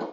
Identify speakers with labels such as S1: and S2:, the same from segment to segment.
S1: I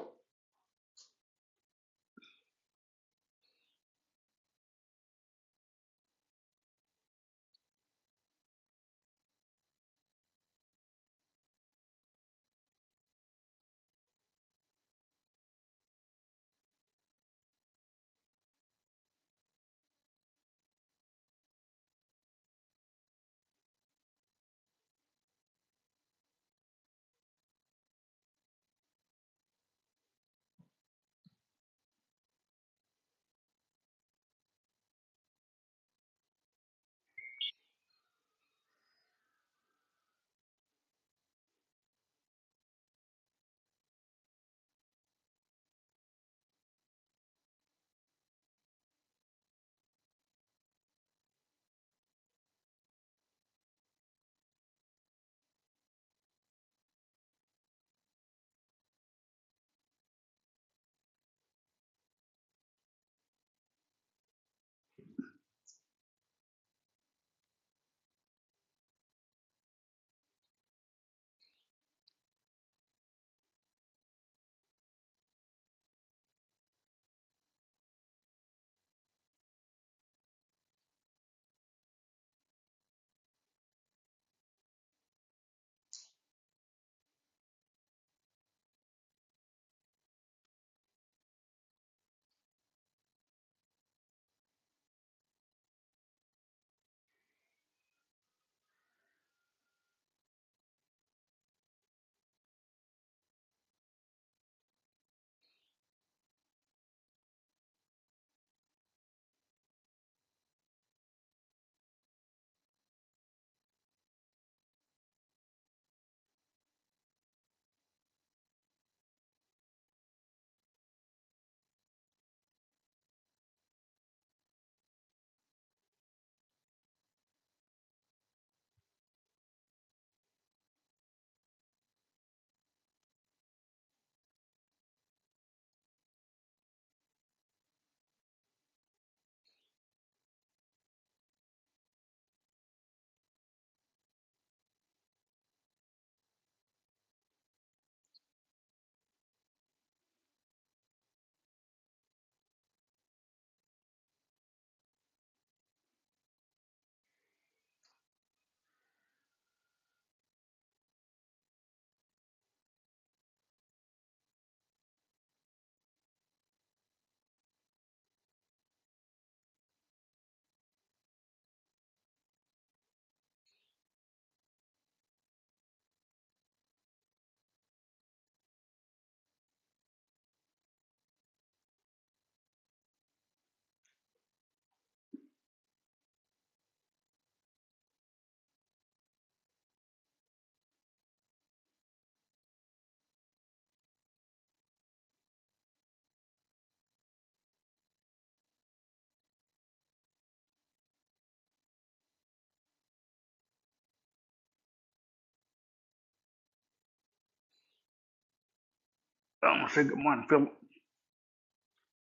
S1: want to say good morning, Philip.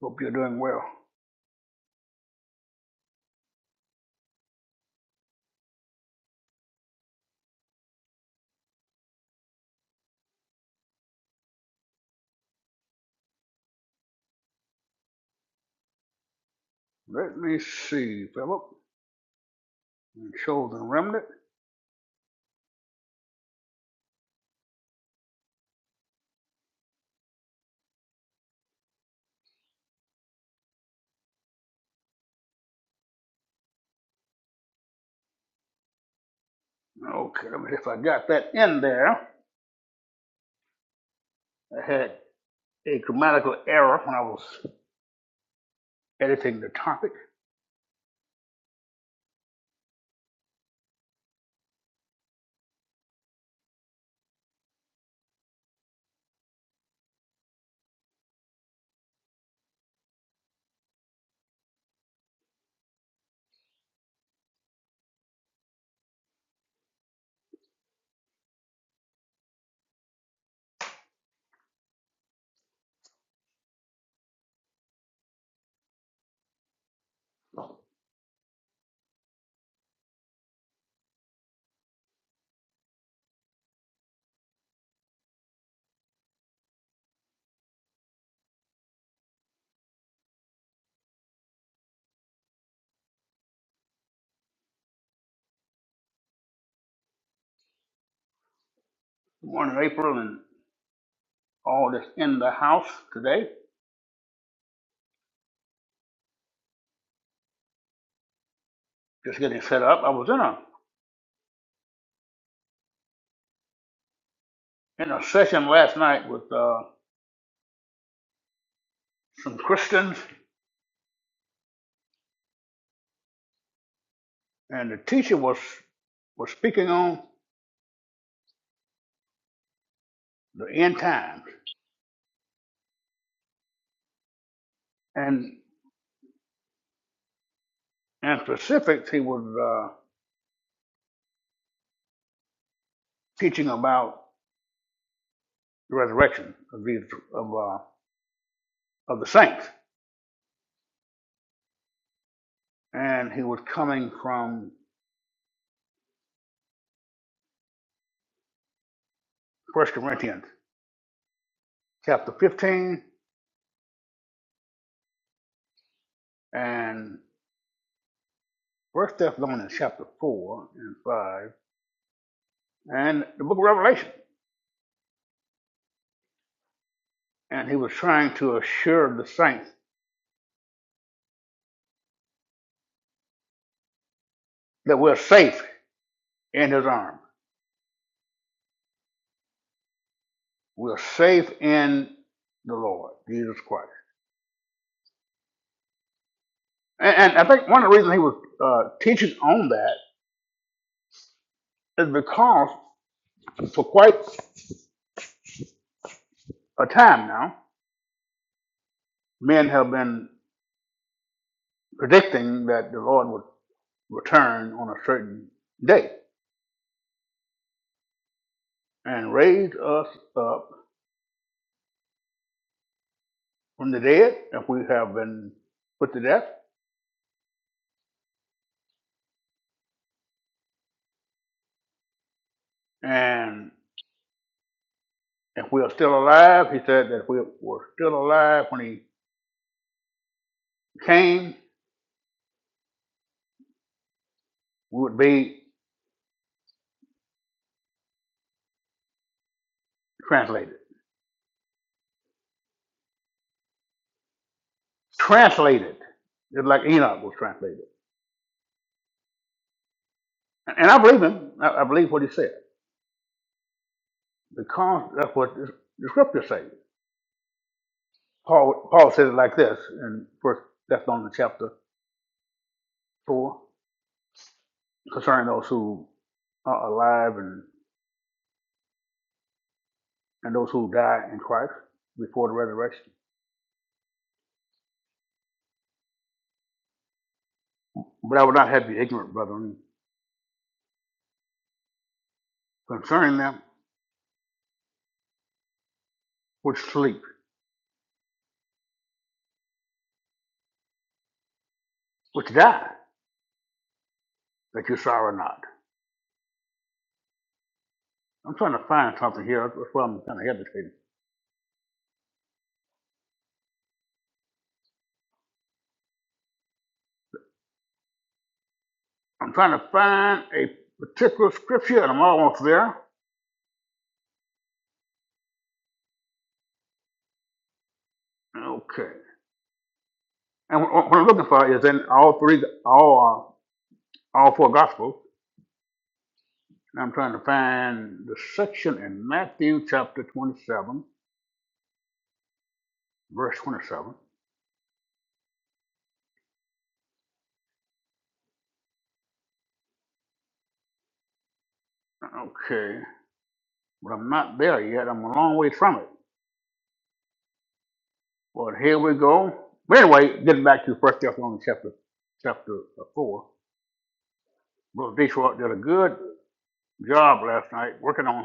S1: Hope you're doing well. Let me see, Philip. Chosen remnant. Okay, let me see if I got that in there. I had a grammatical error when I was editing the topic. Good morning, April, and all that's in the house today. Just getting set up. I was in a in a session last night with uh, some Christians, and the teacher was was speaking on the end times. And specifics, he was uh, teaching about the resurrection of these of uh, of the saints, and he was coming from First Corinthians chapter fifteen and First Thessalonians chapter four and five, and the Book of Revelation, and he was trying to assure the saints that we're safe in His arms, we're safe in the Lord Jesus Christ. And, and I think one of the reasons he was uh, teaching on that is because for quite a time now, men have been predicting that the Lord would return on a certain day and raise us up from the dead if we have been put to death. And if we are still alive, he said that if we were still alive when he came, we would be translated. Translated, just like Enoch was translated. And I believe him. I I believe what he said because that's what the the scriptures say. Paul Paul says it like this in First Thessalonians chapter four concerning those who are alive and and those who die in Christ before the resurrection. But I would not have you ignorant, brethren, concerning them which sleep, which die, that you sorrow not. I'm trying to find something here. That's why I'm kind of hesitating. I'm trying to find a particular scripture, and I'm almost there. Okay. And what what I'm looking for is in all three, all uh, all four gospels. Now I'm trying to find the section in Matthew chapter 27, verse 27. Okay, but I'm not there yet. I'm a long way from it. But here we go. But anyway, getting back to First Thessalonians chapter chapter uh, four. Brother Detroit did a good job last night working on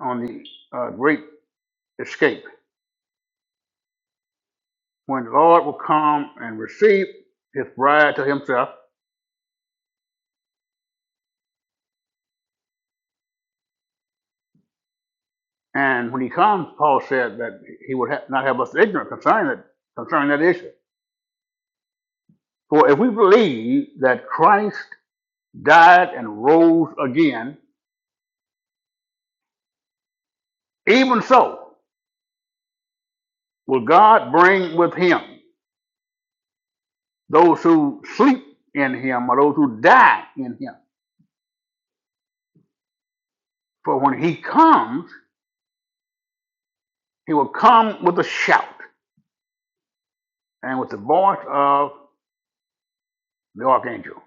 S1: on the uh, great escape when the Lord will come and receive His bride to Himself. And when He comes, Paul said that He would ha- not have us ignorant concerning it, concerning that issue. For if we believe that Christ died and rose again, even so will God bring with him those who sleep in him or those who die in him. For when he comes, he will come with a shout and with the voice of the archangel.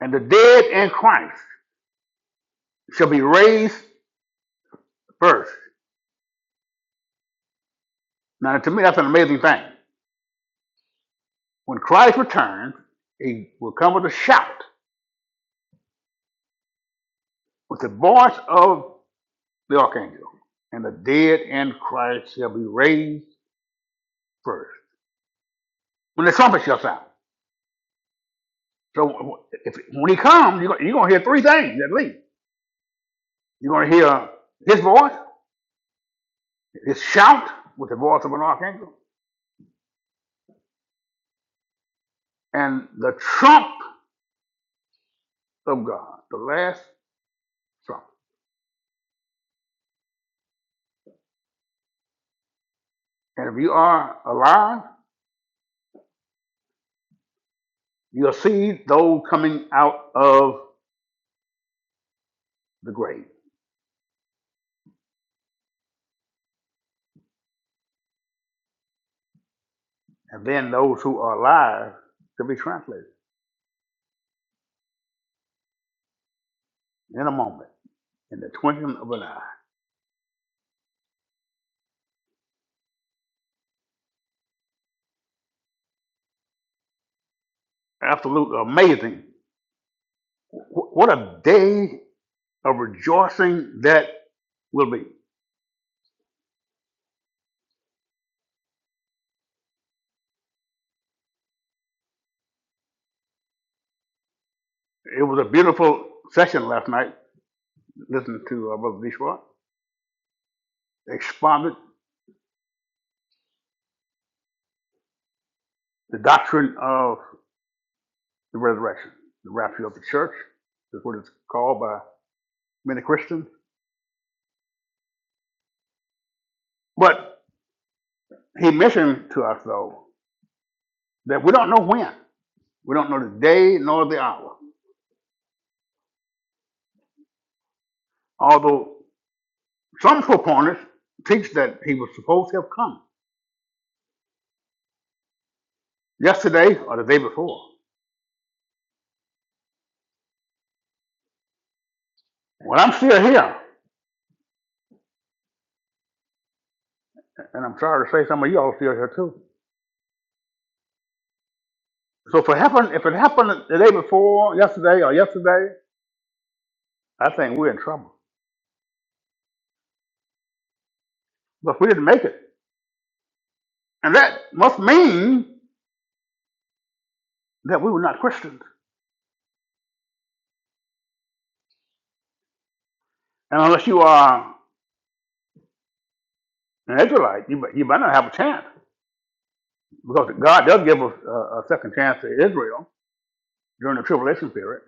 S1: And the dead in Christ shall be raised first. Now, to me, that's an amazing thing. When Christ returns, he will come with a shout, with the voice of the archangel, and the dead in Christ shall be raised first. When the trumpet shall sound. So if, when he comes, you're, gonna- hear three things at least. You're going to hear his voice, his shout with the voice of an archangel, and the trump of God, the last trump. And if you are alive, you'll see those coming out of the grave. And then those who are alive shall be translated in a moment, in the twinkling of an eye. Absolutely amazing Wh- What a day of rejoicing that will be. It was a beautiful session last night. Listen to uh, Brother Dishwa expounded the doctrine of the resurrection, the rapture of the church, is what it's called by many Christians. But he mentioned to us, though, that we don't know when. We don't know the day nor the hour. Although some proponents teach that he was supposed to have come yesterday or the day before. Well, I'm still here. And I'm sorry to say some of y'all still here too. So if it happened, if it happened the day before, yesterday or yesterday, I think we're in trouble. But we didn't make it. And that must mean that we were not Christians. And unless you are an Israelite, you, you might not have a chance. Because God does give us a, a second chance to Israel during the tribulation period.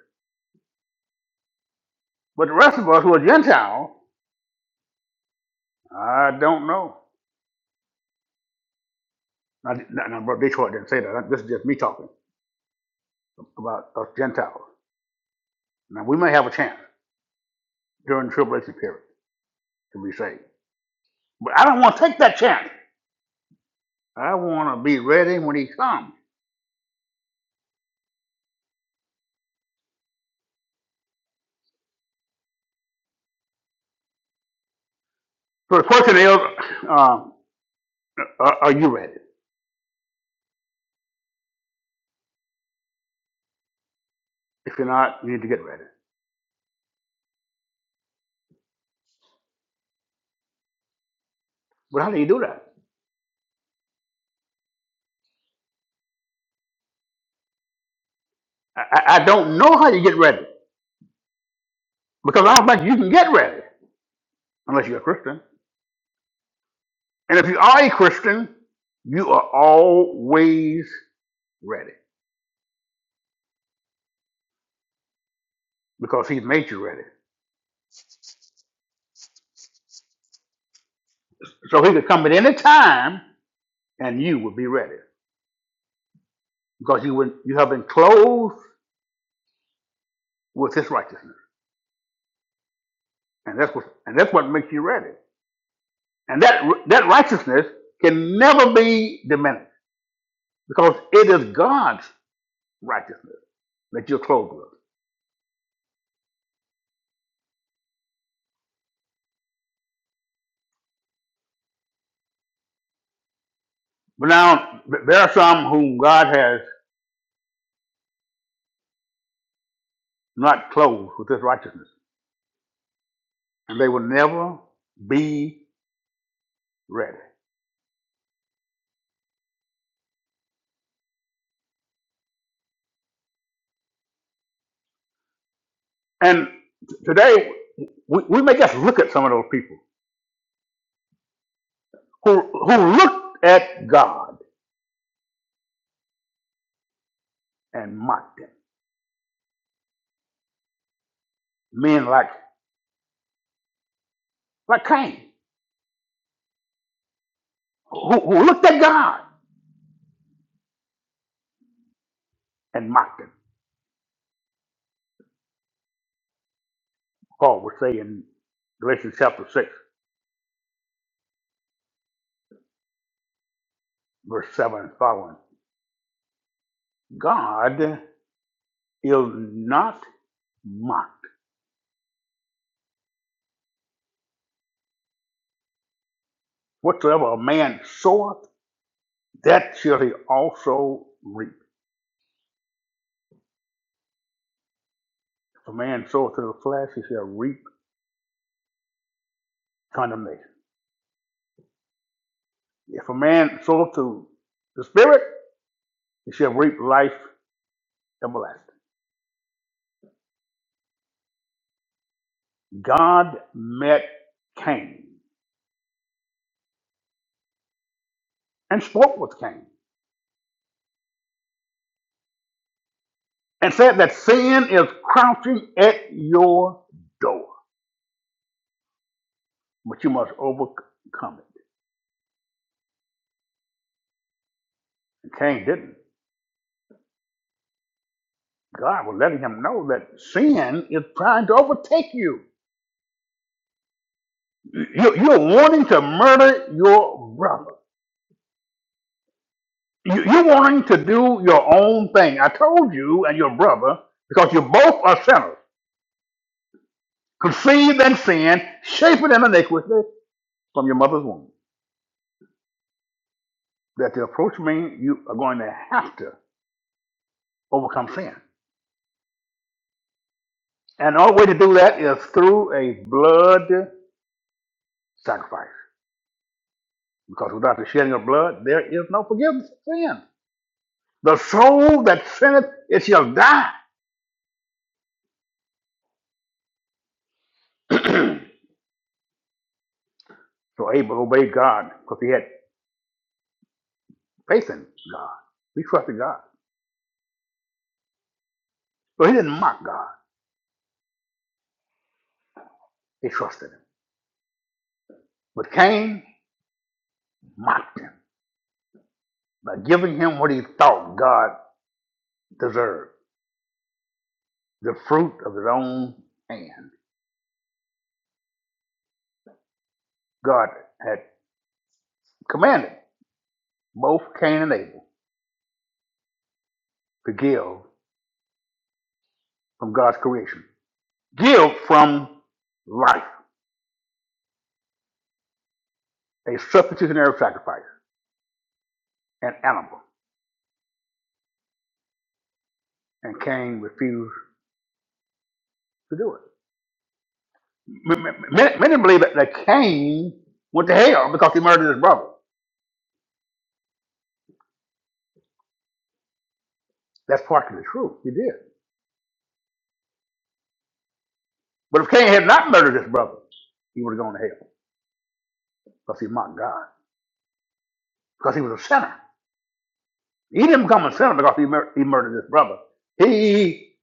S1: But the rest of us who are Gentile, I don't know. Now, now, Brother Detroit didn't say that. This is just me talking about us Gentiles. Now, we may have a chance during the tribulation period to be saved. But I don't want to take that chance. I want to be ready when he comes. So the question is, um, are, are you ready? If you're not, you need to get ready. But how do you do that? I, I I don't know how you get ready because I don't think you can get ready unless you're a Christian. And if you are a Christian, you are always ready because He's made you ready. So He could come at any time and you would be ready because you would, you have been clothed with His righteousness, and that's what and that's what makes you ready. And that, that righteousness can never be diminished because it is God's righteousness that you're clothed with. But now, there are some whom God has not clothed with this righteousness, and they will never be ready. And today, we, we may just look at some of those people who, who looked at God and mocked him. Men like, like Cain, who, who looked at God and mocked him. Paul would say in Galatians chapter 6. verse 7 and following. God is not mocked. Whatsoever a man soweth, that shall he also reap. If a man soweth to the flesh, he shall reap condemnation. If a man soweth to the spirit, he shall reap life everlasting. God met Cain and spoke with Cain and said that sin is crouching at your door, but you must overcome it. And Cain didn't. God was letting him know that sin is trying to overtake you. You- You're wanting to murder your brother. You- You're wanting to do your own thing. I told you and your brother, because you both are sinners, conceived in sin, shaped in iniquity from your mother's womb. That to approach me, you are going to have to overcome sin. And the only way to do that is through a blood sacrifice. Because without the shedding of blood, there is no forgiveness of sin. The soul that sinneth, it shall die. so Abel obeyed God because he had faith in God. He trusted God. So he didn't mock God. He trusted him. But Cain mocked him by giving him what he thought God deserved, the fruit of his own hand. God had commanded both Cain and Abel to give from God's creation. Give from life, a substitutionary sacrifice, an animal. And Cain refused to do it. M- m- Many, many believe that that Cain went to hell because he murdered his brother. That's partially true. He did. But if Cain had not murdered his brother, he would have gone to hell because he mocked God, because he was a sinner. He didn't become a sinner because he, mur- he murdered his brother. He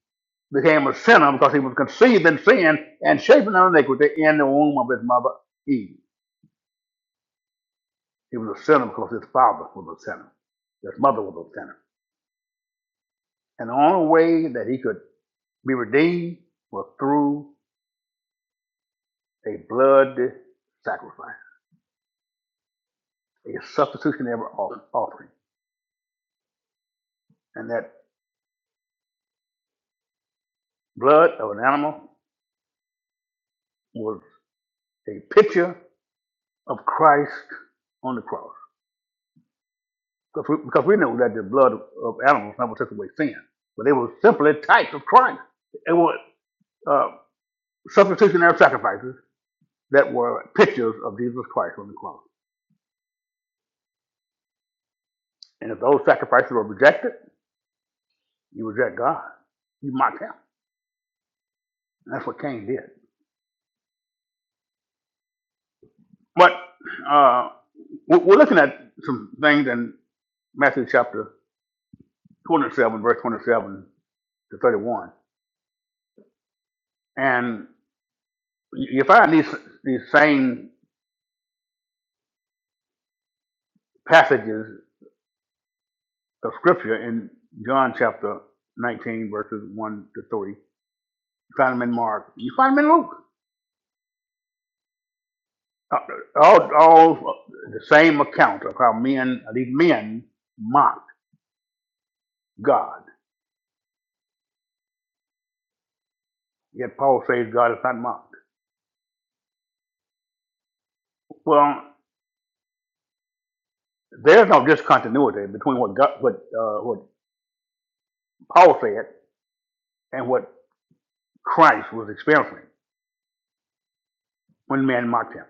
S1: became a sinner because he was conceived in sin and shaped in iniquity in the womb of his mother Eve. He was a sinner because his father was a sinner. His mother was a sinner. And the only way that he could be redeemed was through a blood sacrifice, a substitutionary offering. And that blood of an animal was a picture of Christ on the cross. Because we, because we know that the blood of, of animals never took away sin, but they were simply types of Christ. They were uh, substitutionary sacrifices that were pictures of Jesus Christ on the cross. And if those sacrifices were rejected, you reject God. You mock him. And that's what Cain did. But uh, we're looking at some things, and Matthew chapter 27, verse 27 to 31. And you find these, these same passages of scripture in John chapter 19, verses 1 to 3. You find them in Mark. You find them in Luke. Uh, All, all the same account of how men, these men mocked God. Yet Paul says God is not mocked. Well, there's no discontinuity between what God, what, uh, what Paul said and what Christ was experiencing. when men mocked him.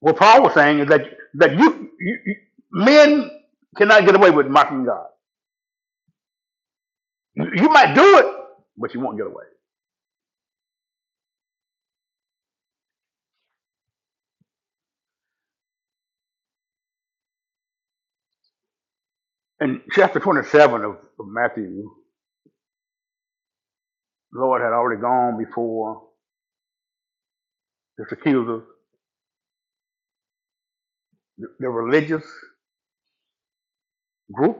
S1: What Paul was saying is that that you, you, you men cannot get away with mocking God. You, you might do it, but you won't get away. In chapter 27 of, of Matthew, the Lord had already gone before his accusers, the, the religious group,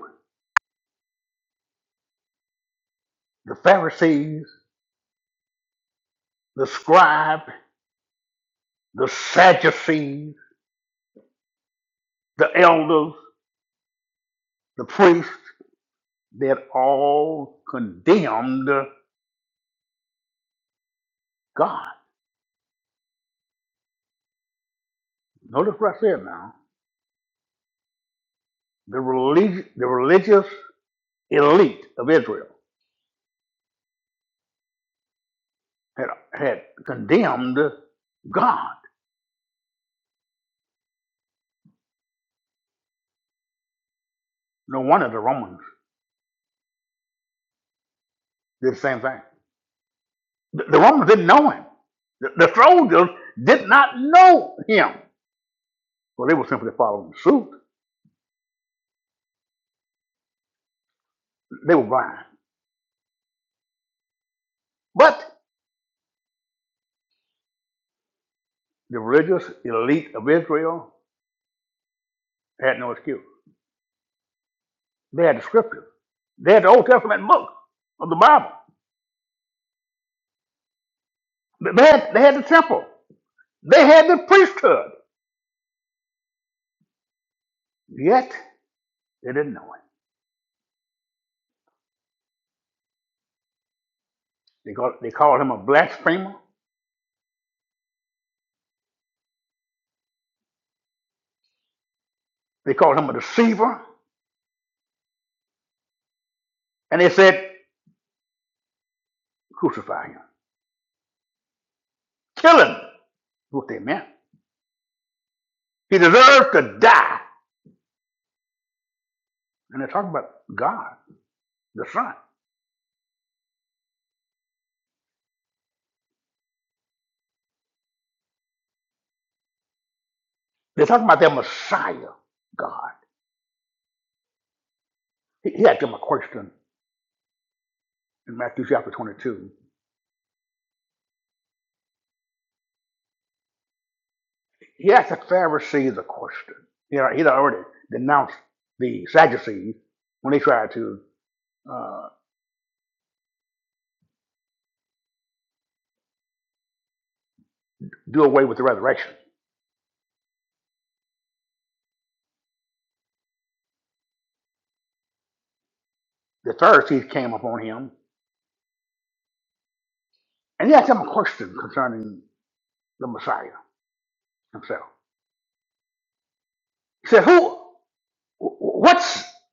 S1: the Pharisees, the scribe, the Sadducees, the elders, the priests, they had all condemned God. Notice what I said now. The, relig- the religious elite of Israel had, had condemned God. No wonder the Romans did the same thing. The, the Romans didn't know him. The, the soldiers did not know him. Well, they were simply following suit. They were blind. But the religious elite of Israel had no excuse. They had the scriptures. They had the Old Testament book of the Bible. They had, they had the temple. They had the priesthood. Yet they didn't know him. They called, they called him a blasphemer. They called him a deceiver, and they said, crucify him. Kill him, what they meant. He deserved to die. And they're talking about God, the Son. They're talking about their Messiah, God. He, he asked them a question in Matthew chapter 22. He asked the Pharisees a question. He had, he'd already denounced the Sadducees when they tried to uh, do away with the resurrection. The Pharisees came upon him, and he asked them a question concerning the Messiah himself. He said, Who? What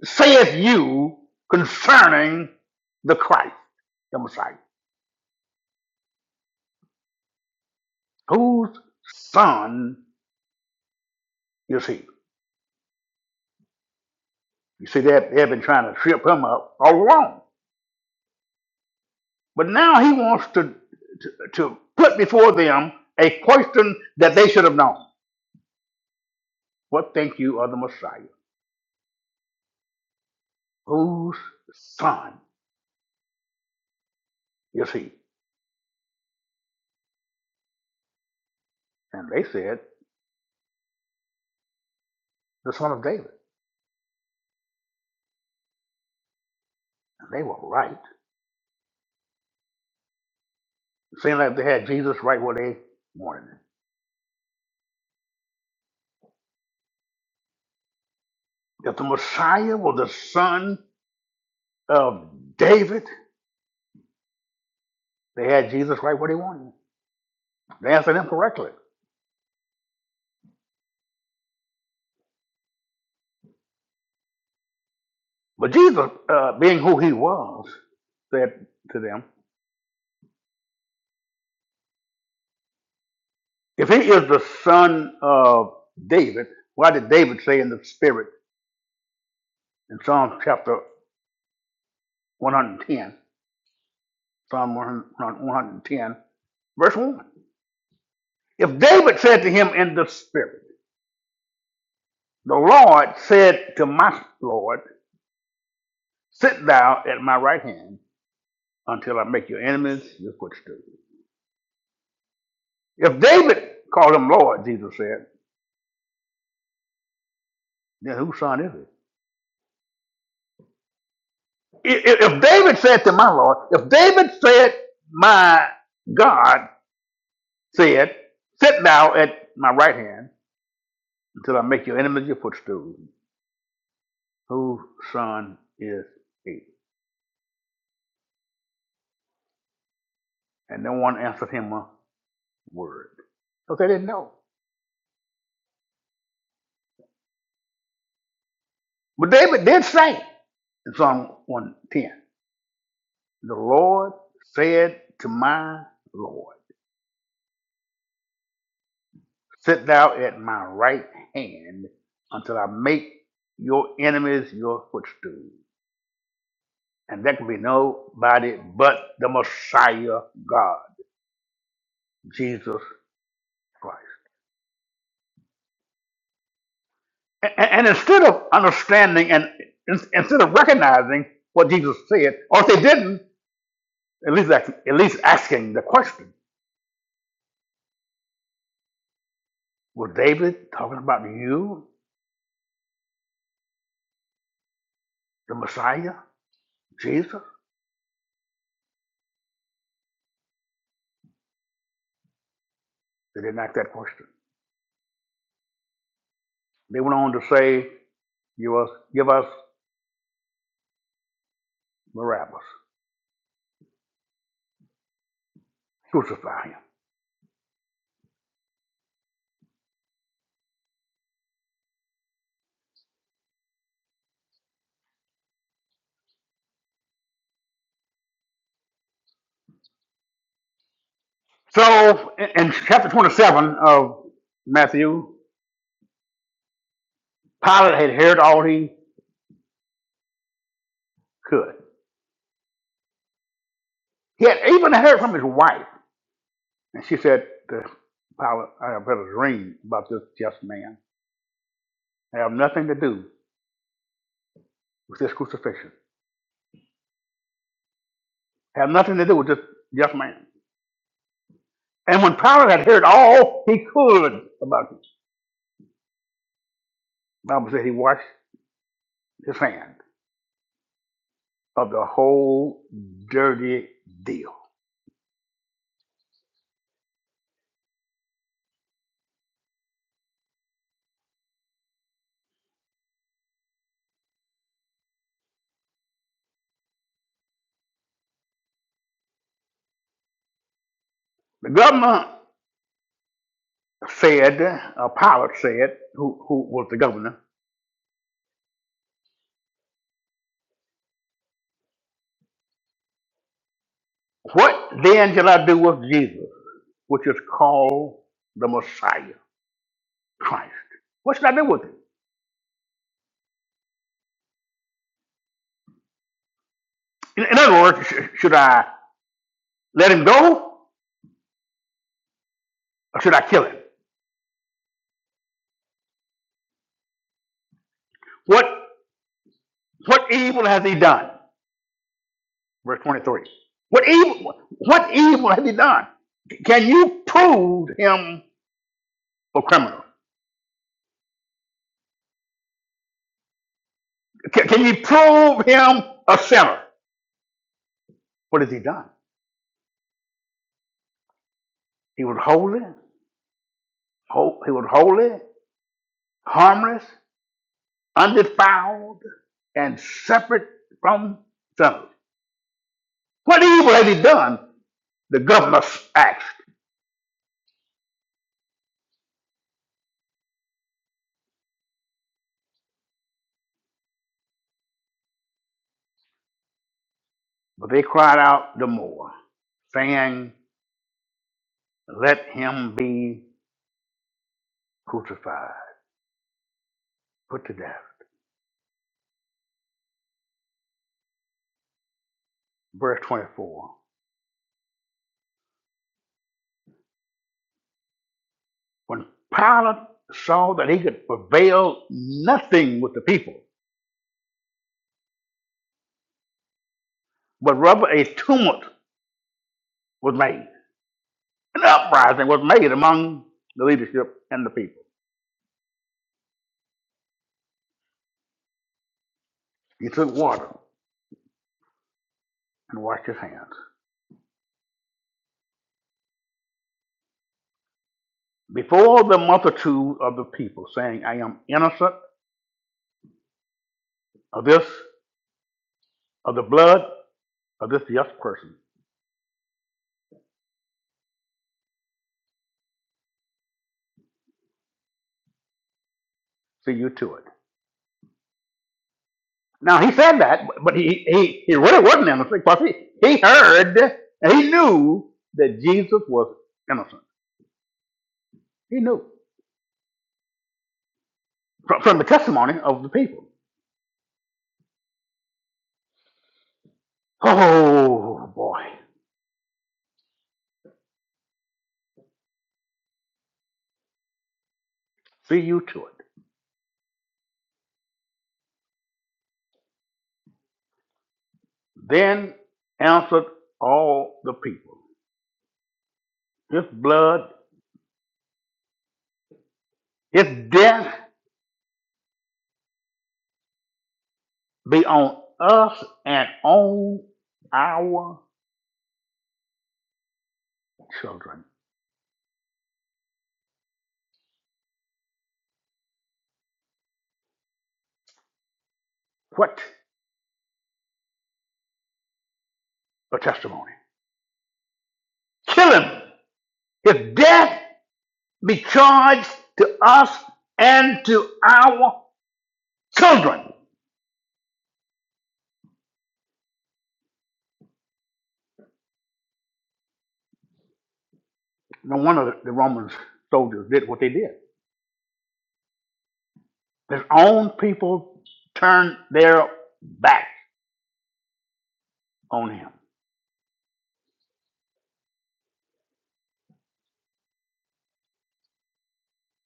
S1: saith you concerning the Christ, the Messiah? Whose son is he? You see, they they've been trying to trip him up all along. But now he wants to, to put before them a question that they should have known. What think you of the Messiah? Whose son is he? And they said, the son of David. And they were right. It seemed like they had Jesus right where they wanted him. That the Messiah was the son of David, they had Jesus right where they wanted. They answered him correctly. But Jesus, uh, being who he was, said to them, If he is the son of David, why did David say in the spirit in Psalm chapter 110, Psalm 110, verse 1? If David said to him in the spirit, The Lord said to my Lord, Sit thou at my right hand until I make your enemies your footstool. If David called him Lord, Jesus said, then whose son is he? I- If David said to my Lord, if David said, my God said, sit thou at my right hand until I make your enemies your footstool, whose son is he? And no one answered him a word. Because they didn't know. But David did say in Psalm 110, the Lord said to my Lord. Sit thou at my right hand until I make your enemies your footstool. And there can be nobody but the Messiah God, Jesus Christ. And, and instead of understanding and in- instead of recognizing what Jesus said, or if they didn't, at least ask- at least asking the question, was David talking about you, the Messiah, Jesus? They didn't ask that question. They went on to say, "Give us, give us Barabbas, crucify him." So in, chapter 27 of Matthew, Pilate had heard all he could. He had even heard from his wife, and she said to Pilate, I have had a dream about this just man. I have nothing to do with this crucifixion. I have nothing to do with this just man. And when Pilate had heard all he could about it, the Bible said he washed his hands of the whole dirty deal. The governor said, uh, Pilate said, who, who was the governor, What then shall I do with Jesus, which is called the Messiah, Christ? What should I do with him? In, in other words, sh- should I let him go or should I kill him? What what evil has he done? Verse 23. What evil what evil has he done? Can you prove him a criminal? Can, can you prove him a sinner? What has he done? He was holy, ho- he was holy, harmless. undefiled and separate from sinners. What evil had he done? The governors asked, but they cried out the more, saying, Let him be crucified, put to death. Verse 24. When Pilate saw that he could prevail nothing with the people, but rather a tumult was made, an uprising was made among the leadership and the people. He took water and washed his hands before the multitude of the people, saying, I am innocent of this, of the blood of this just person. See you to it. Now he said that, but he, he, he really wasn't innocent because he, he heard and he knew that Jesus was innocent. He knew from, from the testimony of the people. Oh boy, see you to it. Then answered all the people, His blood, His death be on us and on our children. What a testimony. Kill him. If death be charged to us and to our children. No wonder the the Roman soldiers did what they did. His own people turned their back on him.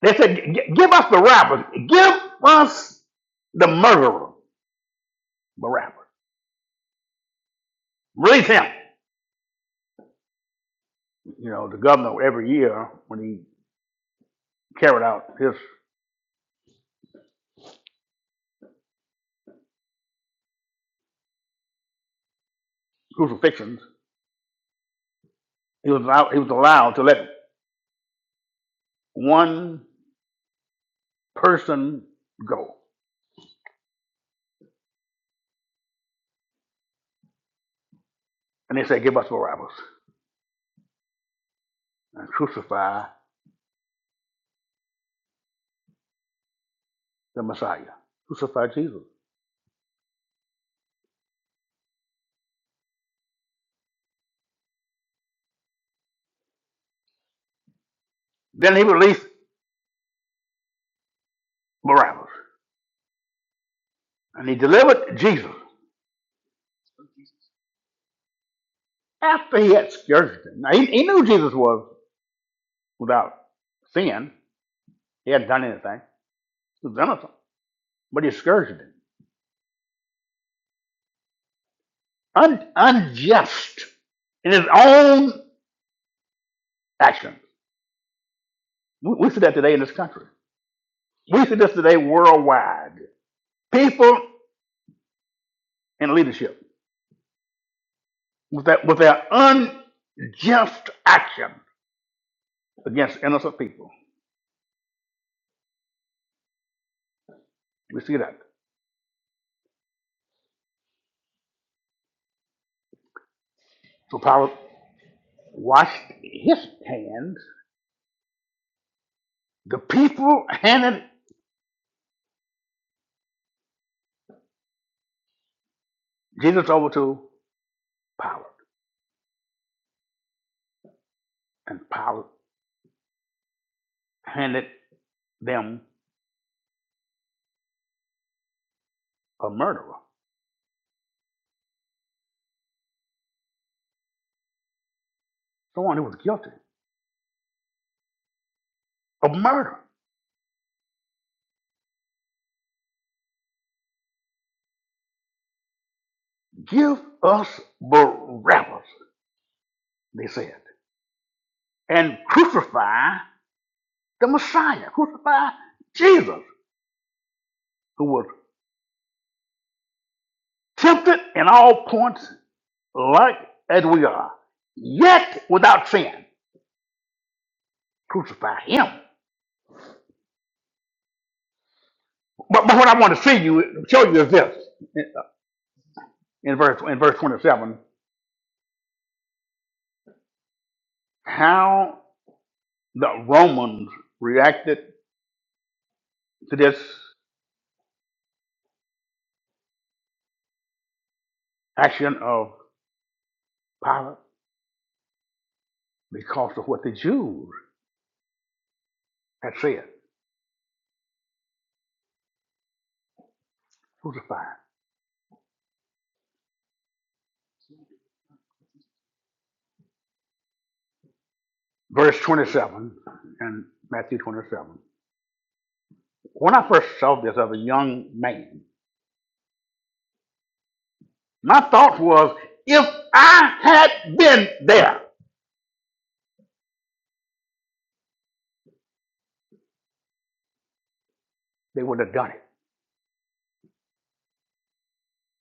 S1: They said, "Gi- Give us Barabbas. Give us the murderer, Barabbas. Release him. You know, the governor every year when he carried out his crucifixions, he was allowed, he was allowed to let one person go. And they said, Give us Barabbas and crucify the Messiah. Crucify Jesus. Then he released Barabbas and he delivered Jesus after he had scourged him. Now he, he knew Jesus was without sin. He hadn't done anything. He was innocent. But he scourged him. Un, unjust in his own action. We, we see that today in this country. We see this today worldwide People in leadership with their, with their unjust action against innocent people. We see that. So Pilate washed his hands. The people handed Jesus over to Pilate, and Pilate handed them a murderer, someone who was guilty of murder. Give us Barabbas, they said, and crucify the Messiah, crucify Jesus, who was tempted in all points like as we are, yet without sin. Crucify him. But, but what I want to see you show you is this in, in verse in verse twenty seven, how the Romans reacted to this action of Pilate because of what the Jews had said. crucified. Verse twenty seven in Matthew twenty seven. When I first saw this as a young man, my thought was, if I had been there, they would have done it.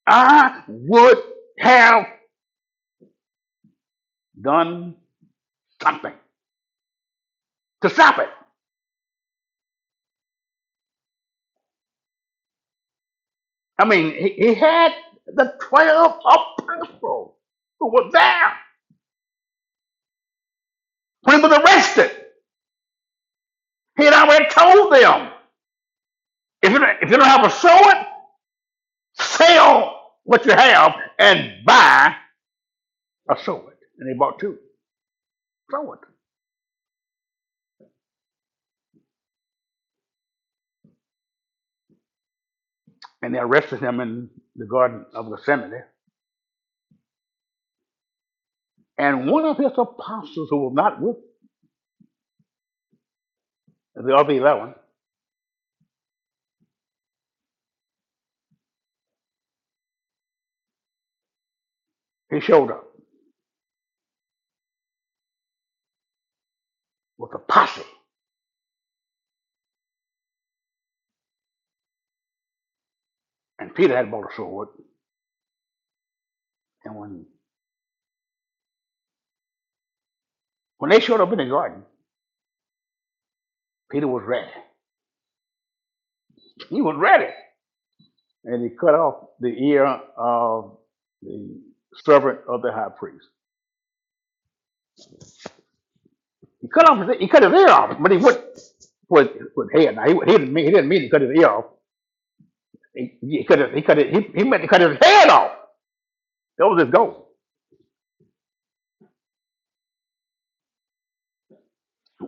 S1: I would have done something to stop it. I mean, he, he had the 12 apostles who were there when he was arrested. He had already told them if you, don't- if you don't have a sword, sell what you have and buy a sword. And they bought two swords. And they arrested him in the Garden of Gethsemane. And one of his apostles who was not with the other 11, he showed up with a posse. And Peter had bought a sword And when when they showed up in the garden, Peter was ready. He was ready. And he cut off the ear of the servant of the high priest. He cut off his, he cut his ear off, but he went with with head. Now he, he didn't mean he didn't mean to cut his ear off. He, he cut his, he cut his, he, he meant to cut his head off. That was his goal.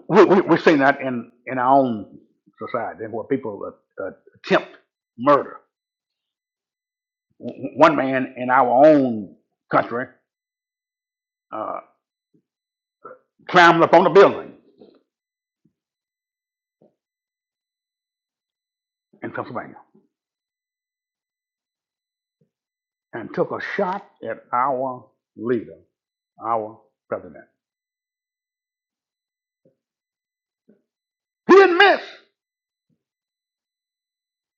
S1: We, we, we've seen that in in our own society where people uh, uh, attempt murder. One man in our own country uh, climbed up on a building in Pennsylvania and took a shot at our leader, our president. He didn't miss.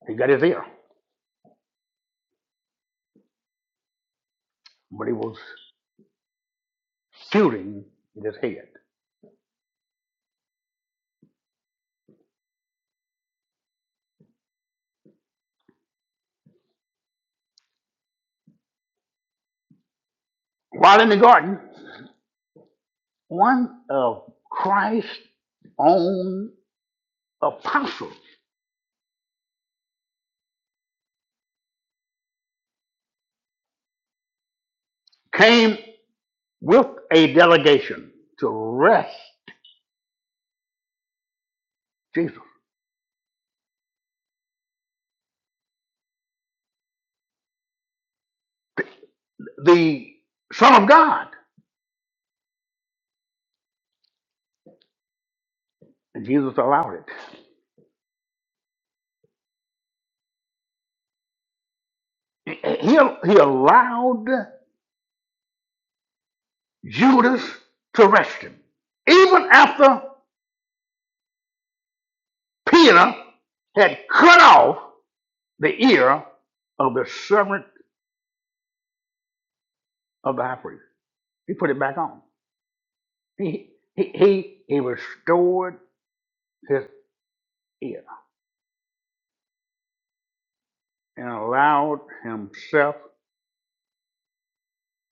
S1: He got his ear, but he was shooting at his head. While in the garden, one of Christ's own apostles came with a delegation to arrest Jesus, the Son of God. And Jesus allowed it. He, he allowed Judas to arrest him. Even after Peter had cut off the ear of the servant of the high priest. He put it back on. He, he, he, he restored his ear and allowed himself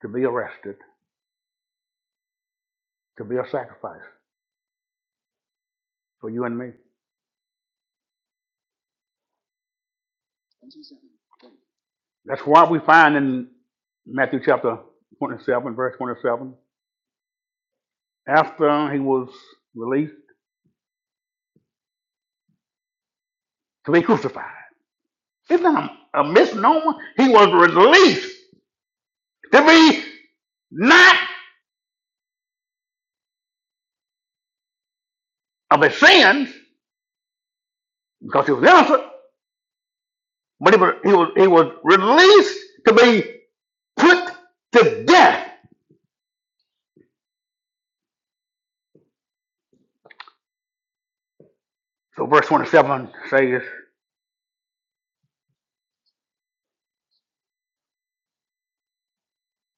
S1: to be arrested, to be a sacrifice for you and me. That's why we find in Matthew chapter 27, verse 27, after he was released to be crucified. Isn't that a, a misnomer? He was released to be not of his sins, because he was innocent, but he was, he was, he was released to be put to death. So verse 27 says,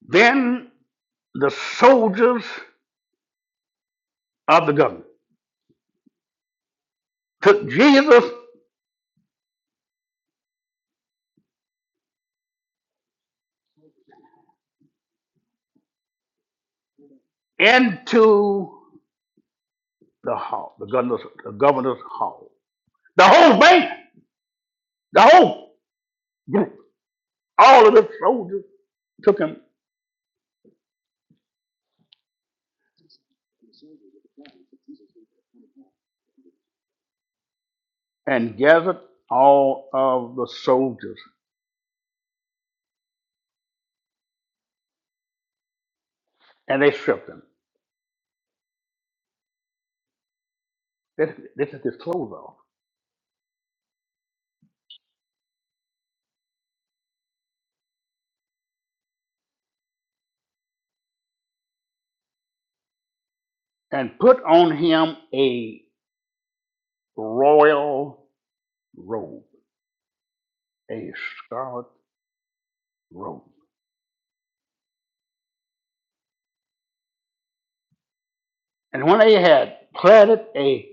S1: Then the soldiers of the governor took Jesus into the hall, the governor's, the governor's hall. The whole band, the whole group, all of the soldiers took him and gathered all of the soldiers and they stripped him. They, they took his clothes off and put on him a." royal robe, a scarlet robe. And when they had platted a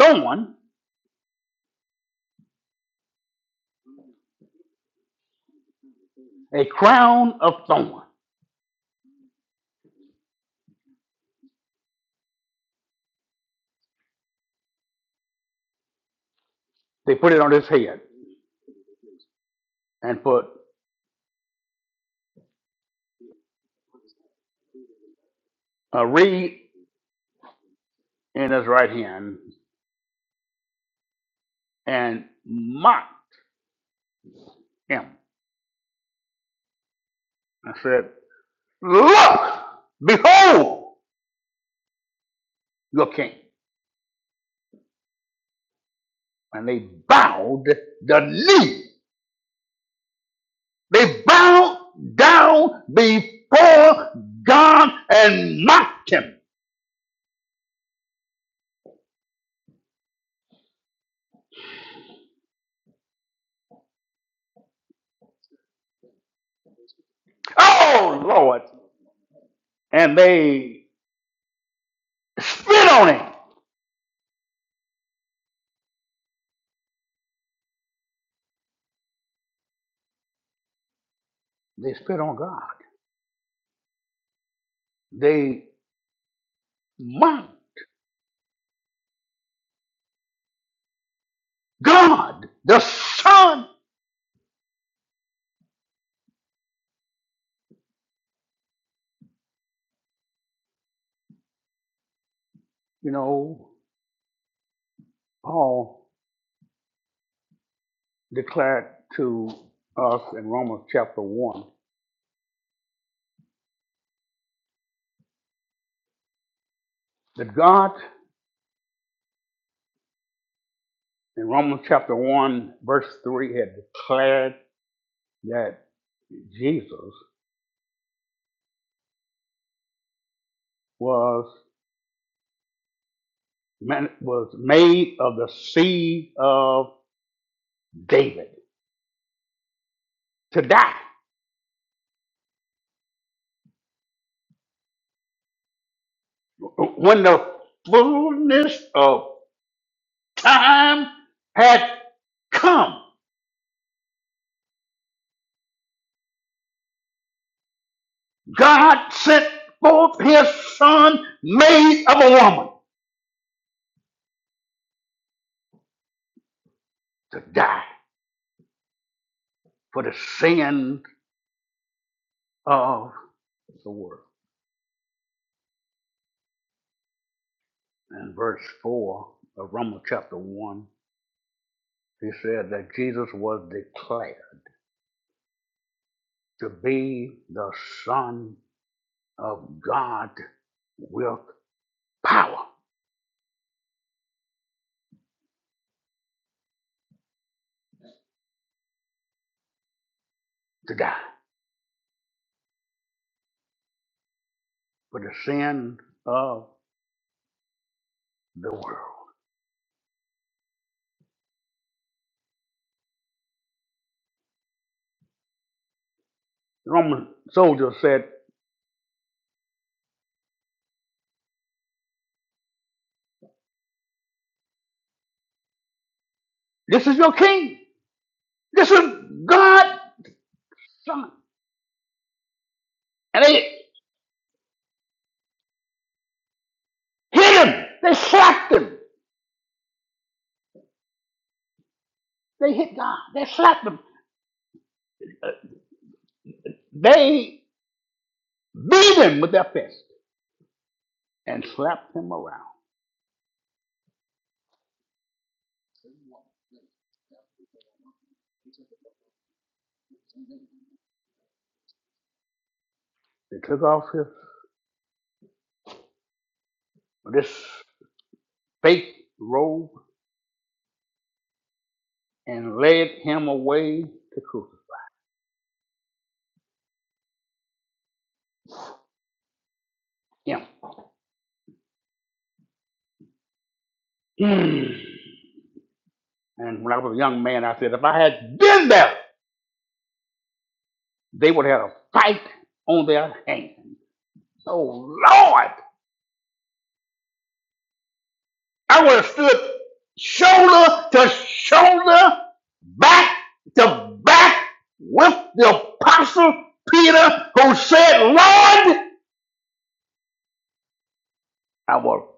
S1: thorn, a crown of thorn, they put it on his head and put a reed in his right hand and mocked him and said, Look, behold your king. And they bowed the knee. They bowed down before God and mocked him. Oh, Lord. and they spit on him. They spit on God. They mocked God, the Son. You know, Paul declared to us in Romans chapter 1 that God, in Romans chapter 1, verse 3, had declared that Jesus was, was made of the seed of David to die. When the fullness of time had come. God sent forth his son, made of a woman, to die for the sin of the world. In verse 4 of Romans chapter 1, he said that Jesus was declared to be the Son of God with power to die for the sin of the world. The Roman soldiers said, This is your king. This is God Some, and they hit him. They slapped him. They hit God. They slapped him. They beat him with their fists and slapped him around. They took off his this fake robe and led him away to crucify him. Mm. And when I was a young man, I said, if I had been there, they would have had a fight on their hands. Oh Lord! I would have stood shoulder to shoulder, back to back with the apostle Peter who said, Lord, I will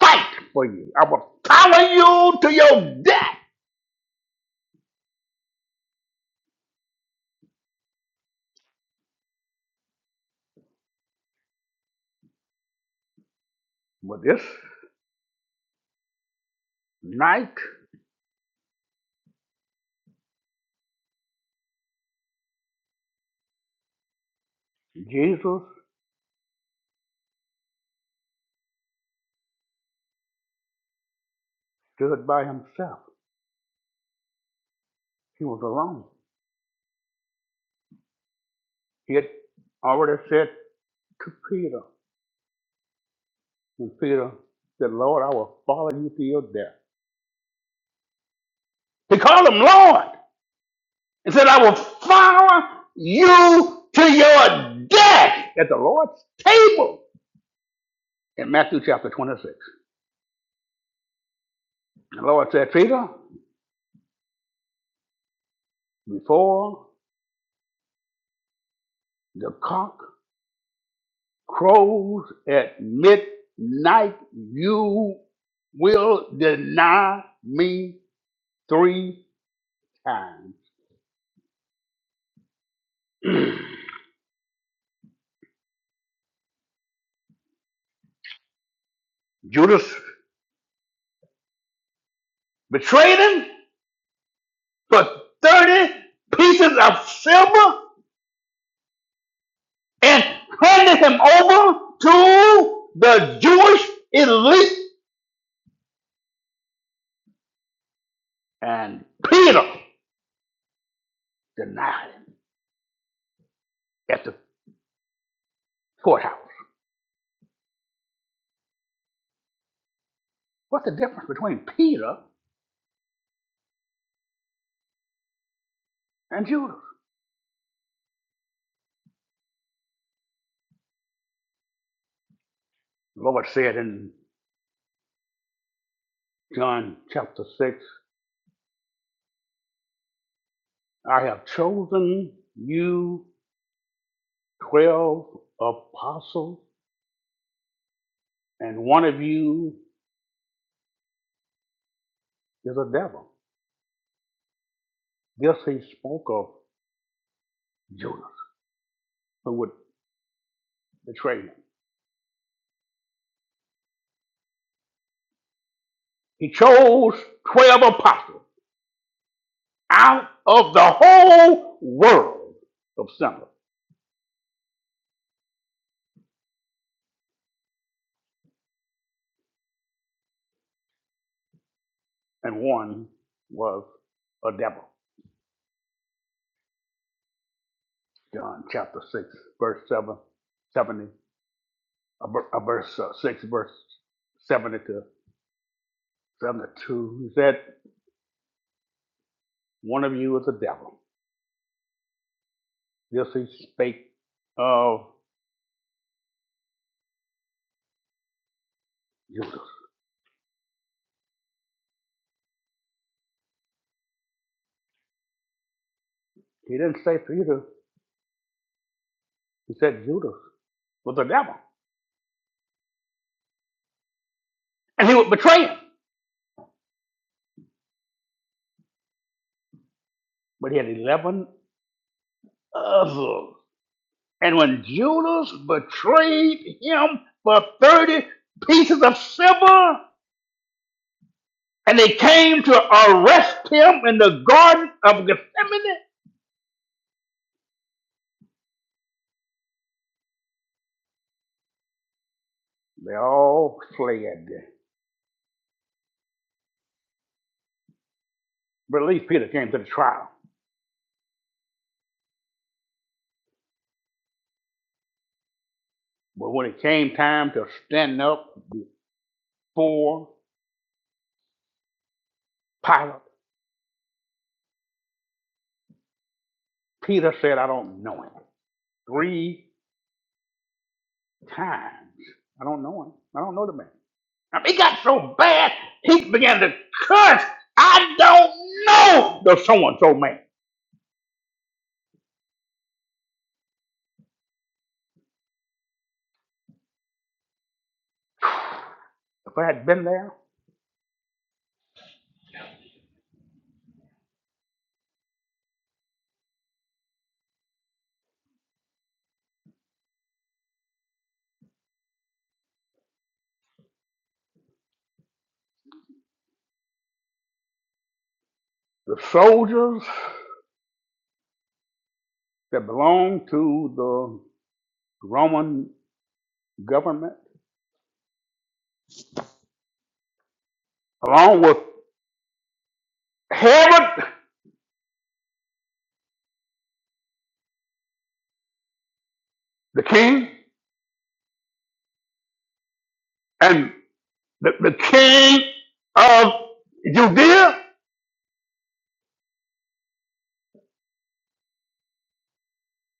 S1: fight for you. I will follow you to your death. But this night, Jesus stood by himself. He was alone. He had already said to Peter, and Peter said, Lord, I will follow you to your death. He called him Lord. and said, I will follow you to your death at the Lord's table in Matthew chapter 26. The Lord said, Peter, before the cock crows at midnight, you will deny me three times. Judas betrayed him for 30 pieces of silver and handed him over to the Jewish elite and Peter denied him at the courthouse. What's the difference between Peter and Judas? The Lord said in John chapter 6, I have chosen you 12 apostles, and one of you is a devil. This he spoke of Judas, who would betray him. He chose 12 apostles out of the whole world of sinners, and one was a devil. John chapter 6, verse 7 70 a a verse uh, 6, verse 70 to 72. He said, One of you is a devil. This he spake of Judas. He didn't say Peter, he said Judas was a devil. And he would betray him. But he had 11 others. And when Judas betrayed him for 30 pieces of silver, and they came to arrest him in the Garden of Gethsemane, They all fled. But at least Peter came to the trial. But when it came time to stand up before Pilate, Peter said, I don't know him. Three times. I don't know him. I don't know the man. And it got so bad, he began to curse. I don't know the so and so man. If I had been there, the soldiers that belonged to the Roman government, along with Herod the king, and The, the king of Judea,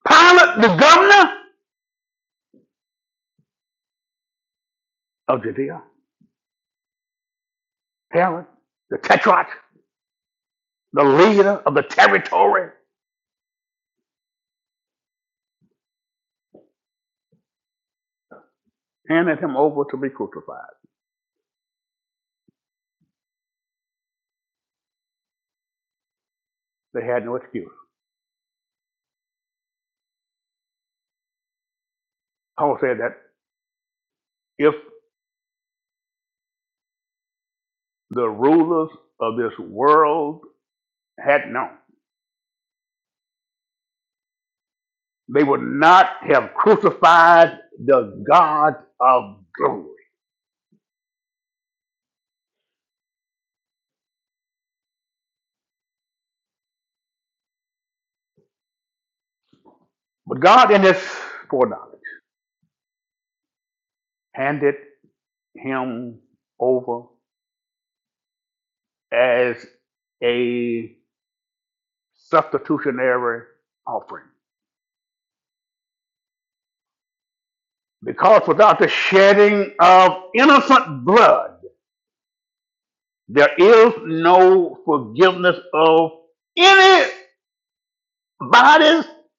S1: Pilate, the governor of Judea, Herod, the tetrarch, the leader of the territory, handed him over to be crucified. They had no excuse. Paul said that if the rulers of this world had known, they would not have crucified the God of glory. But God, in his foreknowledge, handed him over as a substitutionary offering. Because without the shedding of innocent blood, there is no forgiveness of anybody's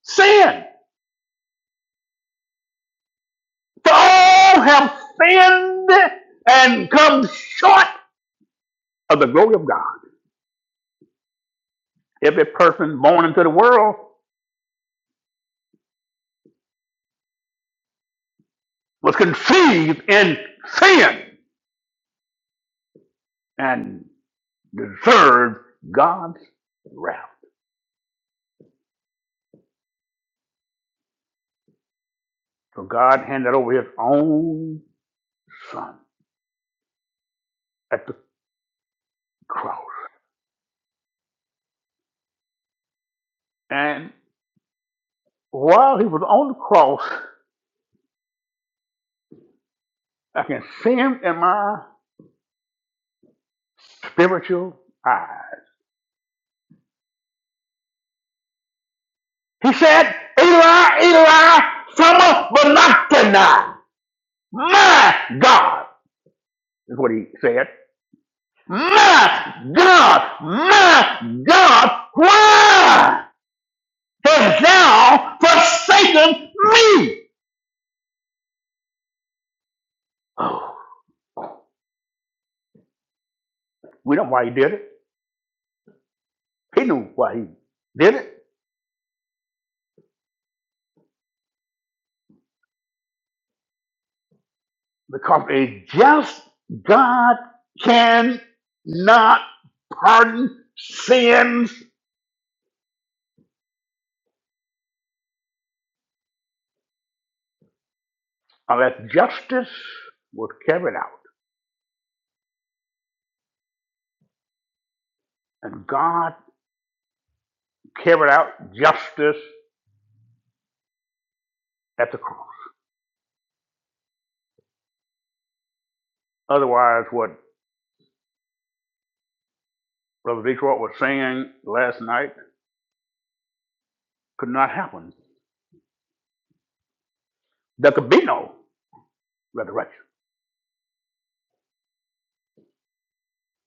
S1: sin. For all have sinned and come short of the glory of God. Every person born into the world was conceived in sin and deserved God's wrath. So God handed over his own son at the. cross. And while he was on the cross, I can see him in my spiritual eyes. He said, Eli, Eli, Sama Balakana. My God, is what he said. My God, my God, why hast thou forsaken me? Oh, we know why he did it. He knew why he did it. Because a just God cannot pardon sins unless justice was carried out. And God carried out justice at the cross. Otherwise, what Brother Detroit was saying last night could not happen. There could be no resurrection.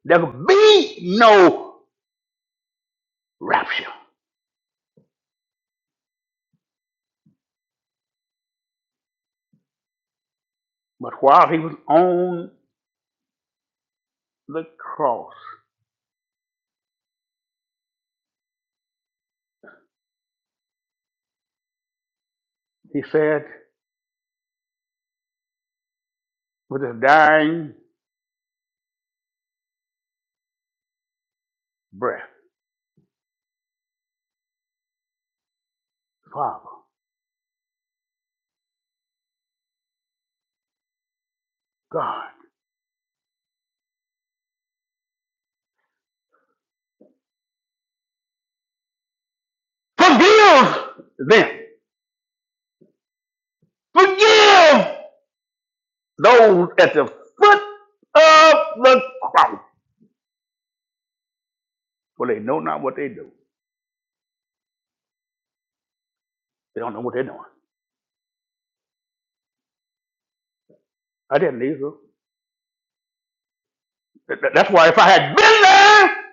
S1: There could be no rapture. But while he was on the cross, he said with his dying breath, Father, God, Forgive them. Forgive those at the foot of the cross. For they know not what they do. They don't know what they're doing. I didn't need to. Th- th- That's why if I had been there,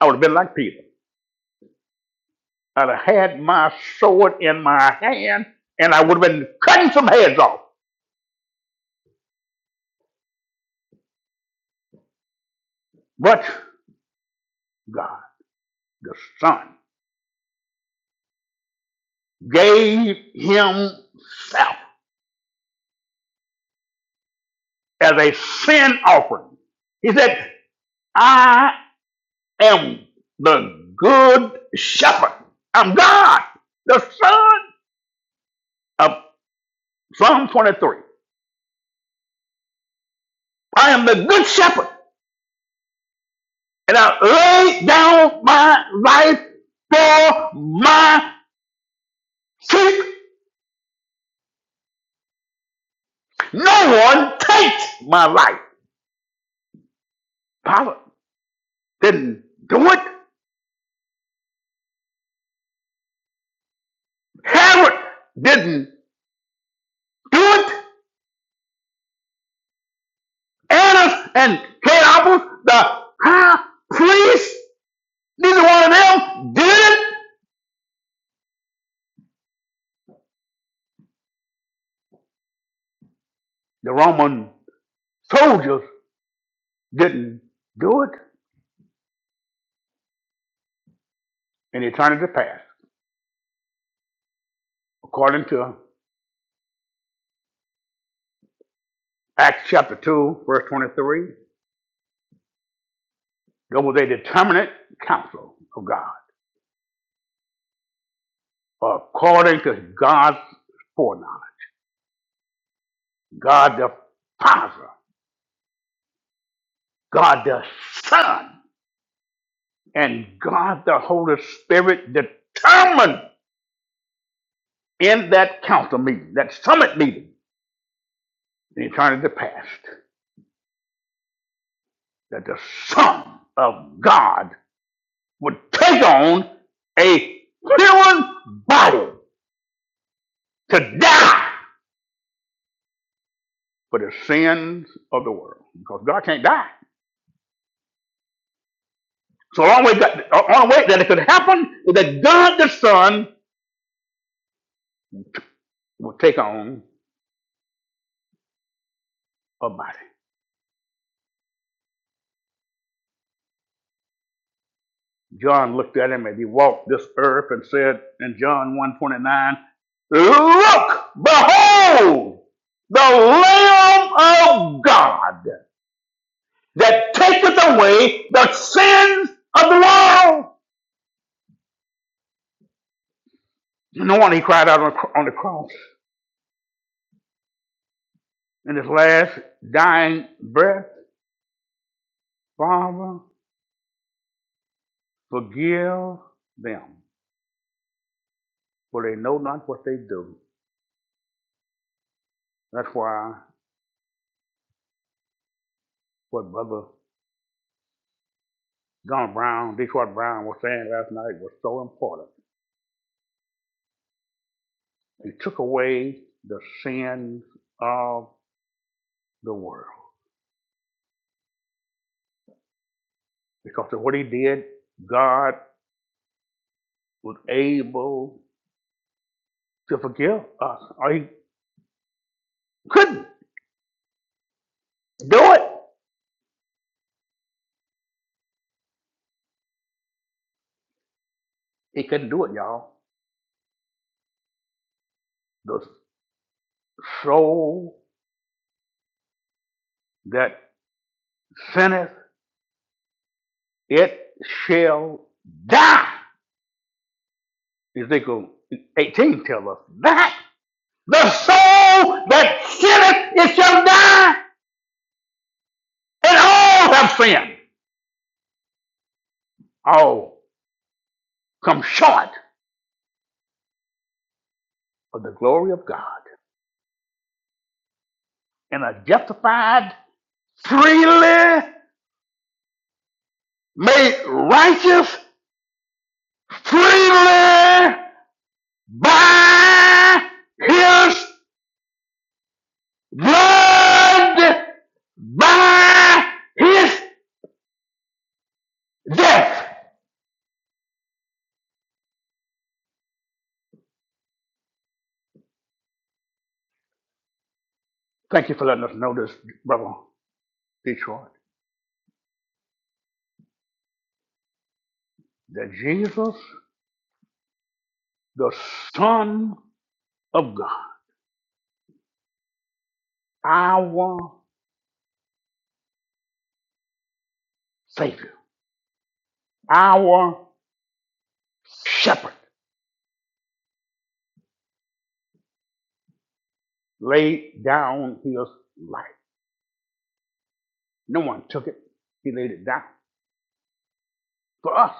S1: I would have been like Peter. I'd have had my sword in my hand and I would have been cutting some heads off. But God, the Son, gave Himself as a sin offering. He said, "I." am the good shepherd. I'm God, the son of Psalm 23. I am the good shepherd, and I lay down my life for my sheep. No one takes my life. Pilate didn't do it. Herod didn't do it. Annas and Caiaphas, the high priest, neither one of them did it. The Roman soldiers didn't do it, and eternity past. According to Acts chapter 2, verse 23, there was a determinate counsel of God. According to God's foreknowledge, God the Father, God the Son, and God the Holy Spirit determined in that council meeting, that summit meeting in eternity past, that the Son of God would take on a human body to die for the sins of the world because God can't die. So the only way, that, the only way that it could happen is that God the Son will take on a body. John looked at him as he walked this earth and said in John 1.29, Look, behold, the Lamb of God that taketh away the sins of the world. No wonder he cried out on on the cross in his last dying breath. Father, forgive them, for they know not what they do. That's why what Brother Don Brown, Detroit Brown, was saying last night was so important. He took away the sins of the world. Because of what he did, God was able to forgive us. Or he couldn't do it. He couldn't do it, y'all. The soul that sinneth, it shall die. Ezekiel 18 tells us that the soul that sinneth it shall die, and all have sinned. All come short of the glory of God and are justified freely, made righteous freely by his blood, by his death. Thank you for letting us know this, Brother Detroit, that Jesus the Son of God, our Savior, our Shepherd, laid down his life. No one took it. He laid it down for us.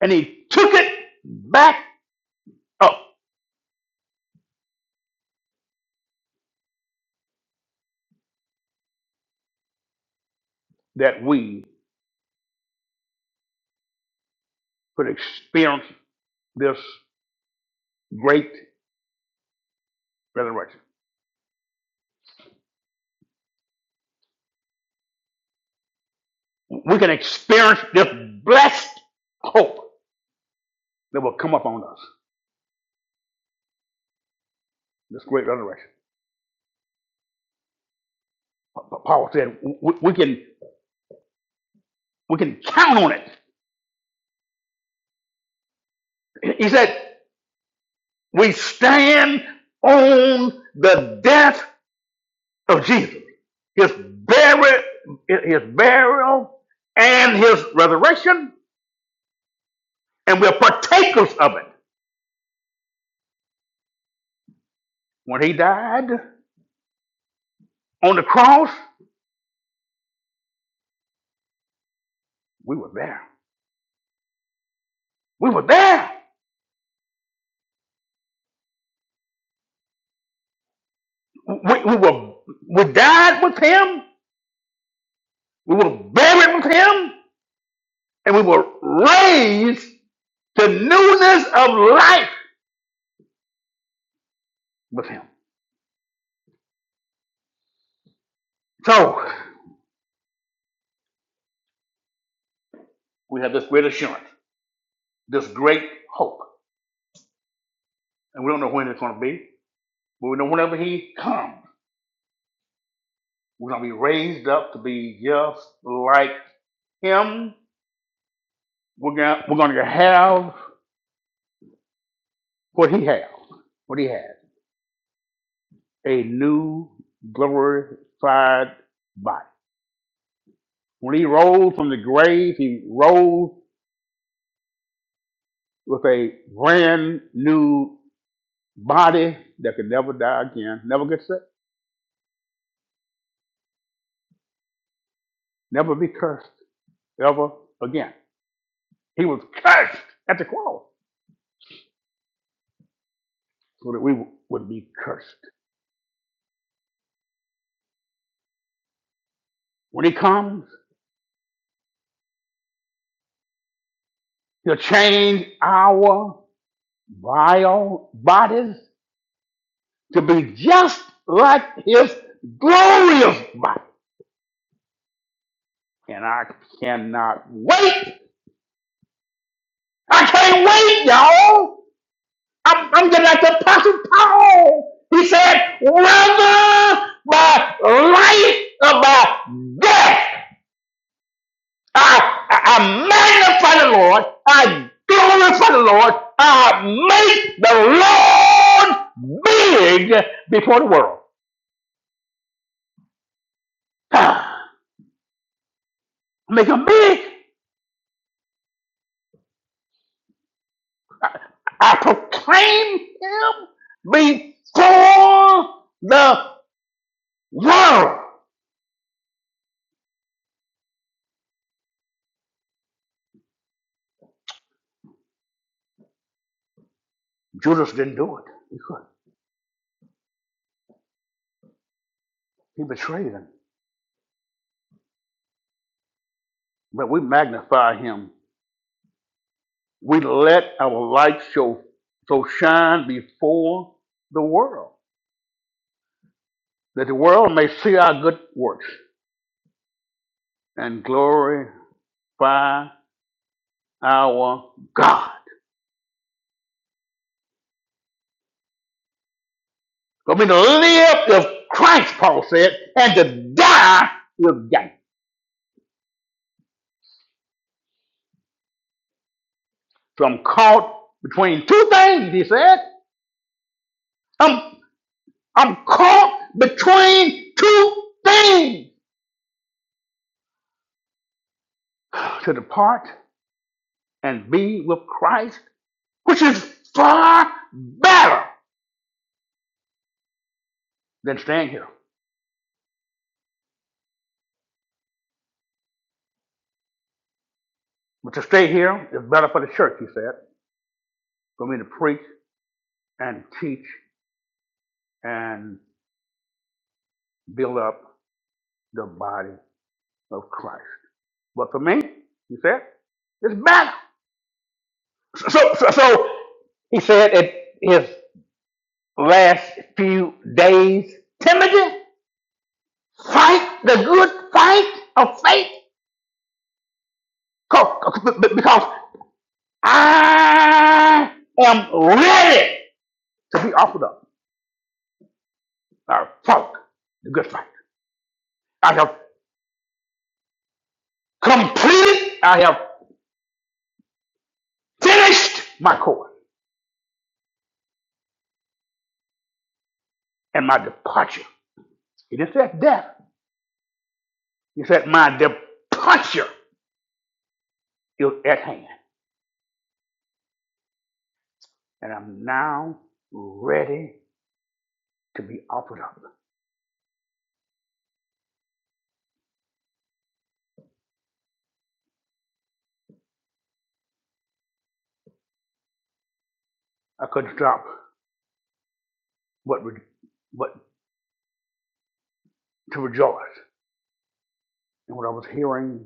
S1: And he took it back up that we could experience this great resurrection. We can experience this blessed hope that will come upon us, this great resurrection. But Paul said we, we can we can count on it. He said We stand on the death of Jesus, his burial, his burial and his resurrection, and we're partakers of it. When he died on the cross, we were there. We were there. We, we were we died with him, we were buried with him, and we were raised to newness of life with him. So we have this great assurance, this great hope. and we don't know when it's going to be, but we know whenever he comes, we're going to be raised up to be just like him. We're going we're going to have what he has, what he has, a new glorified body. When he rose from the grave, he rose with a brand new body that could never die again, never get sick, never be cursed ever again. He was cursed at the cross so that we would be cursed. When he comes, he'll change our vile bodies to be just like his glorious body. And I cannot wait. I can't wait, y'all. I'm, I'm getting like the Apostle Paul. He said, whether by life or by death, I, I I magnify the Lord. I glorify the Lord. I make the Lord big before the world. Ah, Make him big. I proclaim him before the world. Judas didn't do it. He couldn't. He betrayed him. But we magnify him. We let our light show so shine before the world, that the world may see our good works and glorify our God. For me to live with Christ, Paul said, and to die with gain. So I'm caught between two things, he said. I'm, I'm caught between two things to depart and be with Christ, which is far better than staying here. But to stay here is better for the church, he said, for me to preach and teach and build up the body of Christ. But for me, he said, it's better. So, so, so so, he said at his last few days, Timothy, fight the good fight of faith because co- because I am ready to be offered up. I have fought the good fight. I have completed, I have finished my course and my departure. He didn't say death. He said, my departure is at hand. and I'm now ready to be offered up. I couldn't stop but, re- but to rejoice in what I was hearing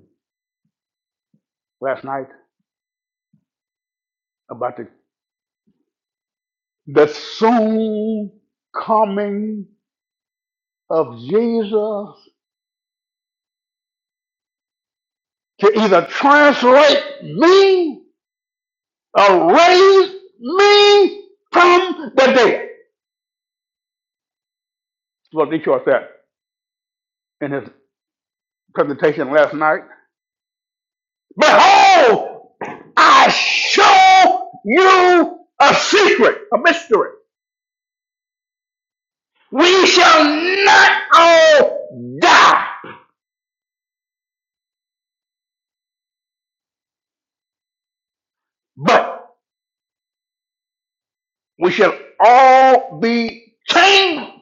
S1: last night about the, the soon coming of Jesus to either translate me or raise me from the dead. That's what Detroit said in his presentation last night. Behold, I show you a secret, a mystery. We shall not all die, but we shall all be changed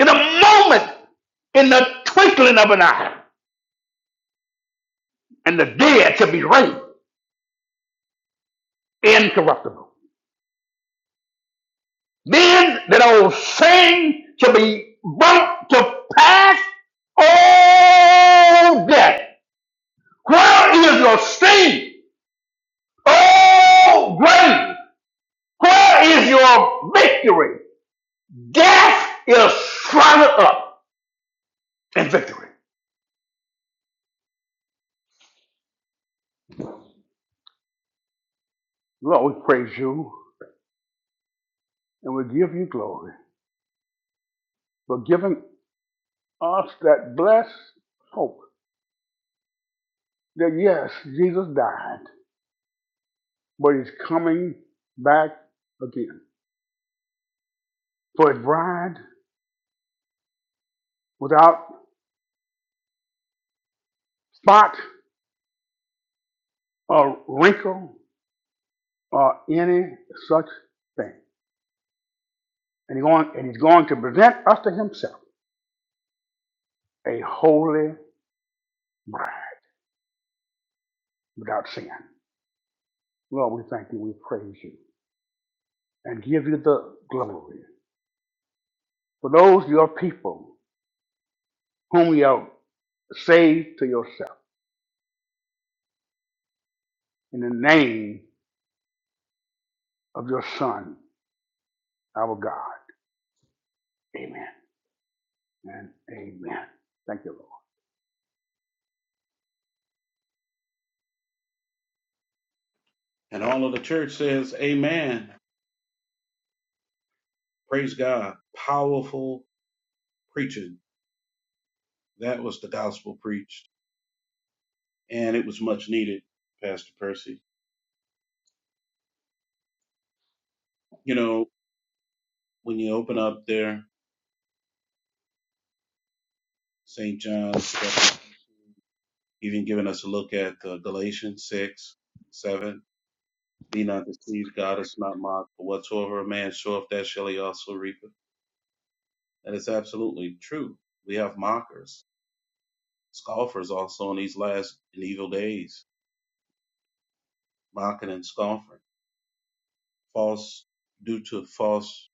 S1: in a moment, in the twinkling of an eye, and the dead shall be raised incorruptible. Then that old saying shall be brought to pass all death. Where is your sting? Oh, grave, where is your victory? Death is swallowed up and victory. Lord, we praise you and we give you glory for giving us that blessed hope that yes, Jesus died, but he's coming back again for his bride without spot or wrinkle or any such thing. And, he going, and he's going to present us to himself a holy bride without sin. Lord, we thank you, we praise you, and give you the glory for those your people whom you have saved to yourself. In the name of your Son, our God. Amen and amen. Thank you, Lord.
S2: And all of the church says, Amen. Praise God. Powerful preaching. That was the gospel preached. And it was much needed, Pastor Percy. You know, when you open up there, St. John chapter 19, even giving us a look at uh, Galatians 6, 7. Be not deceived, God is not mocked. For whatsoever a man soweth, that shall he also reap. And it's absolutely true. We have mockers, scoffers also in these last and evil days, mocking and scoffing false due to false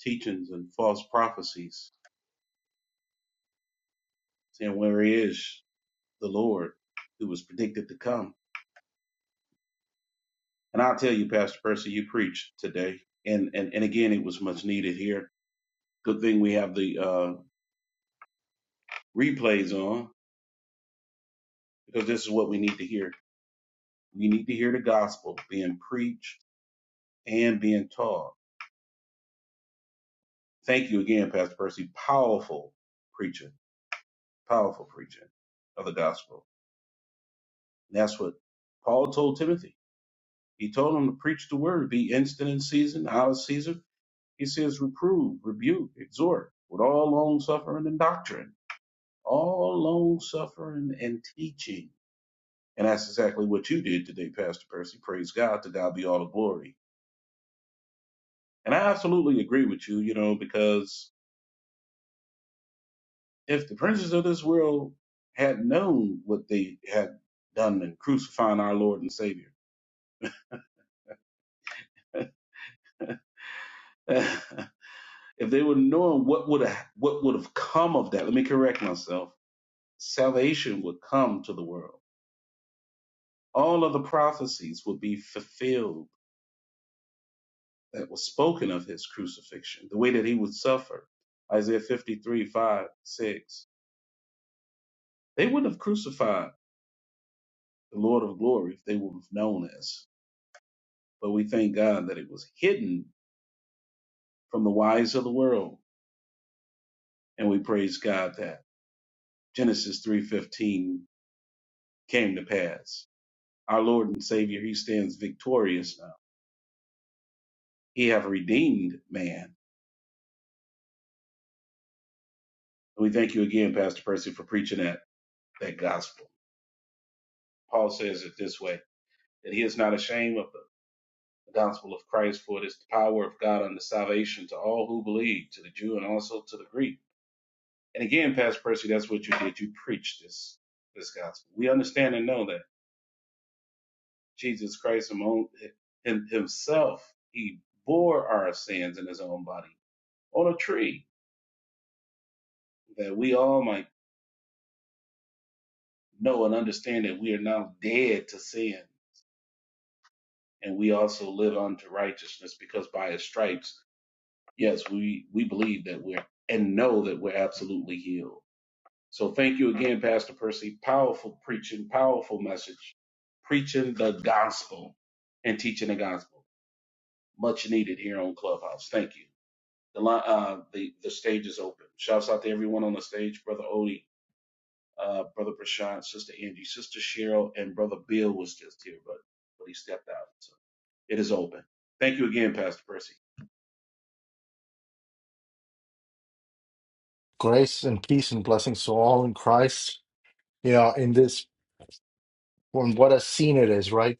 S2: teachings and false prophecies, saying where is the Lord who was predicted to come. And I'll tell you, Pastor Percy, you preached today. And and, and again it was much needed here. Good thing we have the uh, replays on because this is what we need to hear. We need to hear the gospel being preached and being taught. Thank you again, Pastor Percy. Powerful preaching, powerful preaching of the gospel. And that's what Paul told Timothy He told them to preach the word, be instant in season, out of season. He says, reprove, rebuke, exhort with all long suffering and doctrine, all long suffering and teaching. And that's exactly what you did today, Pastor Percy. Praise God. To God be all the glory. And I absolutely agree with you, you know, because if the princes of this world had known what they had done in crucifying our Lord and Savior, if they would have known what would have what would have come of that, let me correct myself salvation would come to the world. All of the prophecies would be fulfilled that was spoken of his crucifixion, the way that he would suffer. Isaiah 53 5 6. They wouldn't have crucified the Lord of glory if they would have known this. But we thank God that it was hidden from the wise of the world. And we praise God that Genesis 3.15 came to pass. Our Lord and Savior, he stands victorious now. He have redeemed man And we thank you again, Pastor Percy, for preaching that, that gospel. Paul says it this way that he is not ashamed of the gospel of Christ, for it is the power of God unto salvation to all who believe, to the Jew and also to the Greek. And again, Pastor Percy, that's what you did. You preached this this gospel. We understand and know that Jesus Christ himself, he bore our sins in his own body on a tree, that we all might know and understand that we are now dead to sin and we also live unto righteousness because by his stripes, yes, we, we believe that we're and know that we're absolutely healed. So thank you again, Pastor Percy. Powerful preaching, powerful message, preaching the gospel and teaching the gospel. Much needed here on Clubhouse. Thank you. The li- uh, the the stage is open. Shouts out to everyone on the stage, brother Odie, uh, brother Prashant, sister Angie, sister Cheryl, and brother Bill was just here, but but he stepped out. So it is open. Thank you again, Pastor Percy.
S3: Grace and peace and blessings to all in Christ. You know, in this, from what a scene it is, right?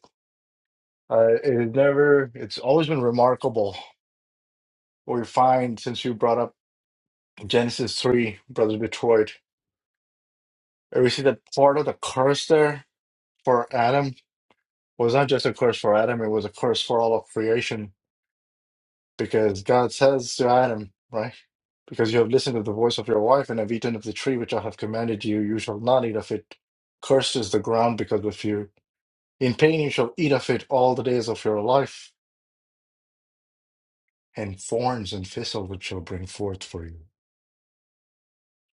S3: Uh, it never, it's always been remarkable. What we find since you brought up Genesis 3, Brother Detroit, and we see that part of the curse there for Adam was not just a curse for Adam, it was a curse for all of creation because God says to Adam, right? Because you have listened to the voice of your wife and have eaten of the tree which I have commanded you, you shall not eat of it. Cursed is the ground because of you In pain you shall eat of it all the days of your life, and thorns and thistles it shall bring forth for you.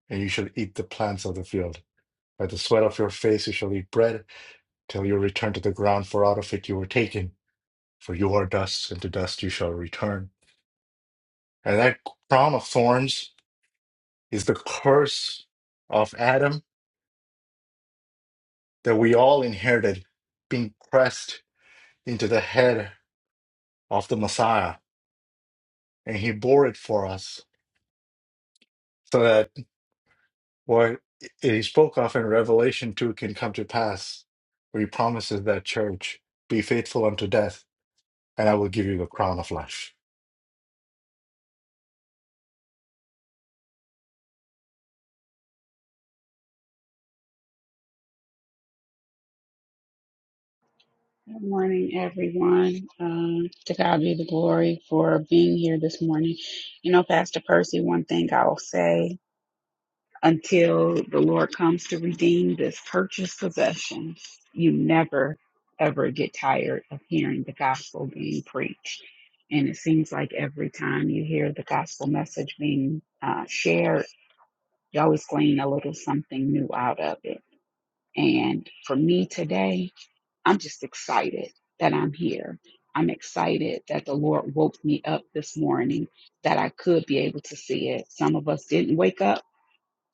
S3: And you shall eat the plants of the field. By the sweat of your face you shall eat bread, till you return to the ground, for out of it you were taken. For you are dust, and to dust you shall return. And that crown of thorns is the curse of Adam that we all inherited, being pressed into the head of the Messiah. And he bore it for us, so that. what he spoke of in Revelation 2 can come to pass, where he promises that church, be faithful unto death, and I will give you the crown of life.
S4: Good morning, everyone. Um, to God be the glory for being here this morning. You know, Pastor Percy, one thing I'll say until the Lord comes to redeem this purchased possession, you never, ever get tired of hearing the gospel being preached. And it seems like every time you hear the gospel message being uh, shared, you always glean a little something new out of it. And for me today, I'm just excited that I'm here. I'm excited that the Lord woke me up this morning, that I could be able to see it. Some of us didn't wake up,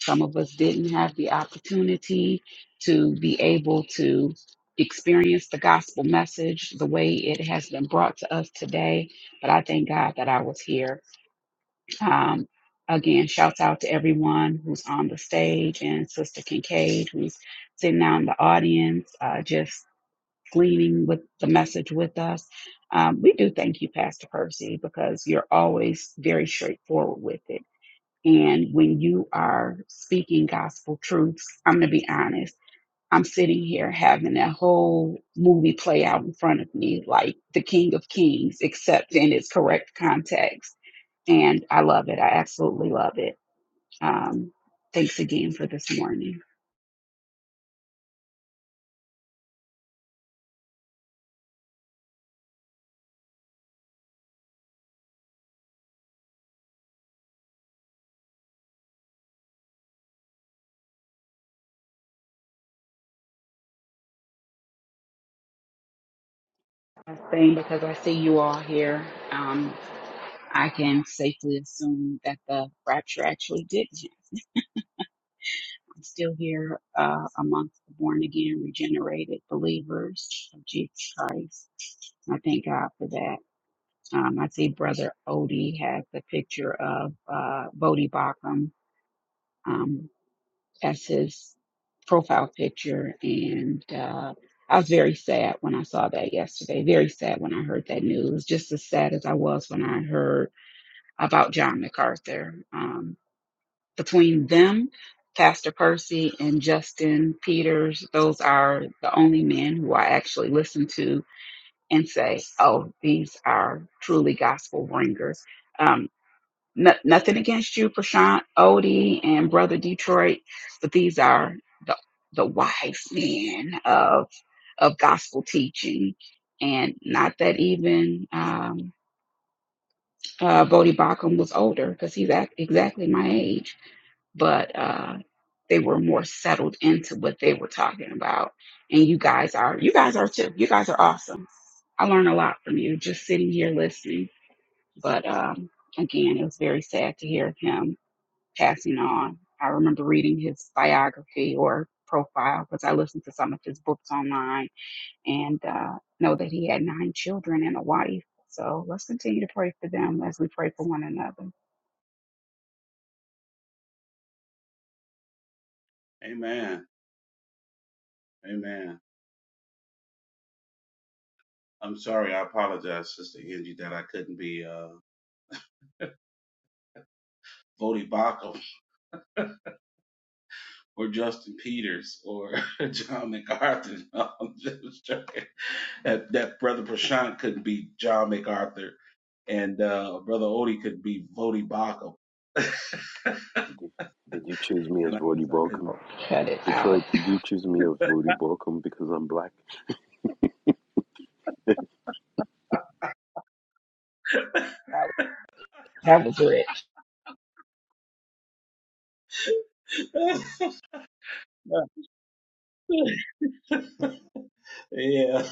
S4: some of us didn't have the opportunity to be able to experience the gospel message the way it has been brought to us today. But I thank God that I was here. Um, again, shouts out to everyone who's on the stage and Sister Kincaid, who's sitting out in the audience. Uh, just gleaning with the message with us. Um, we do thank you, Pastor Percy, because you're always very straightforward with it. And when you are speaking gospel truths, I'm going to be honest, I'm sitting here having that whole movie play out in front of me, like the King of Kings, except in its correct context. And I love it. I absolutely love it. Um, thanks again for this morning. Last Thing because I see you all here. Um, I can safely assume that the rapture actually did happen. I'm still here uh, amongst the born again, regenerated believers of Jesus Christ. I thank God for that. Um, I see Brother Odie has a picture of uh, Bodie Bacham um, as his profile picture. And uh, I was very sad when I saw that yesterday, very sad when I heard that news, just as sad as I was when I heard about John MacArthur. Um, between them, Pastor Percy and Justin Peters, those are the only men who I actually listen to and say, oh, these are truly gospel bringers. Um, no, nothing against you, Prashant Odie and Brother Detroit, but these are the, the wise men of, of gospel teaching. And not that even um, uh, Bodie Bacham was older, because he's act- exactly my age but uh, they were more settled into what they were talking about. And you guys are, you guys are too. You guys are awesome. I learned a lot from you just sitting here listening. But um, again, it was very sad to hear of him passing on. I remember reading his biography or profile because I listened to some of his books online and uh, know that he had nine children and a wife. So let's continue to pray for them as we pray for one another.
S2: Amen. Amen. I'm sorry. I apologize, Sister Angie, that I couldn't be uh, Vody Bakum or Justin Peters or John MacArthur. No, I'm just joking. That, that Brother Prashant couldn't be John MacArthur and uh, Brother Odie could be Vody Bakum.
S5: Did did you choose me as
S2: and I
S5: Vody
S2: guess I couldn't
S5: Balcom?
S2: be.
S4: Cut it out.
S5: Detroit, did you choose me as Vody Balcom because I'm black?
S4: That was, that was rich.
S2: yeah.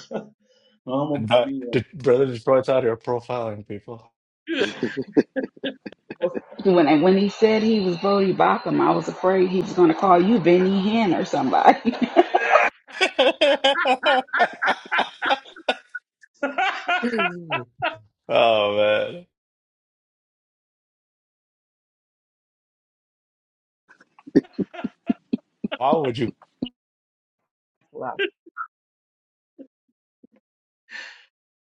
S2: Mama
S3: And
S2: put
S3: that,
S2: me
S3: did, brother, just brought out your profiling people.
S4: When I, when he said he was Bodie Bacham, I was afraid he was going to call you Benny Hinn or somebody.
S2: up.
S3: oh, man. How would you?
S4: Wow.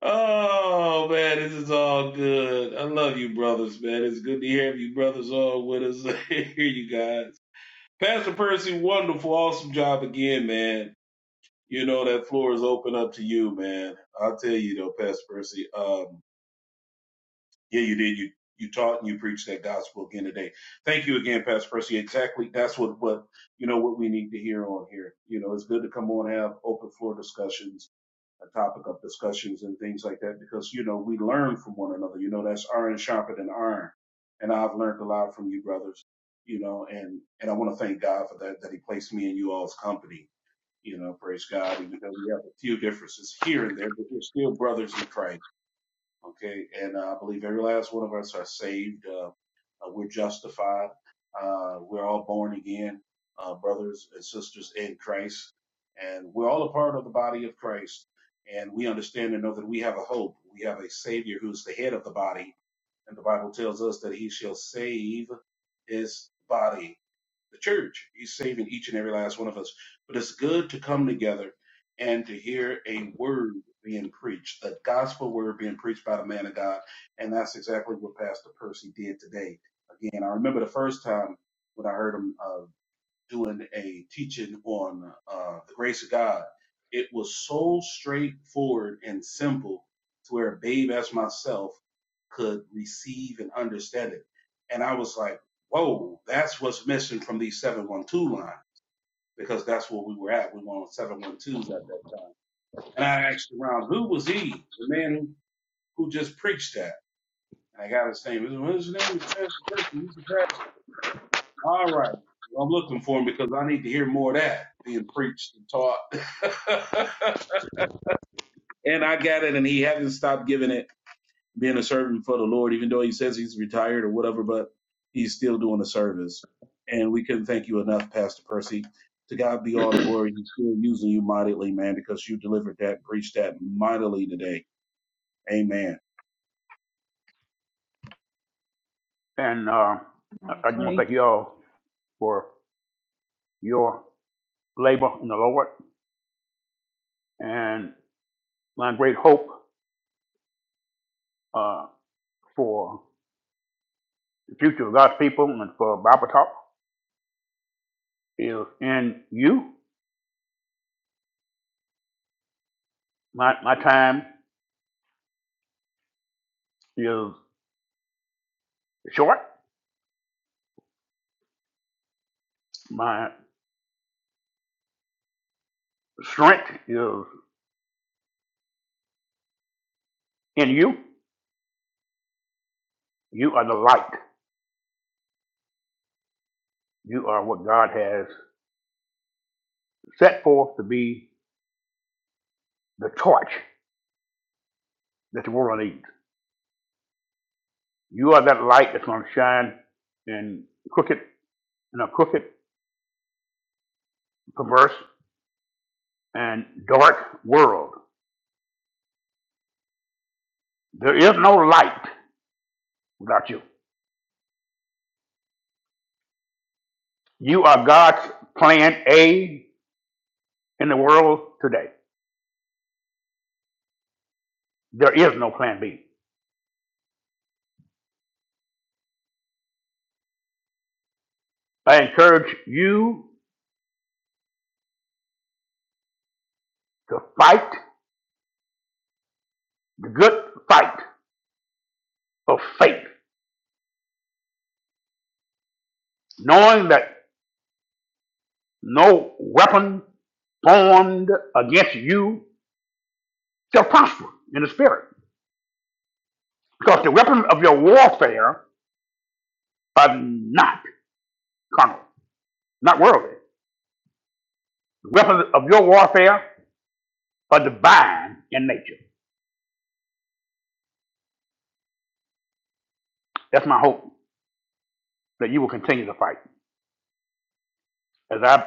S2: Oh man, this is all good. I love you, brothers, man. It's good to hear you, brothers, all with us. hear you guys, Pastor Percy. Wonderful, awesome job again, man. You know that floor is open up to you, man. I'll tell you though, Pastor Percy. Um, yeah, you did. You you taught and you preached that gospel again today. Thank you again, Pastor Percy. Exactly. That's what what you know what we need to hear on here. You know, it's good to come on and have open floor discussions a topic of discussions and things like that because you know we learn from one another. You know that's iron sharper than iron, and I've learned a lot from you brothers. You know, and and I want to thank God for that that He placed me in you all's company. You know, praise God, even though we have a few differences here and there, but we're still brothers in Christ Okay, and uh, I believe every last one of us are saved. Uh, uh, we're justified. Uh, we're all born again, uh, brothers and sisters in Christ, and we're all a part of the body of Christ. And we understand and know that we have a hope. We have a Savior who's the head of the body, and the Bible tells us that he shall save his body, the church. He's saving each and every last one of us. But it's good to come together and to hear a word being preached, the gospel word being preached by the man of God. And that's exactly what Pastor Percy did today. Again, I remember the first time when I heard him. uh, doing a teaching on uh, the grace of God. It was so straightforward and simple to where a babe as myself could receive and understand it. And I was like, whoa, that's what's missing from the 712 line because that's where we were at. We were on 712s at that time. And I asked around, who was he? The man who, who just preached that. And I got his name. His- What is his name? Is Pastor Christian. He's a pastor. All right. Well, I'm looking for him because I need to hear more of that being preached and taught. and I got it, and he hasn't stopped giving it, being a servant for the Lord, even though he says he's retired or whatever, but he's still doing the service. And we couldn't thank you enough, Pastor Percy. To God be all the glory. He's still using you mightily, man, because you delivered that, preached that mightily today. Amen.
S1: And uh, I,
S4: I
S1: I want to
S4: agree.
S1: thank you all for your labor in the Lord and my great hope uh, for the future of God's people and for Bible Talk is in you. My, my time is short. My strength is in you. You are the light. You are what God has. set forth to be the torch that the world needs. You are that light that's going to shine in crooked, in a crooked, perverse, and dark world. There is no light without you. You are God's plan A in the world today. There is no plan B. I encourage you to fight the good fight of faith, knowing that no weapon formed against you shall prosper in the spirit. Because the weapons of your warfare are not carnal, not worldly. The weapons of your warfare are divine in nature. That's my hope that you will continue to fight. As I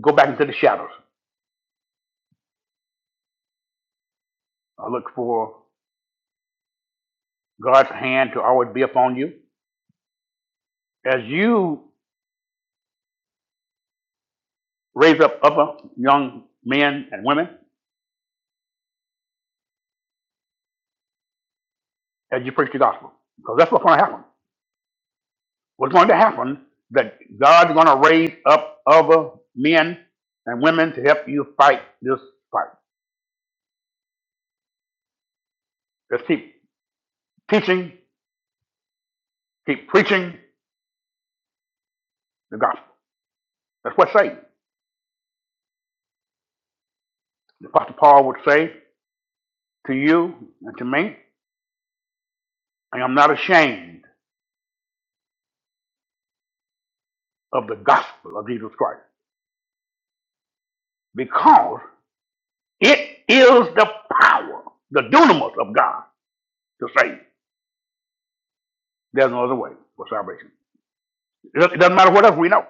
S1: go back into the shadows, I look for God's hand to always be upon you. As you raise up other young men and women, as you preach the gospel, because that's what's going to happen. What's going to happen that God's going to raise up other men and women to help you fight this fight. Let's keep Teaching, keep preaching the gospel. That's what say. Apostle Paul would say to you and to me, I am not ashamed of the gospel of Jesus Christ because it is the power, the dunamis of God to save. There's no other way for salvation. It doesn't it doesn't matter what else we know.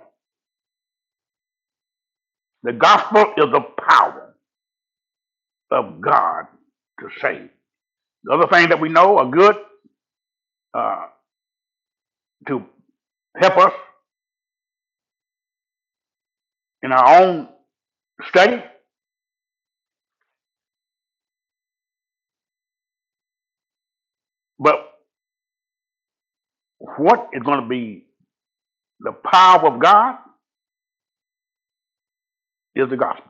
S1: The gospel is the power of God to save. The other things that we know are good uh, to help us in our own study, but what is going to be The power of God is the gospel.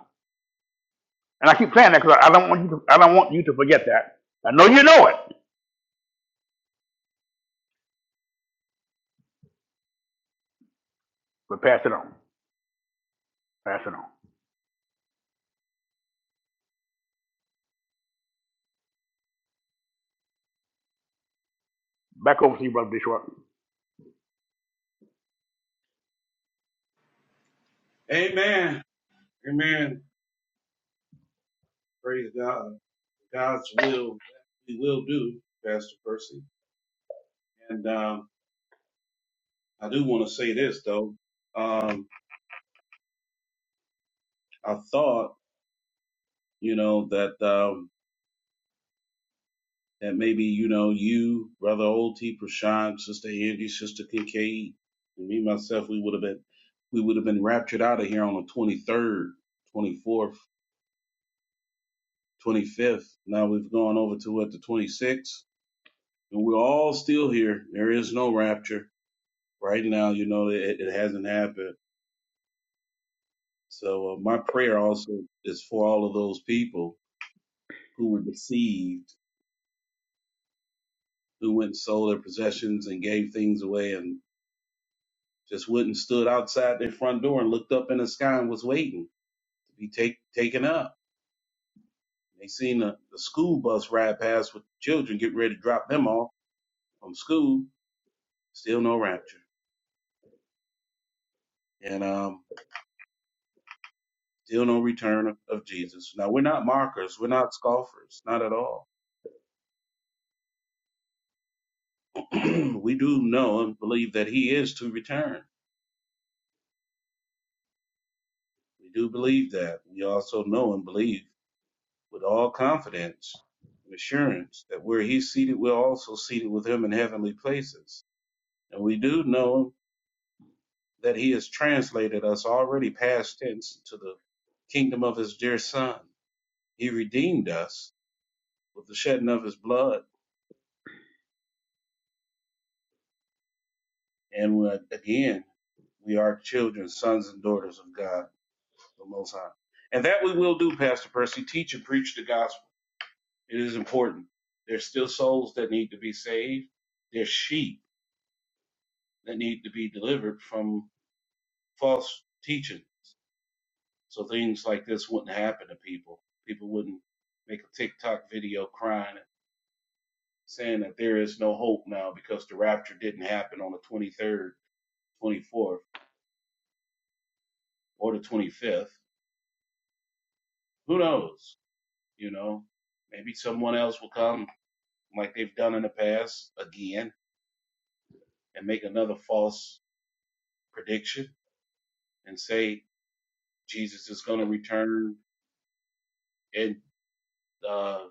S1: And I keep saying that because I I don't want you to, I don't want you to forget that. I know you know it, but pass it on. Pass it on. Back over to you, Brother Detroit.
S2: Amen. Amen. Praise God. God's will, we will do, Pastor Percy. And, um, I do want to say this though. Um, I thought, you know, that um, that maybe you know you, brother Oldie, Prashant, sister Angie, sister Kincaid, and me myself, we would have been we would have been raptured out of here on the 23rd, 24th, 25th. Now we've gone over to what the 26th, and we're all still here. There is no rapture right now. You know, it, it hasn't happened. So uh, my prayer also is for all of those people who were deceived who went and sold their possessions and gave things away and just wouldn't stood outside their front door and looked up in the sky and was waiting to be take, taken up. They seen the, the school bus ride past with the children getting ready to drop them off from school. Still no rapture and um, still no return of, of Jesus. Now we're not mockers, we're not scoffers, not at all. we do know and believe that He is to return. We do believe that. We also know and believe with all confidence and assurance that where he's seated, we're also seated with him in heavenly places. And we do know that he has translated us already past tense to the kingdom of his dear son. He redeemed us with the shedding of his blood. And we- again, we are children, sons and daughters of God, the Most High. And that we will do, Pastor Percy. Teach and preach the gospel. It is important. There's still souls that need to be saved. There's sheep that need to be delivered from false teaching. So things like this wouldn't happen to people. People wouldn't make a TikTok video crying saying that there is no hope now because the rapture didn't happen on the 23rd, 24th, or the 25th. Who knows? You know, maybe someone else will come like they've done in the past again and make another false prediction and say Jesus is going to return in uh,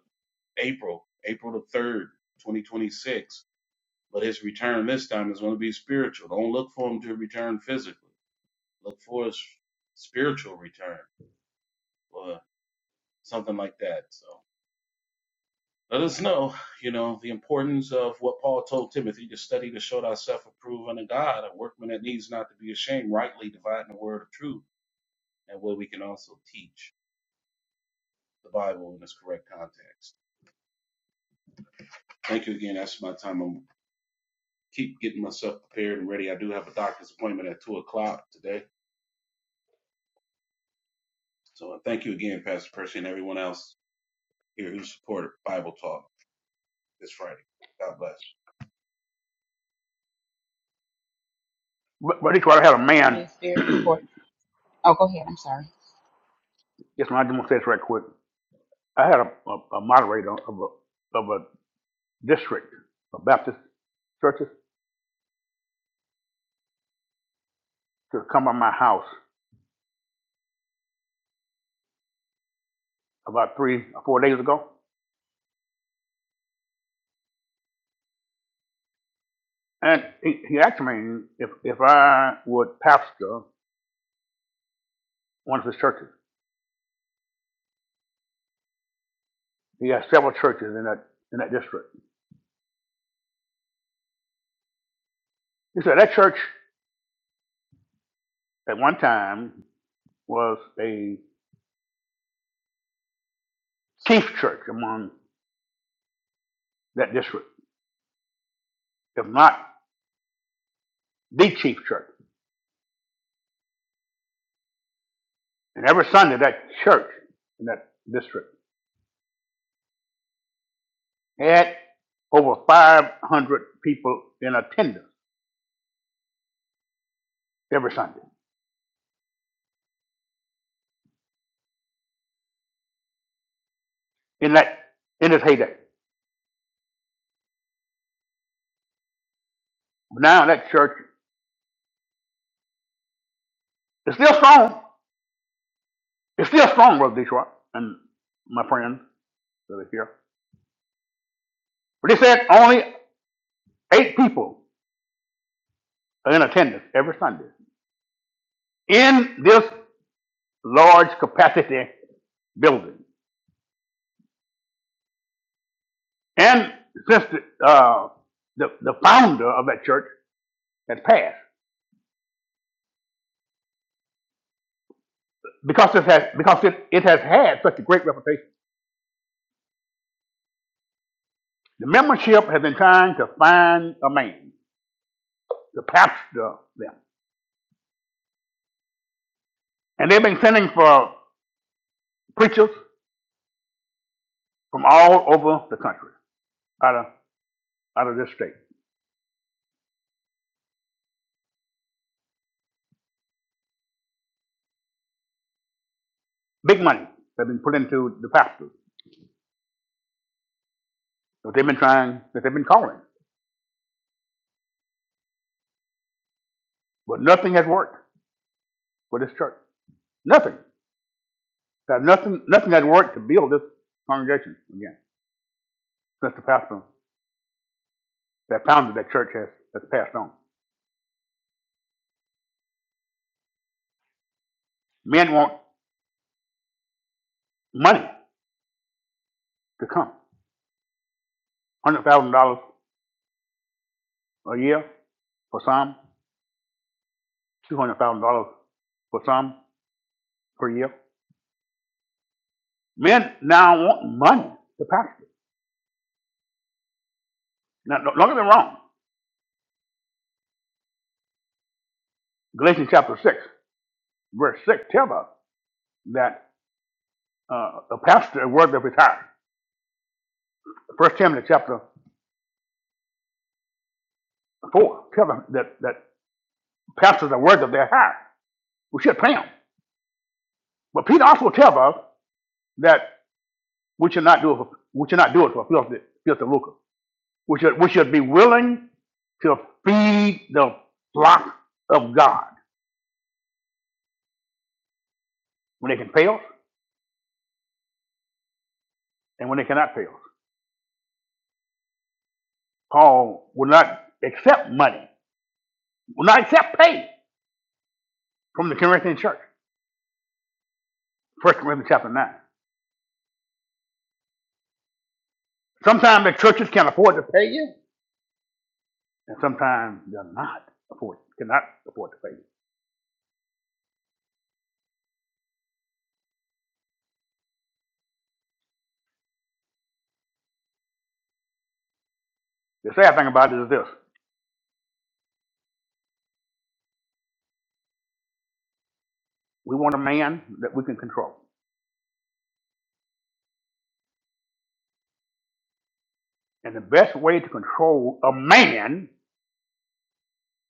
S2: April, April the 3rd, 2026. But his return this time is going to be spiritual. Don't look for him to return physically. Look for his spiritual return or something like that. So let us know, you know, the importance of what Paul told Timothy to study to show thyself approved unto God, a workman that needs not to be ashamed, rightly dividing the word of truth, and where we can also teach the Bible in its correct context. Thank you again. That's my time. I'm keep getting myself prepared and ready. I do have a doctor's appointment at two o'clock today. So uh, thank you again, Pastor Percy, and everyone else here who supported Bible Talk this Friday. God bless.
S1: Br- Brother Detroit, I had a
S4: Leprosy
S1: man,
S4: is very
S1: yes,
S4: important. Oh, go ahead. I'm sorry.
S1: man, I just want to say this right quick. I had a, a, a moderator of a, of a district of Baptist churches to come by my house about three or four days ago. And he, he asked me if, if I would pastor one of his churches. He has several churches in that, in that district. He said, that church at one time was a chief church among that district, if not the chief church. And every Sunday, that church in that district had over 500 people in attendance every Sunday in that in its heyday. But now that church is still strong. It's still strong, Brother Detroit and my friends that are here. But they said only eight people are in attendance every Sunday in this large capacity building. And since the, uh, the, the founder of that church has passed, because it has, because it, it has had such a great reputation, the membership has been trying to find a man to pastor them. And they've been sending for preachers from all over the country, out of, out of this state. Big money has been put into the pastors that they've been trying, that they've been calling. But nothing has worked for this church. Nothing. There's Nothing, nothing has worked to build this congregation again since the pastor that founded that church has, has passed on. Men want money to come. $100,000 a year for some, $200,000 for some per year. Men now want money to pastor. Now, don't don't get me wrong. Galatians chapter 6, verse 6 tells us that uh, a pastor is worthy of his hire. First Timothy chapter 4 tells us that, that pastors are worthy of their hire. We should pay them. But Peter also tells us that we should not do it for, we should not do it for filthy, filthy lucre. We should, we should be willing to feed the flock of God when they can pay us and when they cannot pay us. Paul will not accept money, will not accept pay from the Corinthian church. First Corinthians chapter 9. Sometimes the churches can afford to pay you, and sometimes they're not afford, cannot afford to pay you. The sad thing about it is this. We want a man that we can control. And the best way to control a man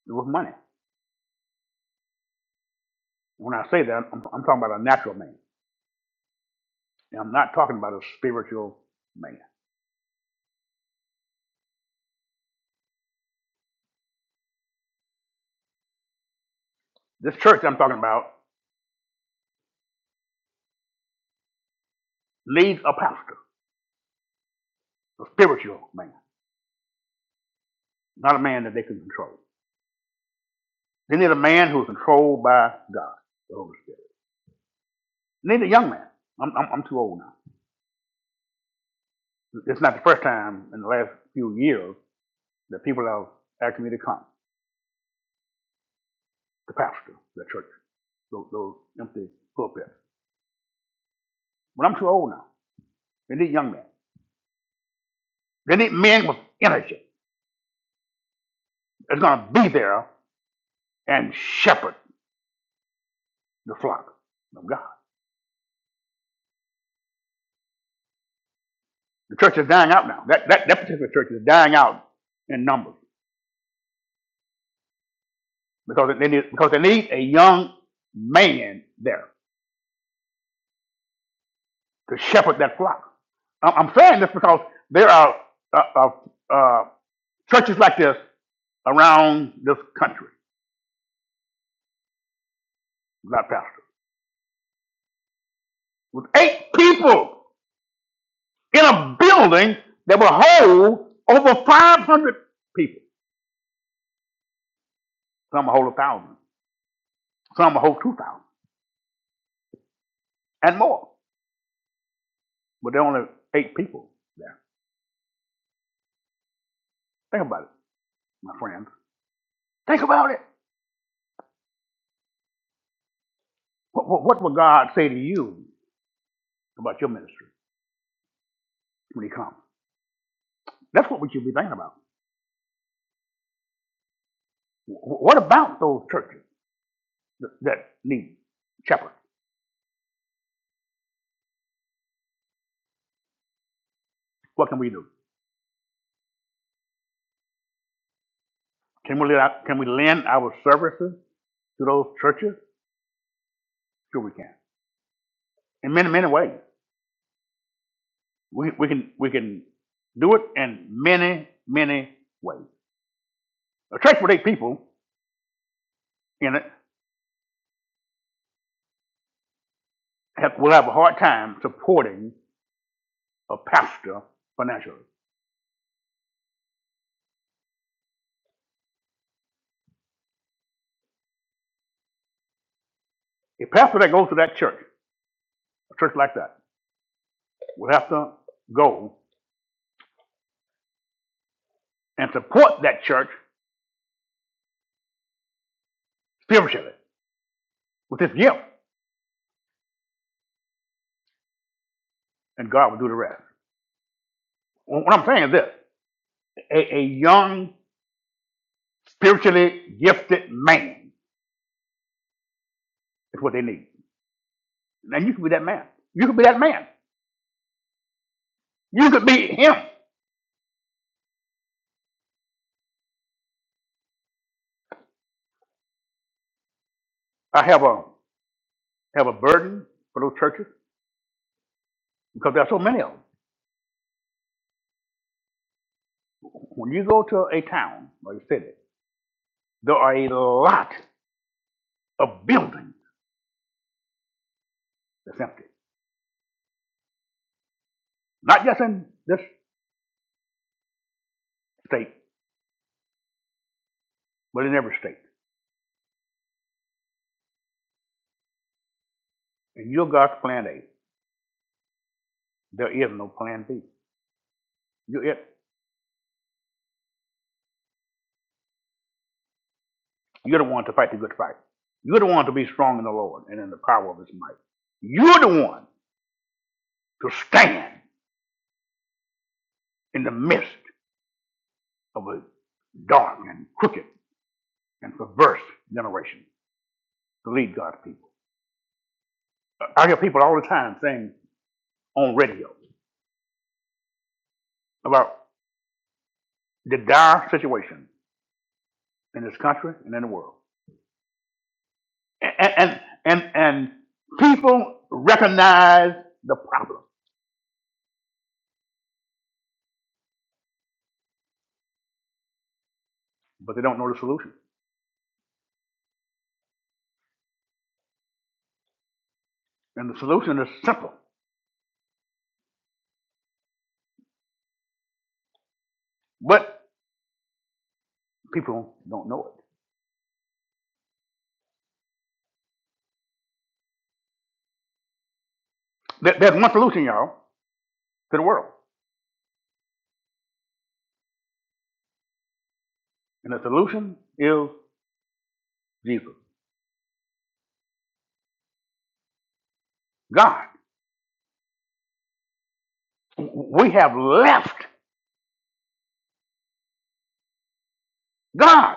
S1: is with money. When I say that, I'm, I'm talking about a natural man. And I'm not talking about a spiritual man. This church I'm talking about needs a pastor, a spiritual man, not a man that they can control. They need a man who's controlled by God, the Holy Spirit. They need a young man. I'm, I'm, I'm too old now. It's not the first time in the last few years that people have asked me to come to pastor the church, those, those empty pulpits. But I'm too old now. They need young men. They need men with energy that's going to be there and shepherd the flock of God. The church is dying out now. That, that, that particular church is dying out in numbers because they need, because they need a young man there to shepherd that flock. I- am saying this because there are uh, uh, uh, churches like this around this country without pastors, with eight people in a building that will hold over 500 people. Some will hold a thousand, some will hold two thousand and more, but there are only eight people there. Think about it, my friends. Think about it. What, what, what will God say to you about your ministry when He comes? That's what we should be thinking about. What about those churches that, that need shepherds? What can we do? Can we, out, can we lend our services to those churches? Sure, we can. In many, many ways. We, we, can, we can do it in many, many ways. A church with eight people in it have, will have a hard time supporting a pastor financially. A pastor that goes to that church, a church like that, will have to go and support that church spiritually with this gift, and God will do the rest. What I'm saying is this a, a young, spiritually gifted man is what they need. And you can be that man. You can be that man. You could be him. I have a have a burden for those churches because there are so many of them. When you go to a town or a city, there are a lot of buildings that's empty. Not just in this state, but in every state. In your God's plan A, there is no plan B. You're it. You're the one to fight the good fight. You're the one to be strong in the Lord and in the power of his might. You're the one to stand in the midst of a dark and crooked and perverse generation to lead God's people. I hear people all the time saying on radio about the dire situation in this country and in the world. And, and, and, and people recognize the problem, but they don't know the solution. And the solution is simple, but people don't know it. There's one solution, y'all, to the world, and the solution is Jesus, God. We have left God.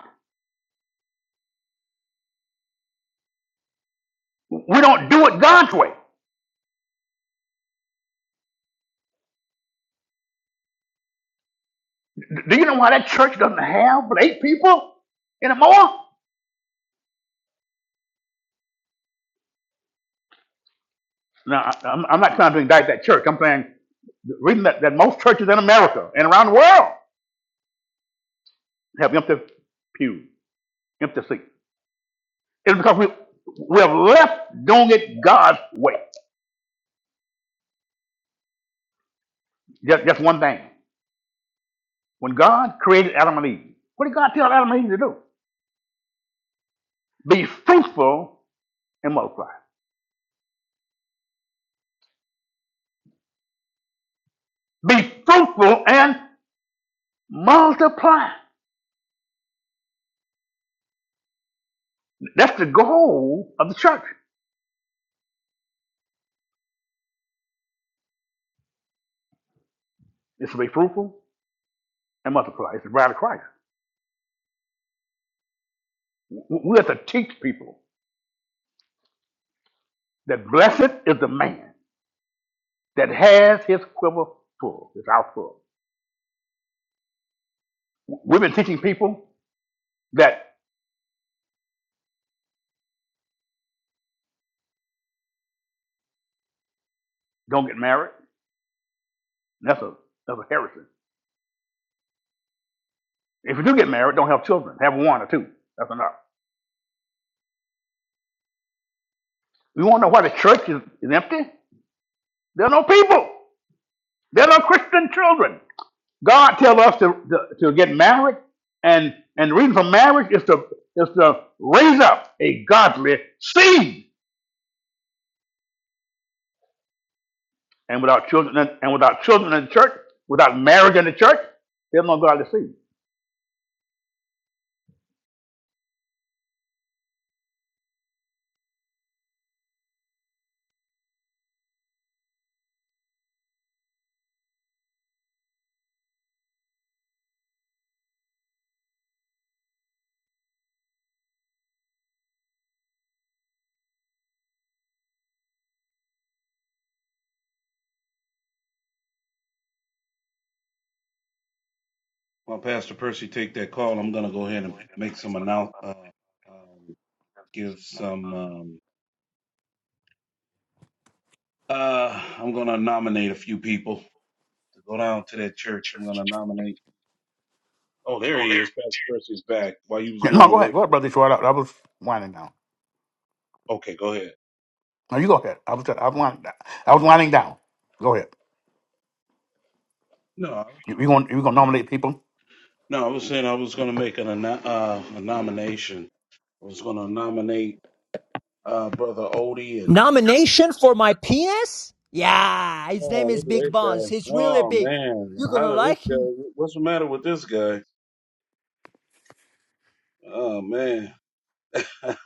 S1: We don't do it God's way. Do you know why that church doesn't have but eight people anymore? No, I'm I'm not trying to indict that church. I'm saying the reason that, that most churches in America and around the world have empty pews, empty seats, is because we we have left doing it God's way. Just, just one thing. When God created Adam and Eve, what did God tell Adam and Eve to do? Be fruitful and multiply. Be fruitful and multiply. That's the goal of the church. It's to be fruitful and multiply. It's the bride of Christ. We have to teach people that blessed is the man that has his quiver full, his house full. We've been teaching people that don't get married. That's a that's a heresy. If you do get married, don't have children. Have one or two. That's enough. You want to know why the church is, is empty. There are no people. There are no Christian children. God tells us to, to, to get married, and and the reason for marriage is to is to raise up a godly seed. And without children and and without children in the church, without marriage in the church, there's no godly seed.
S2: While Pastor Percy take that call, I'm going to go ahead
S1: Go
S2: and
S1: ahead and
S2: make
S1: play
S2: some
S1: some announcements.
S2: announce. Uh, um, give some. Um, uh, I'm going to nominate a few people to go down to that church. I'm going to nominate. Oh, there
S1: Oh,
S2: he
S1: there.
S2: is. Pastor Percy's back. While you was
S1: Yeah, No,
S2: going
S1: go ahead,
S2: away.
S1: go ahead, brother. Detroit. I, I was winding down.
S2: Okay, go ahead.
S1: No, you go ahead. I was I was winding down. I was winding down. Go ahead.
S2: No.
S1: You, you gonna you gonna nominate people?
S2: No, I was saying I was going to make an, ano- uh, a nomination. I was going to nominate uh, Brother Odie and.
S6: Nomination for my penis? Yeah, his name
S2: Oh,
S6: is
S2: look at
S6: Big
S2: that
S6: Boss.
S2: guy.
S6: He's really
S2: Oh,
S6: big.
S2: man.
S6: You're
S2: How
S6: gonna
S2: did this
S6: like him.
S2: guy. What's the matter with this guy? Oh, man. that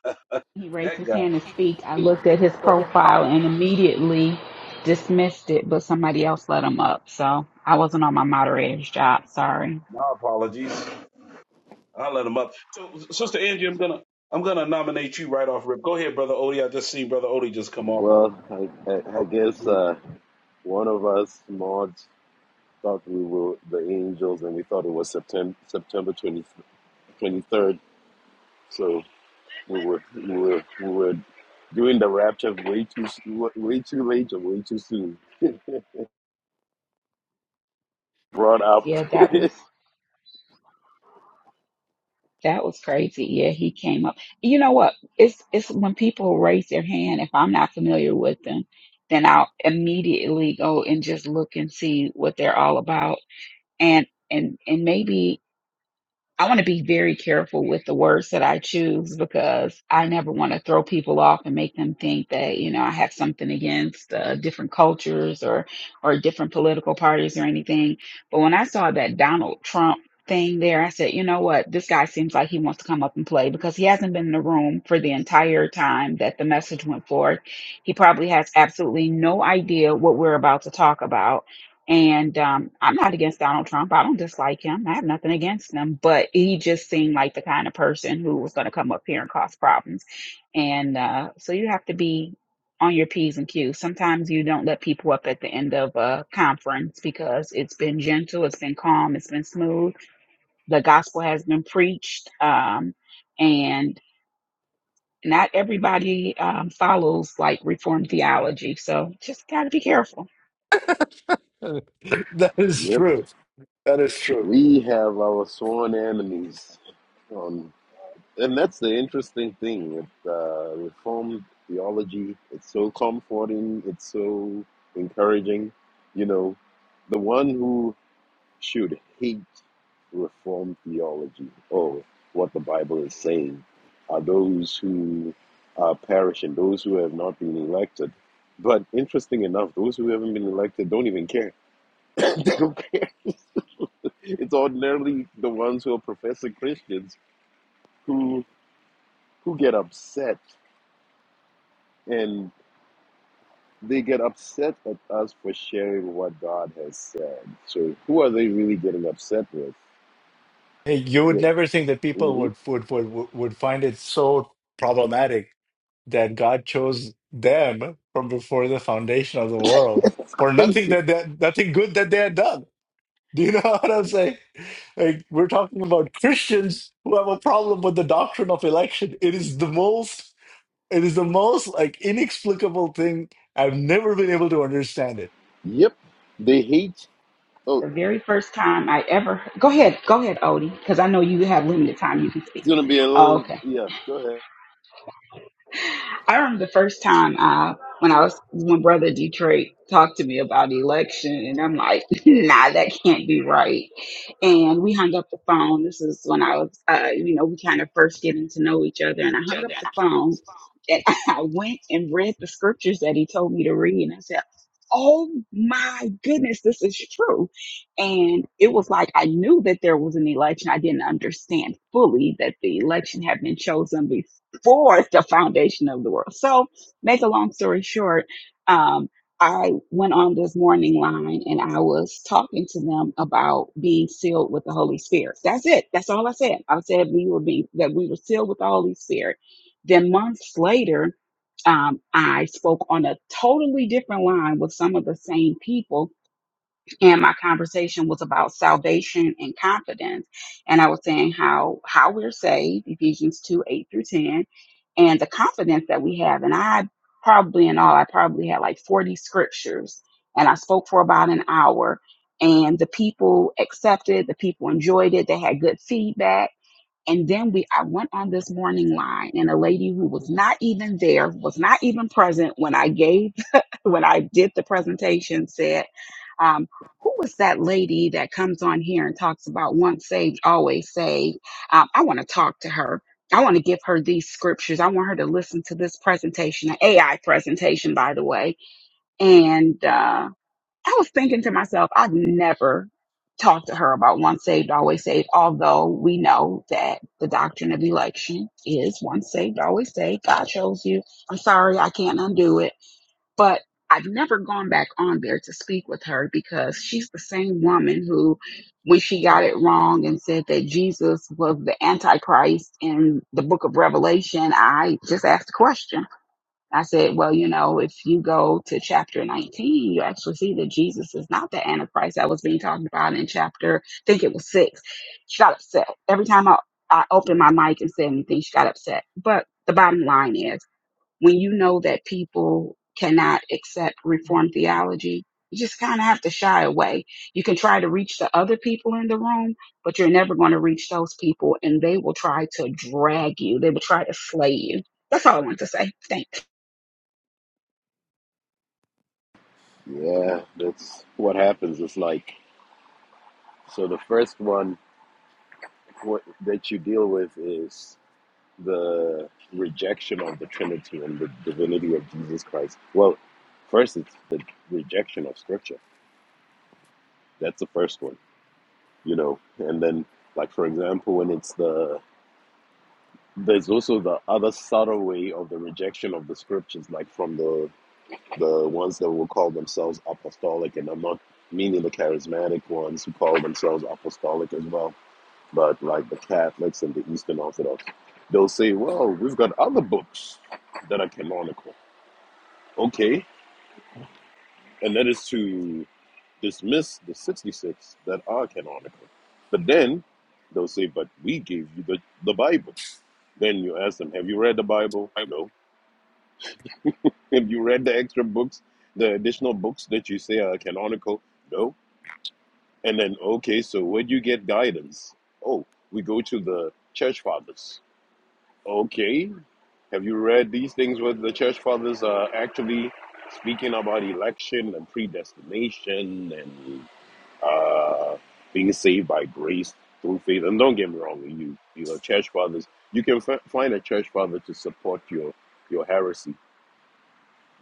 S4: He raised his
S2: guy.
S4: hand to speak. I looked at his profile and immediately dismissed it, but somebody else let him up. So I wasn't on my moderator's job. Sorry.
S2: My apologies. I'll let him up. So, Sister Angie, I'm going to. I'm gonna nominate you right off rip. Go ahead, brother Odie. I just seen brother Odie just come off. uh,
S5: Well, I, I, I
S2: off of
S5: guess uh, one of us mods thought we were the angels, and we thought it was September September 20, 23rd. So we were we were we were doing the rapture way too way too late or way too soon. Brought up.
S4: Yeah, that was. That was crazy. Yeah, he came up. You know what? It's it's when people raise their hand, if I'm not familiar with them, then I'll immediately go and just look and see what they're all about. And and and maybe I want to be very careful with the words that I choose because I never want to throw people off and make them think that you know I have something against uh, different cultures or or different political parties or anything. But when I saw that Donald Trump thing there, I said, you know what, this guy seems like he wants to come up and play because he hasn't been in the room for the entire time that the message went forth. He probably has absolutely no idea what we're about to talk about and um, I'm not against Donald Trump. I don't dislike him. I have nothing against him, but he just seemed like the kind of person who was going to come up here and cause problems. And uh, so you have to be on your P's and Q's. Sometimes you don't let people up at the end of a conference because it's been gentle, it's been calm, it's been smooth. The gospel has been preached. Um, and not everybody um, follows like reformed theology. So just got to be careful.
S3: That is
S5: yep,
S3: true. That is true.
S5: we have our sworn enemies. On. And that's the interesting thing with uh, Reformed theology. It's so comforting, it's so encouraging. You know, the one who should hate Reformed theology or what the Bible is saying are those who are perishing, those who have not been elected. But interesting enough, those who haven't been elected don't even care. they don't care. It's ordinarily the ones who are professing Christians who who get upset and they get upset at us for sharing what God has said. So who are they really getting upset with?
S3: Hey, you would
S5: They,
S3: never think that people
S5: hmm
S3: would, would, would, would find it so problematic that God chose them from before the foundation of the world
S5: That's
S3: for nothing
S5: crazy.
S3: that they, nothing good that they had done. Do you know what I'm saying? Like we're talking about Christians who have a problem with the doctrine of election. It is the most it is the most like inexplicable thing. I've never been able to understand it.
S5: Yep. They hate. Oh,
S4: The
S5: it's
S4: very first time I ever go ahead, go ahead, Odie, because I know you have limited time you can speak.
S5: going to be a little.
S4: Okay.
S5: Yeah, go ahead.
S4: I remember the first time uh, when I was when Brother Detroit talked to me about election, and I'm like, nah, that can't be right. And we hung up the phone. This is when I was, uh, you know, we kind of first getting to know each other, and I hung up the phone, and I went and read the scriptures that he told me to read, and I said. Oh my goodness, this is true. And it was like I knew that there was an election. I didn't understand fully that the election had been chosen for the foundation of the world. So, make a long story short, um, I went on this morning line and I was talking to them about being sealed with the Holy Spirit. That's it. That's all I said. I said we were being that we were sealed with the Holy Spirit. Then months later, um, I spoke on a totally different line with some of the same people and my conversation was about salvation and confidence. And I was saying how how we're saved, Ephesians 2, 8 through 10, and the confidence that we have. And I probably in all, I probably had like 40 scriptures and I spoke for about an hour. And the people accepted, the people enjoyed it, they had good feedback and then we, I went on this morning line and a lady who was not even there, was not even present when I gave, when I did the presentation said, um, who was that lady that comes on here and talks about once saved, always saved? Um, I want to talk to her. I want to give her these scriptures. I want her to listen to this presentation, an AI presentation, by the way. And, uh, I was thinking to myself, I'd never talk to her about once saved, always saved, although we know that the doctrine of election is once saved, always saved. God chose you. I'm sorry, I can't undo it. But I've never gone back on there to speak with her because she's the same woman who, when she got it wrong and said that Jesus was the Antichrist in the book of Revelation, I just asked a question I said, well, you know, if you go to chapter 19, you actually see that Jesus is not the Antichrist that was being talked about in chapter, I think it was six. She got upset. Every time I, I opened my mic and said anything, she got upset. But the bottom line is when you know that people cannot accept reformed theology, you just kind of have to shy away. You can try to reach the other people in the room, but you're never going to reach those people, and they will try to drag you. They will try to slay you. That's all I want to say. Thanks.
S5: Yeah, that's what happens. It's like, so the first one what, that you deal with is the rejection of the Trinity and the divinity of Jesus Christ. Well, first, it's the rejection of Scripture. That's the first one you know and then like for example when it's the there's also the other subtle way of the rejection of the scriptures like from the the ones that will call themselves apostolic and i'm not meaning the charismatic ones who call themselves apostolic as well but like the catholics and the eastern orthodox they'll say well we've got other books that are canonical okay and that is to dismiss the 66 that are canonical but then they'll say but we gave you the, the bible Then you ask them, Have you read the Bible? No. Have you read the extra books, the additional books that you say are canonical? No. And then, okay, so where do you get guidance? Oh, we go to the church fathers. Okay. Have you read these things where the church fathers are actually speaking about election and predestination and uh, being saved by grace through faith? And don't get me wrong, you, you know, church fathers, you can f- find a church father to support your your heresy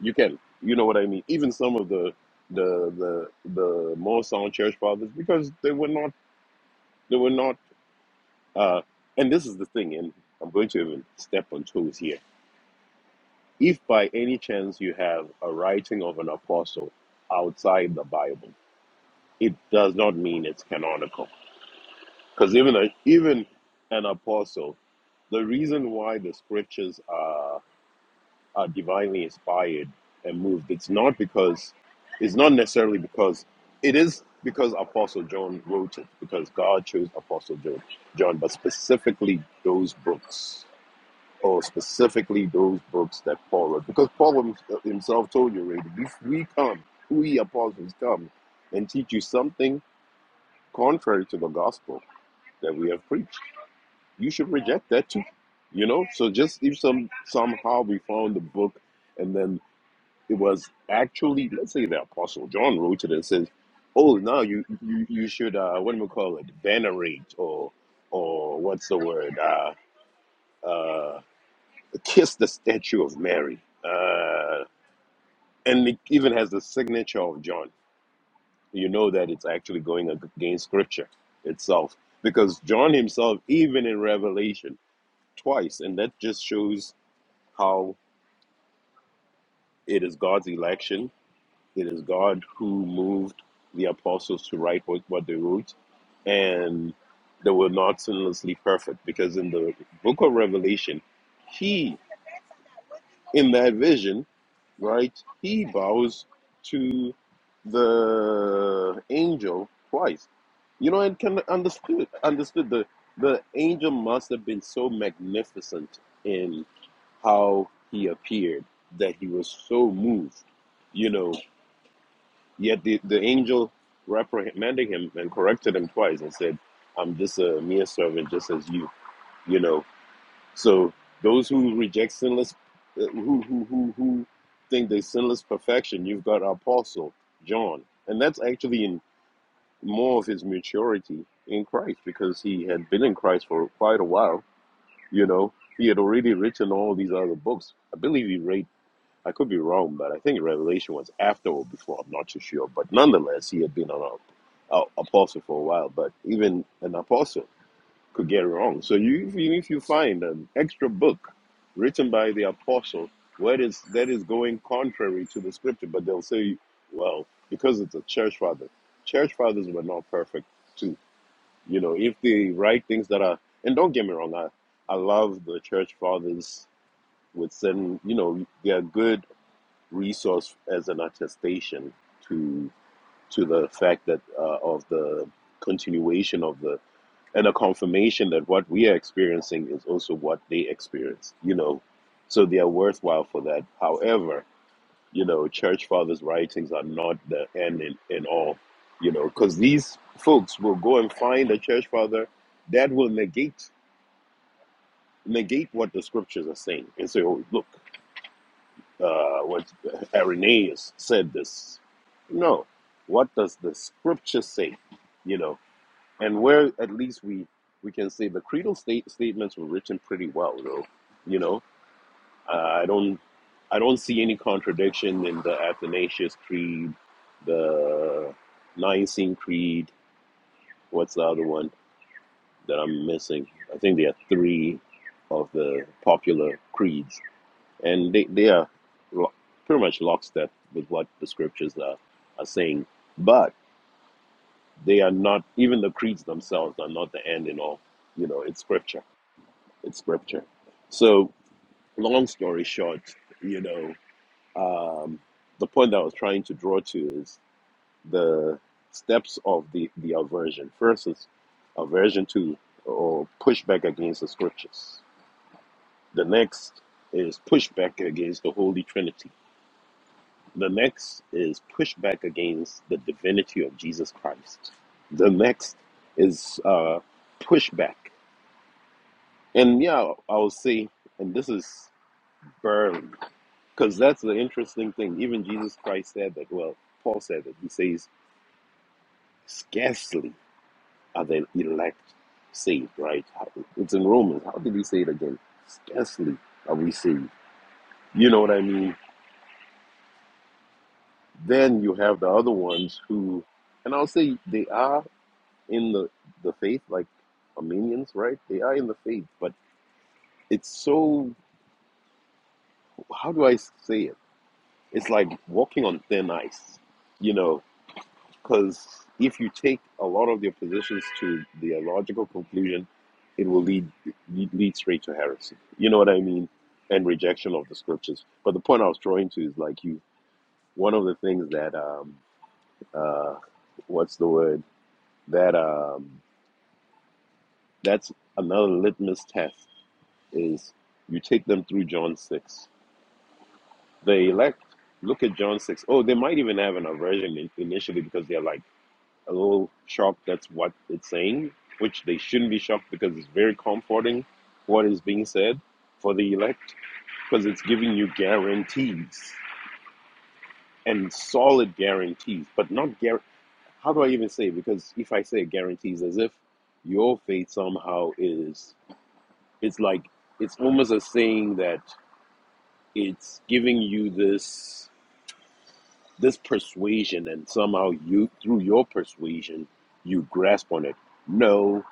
S5: You can, you know what I mean. Even some of the the the the more sound church fathers, because they were not they were not. Uh, and this is the thing, and I'm going to even step on toes here. If by any chance you have a writing of an apostle outside the Bible, it does not mean it's canonical, because even a, even an apostle, the reason why the scriptures are. are divinely inspired and moved. It's not because, it's not necessarily because, it is because Apostle John wrote it, because God chose Apostle John, John but specifically those books, or specifically those books that Paul wrote. Because Paul him- himself told you already, if we come, we apostles come and teach you something contrary to the gospel that we have preached, you should reject that too. You know, so just if some somehow we found the book and then. It was actually, let's say, the Apostle John wrote it and says, "Oh, now you you you should uh, what do we call it? Venerate or or what's the word? Uh, uh, kiss the statue of Mary." Uh, and it even has the signature of John. You know that it's actually going against Scripture itself because John himself, even in Revelation, twice, and that just shows how it is God's election It is God who moved the apostles to write what, what they wrote, and they were not sinlessly perfect because in the book of Revelation, he, in that vision, right, he bows to the angel twice. You know, and can understood understood the the angel must have been so magnificent in how he appeared that he was so moved, you know, Yet the, the angel reprimanded him and corrected him twice and said, I'm just a mere servant, just as you, you know. So those who reject sinless, uh, who, who, who, who think they sinless perfection, you've got Apostle John. And that's actually in more of his maturity in Christ because he had been in Christ for quite a while, you know. He had already written all these other books. I believe he wrote I could be wrong, but I think Revelation was after or before. I'm not too sure, but nonetheless, he had been an a, apostle for a while. But even an apostle could get it wrong. So you, even if you find an extra book written by the apostle, what is that is going contrary to the scripture, but they'll say, well, because it's a church father. Church fathers were not perfect too. You know, if they write things that are, and don't get me wrong, I, I love the church fathers with certain, you know, they are good resource as an attestation to to the fact that uh, of the continuation of the and a confirmation that what we are experiencing is also what they experience you know so they are worthwhile for that however you know church fathers writings are not the end in, in all you know because these folks will go and find a church father that will negate negate what the scriptures are saying and say oh look uh, what Irenaeus said this. No, what does the scripture say? You know, and where at least we we can say the creedal state statements were written pretty well, though. You know, uh, I don't I don't see any contradiction in the Athanasius Creed, the Nicene Creed. What's the other one that I'm missing? I think there are three of the popular creeds and they, they are lo- pretty much lockstep with what the scriptures are, are saying but they are not even the creeds themselves are not the end in all you know it's scripture it's scripture so long story short you know um, the point that i was trying to draw to is the steps of the the aversion first is aversion to or pushback against the scriptures the next is pushback against the holy trinity The next is pushback against the divinity of Jesus Christ. The next is uh, pushback. And yeah, I'll say, and this is burned, because that's the interesting thing. Even Jesus Christ said that, well, Paul said that. He says, scarcely are the elect saved, right? How- It's in Romans. How did he say it again? Scarcely are we saved. You know what I mean? Then you have the other ones who, and I'll say they are. in the the faith, like Armenians, right? They are in the faith, but it's so how do I say it? It's like walking on thin ice, you know, because if you take a lot of their positions to their logical conclusion, it will lead lead lead straight to heresy. You know what I mean? And rejection of the scriptures. But the point I was drawing to is like you. One of the things that um uh, what's the word that um that's another litmus test is you take them through John 6. The elect look at John 6. Oh, they might even have an aversion in, initially because they're like a little shocked that's what it's saying, which they shouldn't be shocked because it's very comforting what is being said for the elect because it's giving you guarantees and solid guarantees, but not guar. How do I even say? Because if I say guarantees, as if your faith somehow is, it's like it's almost a saying that it's giving you this this persuasion and somehow you through your persuasion you grasp on it no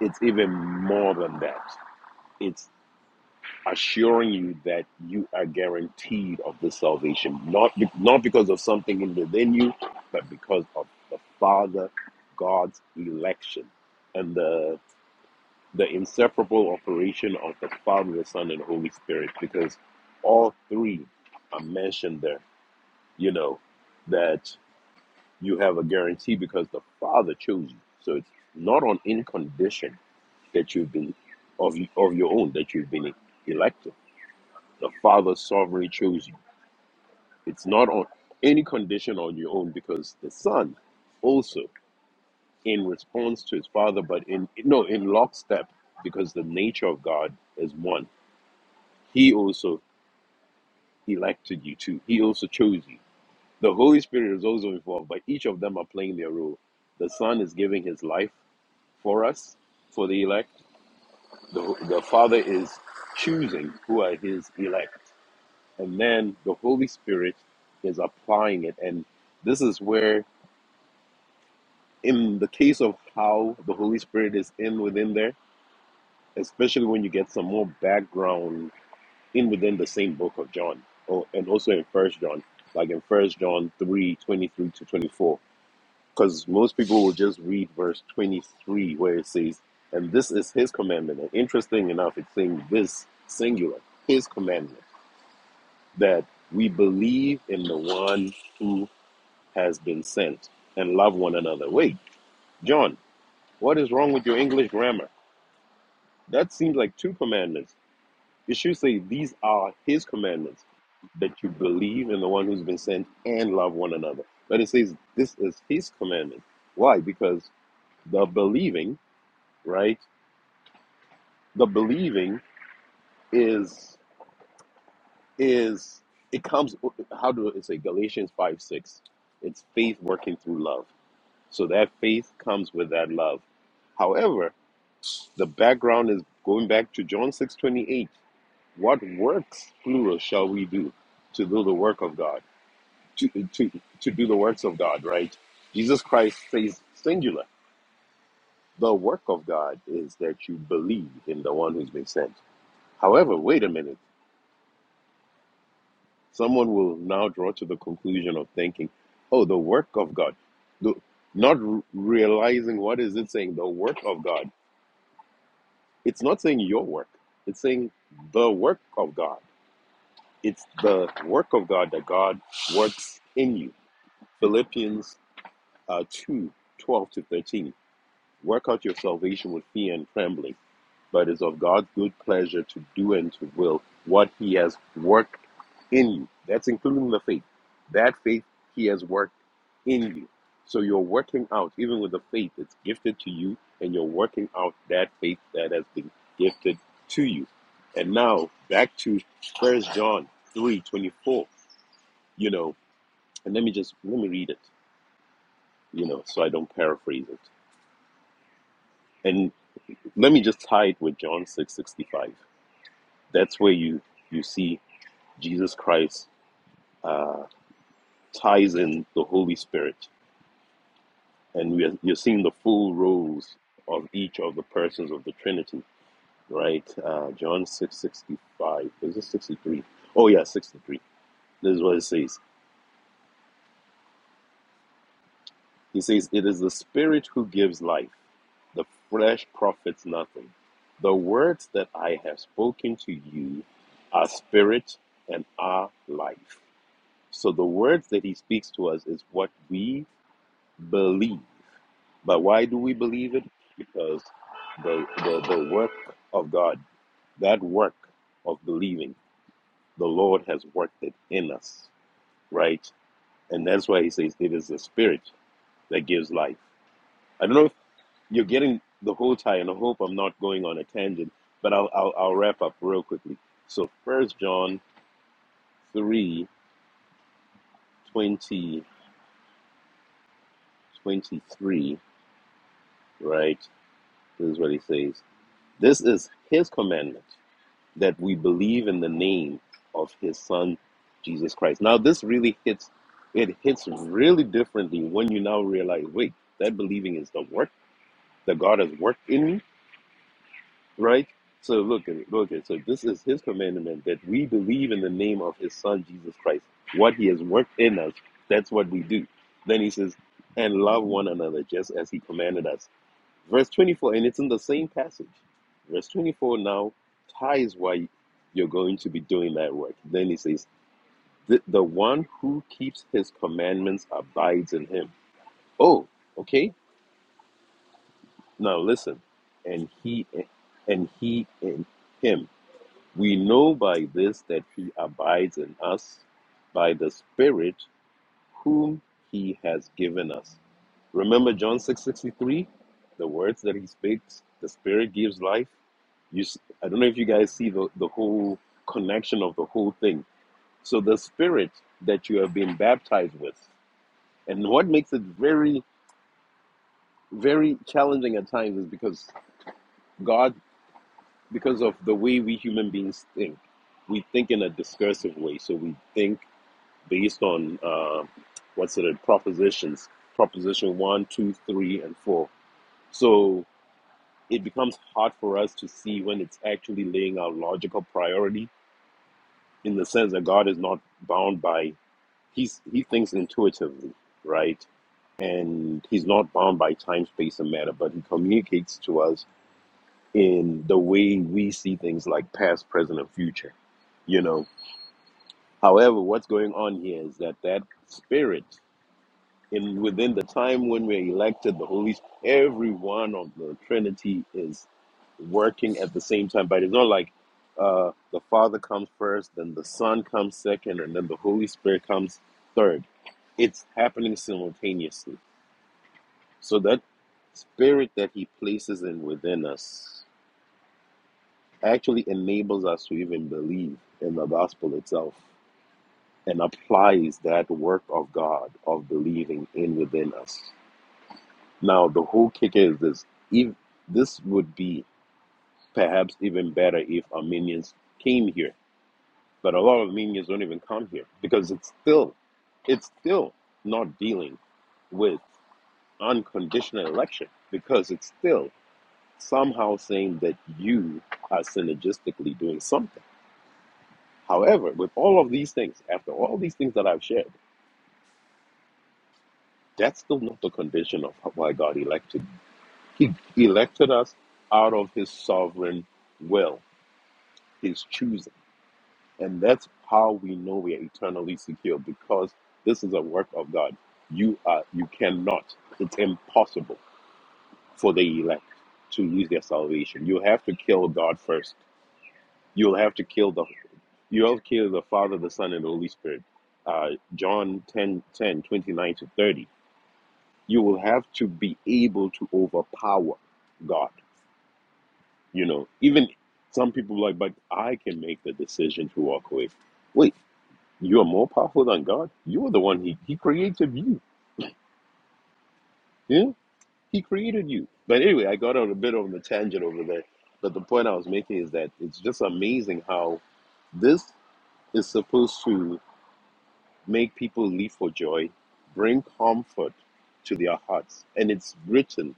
S5: it's even more than that it's assuring you that you are guaranteed of the salvation not be, not because of something within you but because of the father god's election and the the inseparable operation of the father the son and holy spirit because all three are mentioned there you know, that you have a guarantee because the Father chose you. So it's not on any condition that you've been of of your own that you've been elected. The Father sovereignly chose you. It's not on any condition on your own because the Son also in response to his father, but in no in lockstep because the nature of God is one. He also elected you too. He also chose you. The Holy Spirit is also involved, but each of them are playing their role. The Son is giving his life for us, for the elect. The, the Father is choosing who are his elect. And then the Holy Spirit is applying it. And this is where, in the case of how the Holy Spirit is in within there, especially when you get some more background in within the same book of John, or, and also in First John, like in First John 3 23 to 24 because most people will just read verse 23 where it says, And this is his commandment. And interesting enough, it's saying this singular, his commandment, that we believe in the one who has been sent and love one another. Wait, John, what is wrong with your English grammar? That seems like two commandments. It should say, These are his commandments, that you believe in the one who's been sent and love one another. But it says, This is his commandment. Why? Because the believing right? The believing is is it comes how do it say Galatians five six? It's faith working through love. So that faith comes with that love. However, the background is going back to John six twenty eight. What works plural shall we do to do the work of God? To to to do the works of God, right? Jesus Christ says singular. The work of God is that you believe in the one who's been sent. However, wait a minute Someone will now draw to the conclusion of thinking, oh, the work of God. The, not r- realizing what is it saying, the work of God. It's not saying your work. It's saying the work of God. It's the work of God that God works in you. Philippians uh, 2, twelve to 13. Work out your salvation with fear and trembling. but is of God's good pleasure to do and to will what he has worked in you. That's including the faith. That faith he has worked in you. So you're working out, even with the faith that's gifted to you, and you're working out that faith that has been gifted to you. And now back to First John three twenty four. You know, and let me just let me read it, you know, so I don't paraphrase it. And let me just tie it with John six sixty five. That's where you you see Jesus Christ uh, ties in the Holy Spirit, and we are, you're seeing the full roles of each of the persons of the Trinity, right? Uh, John six sixty five. Is it sixty three? Oh yeah, sixty three. This is what it says. He says, "It is the Spirit who gives life; the flesh profits nothing. The words that I have spoken to you are spirit and are life." So the words that he speaks to us is what we believe But why do we believe it? Because the, the, the work of God, that work of believing, the Lord has worked it in us, right? And that's why he says it is the Spirit that gives life. I don't know if you're getting the whole tie, and I hope I'm not going on a tangent, but I'll, I'll, I'll wrap up real quickly. So, First John three twenty twenty three, right? This is what he says. This is his commandment that we believe in the name of his son Jesus Christ. Now this really hits it hits really differently when you now realize, wait, that believing is the work that God has worked in me, right? So look at it, look at it. So this is his commandment that we believe in the name of his son Jesus Christ. What he has worked in us, that's what we do. Then he says, and love one another just as he commanded us Verse 24, and it's in the same passage. Verse 24 now ties why you're going to be doing that work. Then he says, The, the one who keeps his commandments abides in him. Oh, okay. Now listen. And he and he in him. We know by this that he abides in us by the Spirit whom he has given us. Remember John 6:63, the words that he speaks, the spirit gives life. You s- I don't know if you guys see the, the whole connection of the whole thing. So the spirit that you have been baptized with. And what makes it very very challenging at times is because God because of the way we human beings think. We think in a discursive way. So we think based on uh, what's it propositions, proposition one, two, three, and 4. So it becomes hard for us to see when it's actually laying out logical priority in the sense that God is not bound by he's he thinks intuitively, right? And he's not bound by time, space, and matter, but he communicates to us in the way we see things like past, present, and future. You know. However, what's going on here is that that spirit in within the time when we're elected, the Holy Spirit, every one of the Trinity is working at the same time. But it's not like uh, the Father comes first, then the Son comes second, and then the Holy Spirit comes third. It's happening simultaneously. So that spirit that He places in within us actually enables us to even believe in the gospel itself and applies that work of God of believing in within us. Now, the whole kicker is this. If this would be perhaps even better if Armenians came here, but a lot of Armenians don't even come here because it's still, it's still not dealing with unconditional election because it's still somehow saying that you are synergistically doing something. However, with all of these things, after all these things that I've shared, that's still not the condition of why God elected. He elected us out of His sovereign will is choosing. And that's how we know we are eternally secure because this is a work of God. You are you cannot, it's impossible for the elect to lose their salvation. You have to kill God first. You'll have to kill the you have to kill the Father, the Son, and the Holy Spirit. Uh, John 10 10 29 to 30. You will have to be able to overpower God. You know, even some people are like, but I can make the decision to walk away Wait. You are more powerful than God. You are the one He He created you. Yeah, He created you. But anyway, I got out a bit on the tangent over there. But the point I was making is that it's just amazing how this is supposed to make people leap for joy, bring comfort to their hearts, and it's written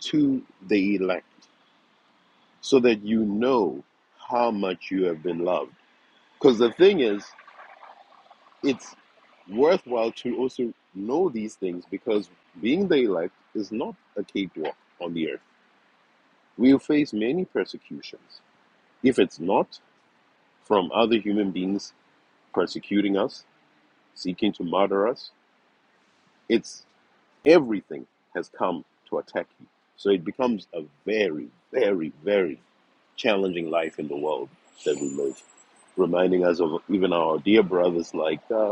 S5: to the elect so that you know how much you have been loved. Because the thing is, it's worthwhile to also know these things because being the elect is not a cakewalk on the earth. We'll face many persecutions. If it's not from other human beings persecuting us, seeking to murder us, it's everything has come to attack you. So it becomes a very, very, very challenging life in the world that we live, reminding us of even our dear brothers like uh,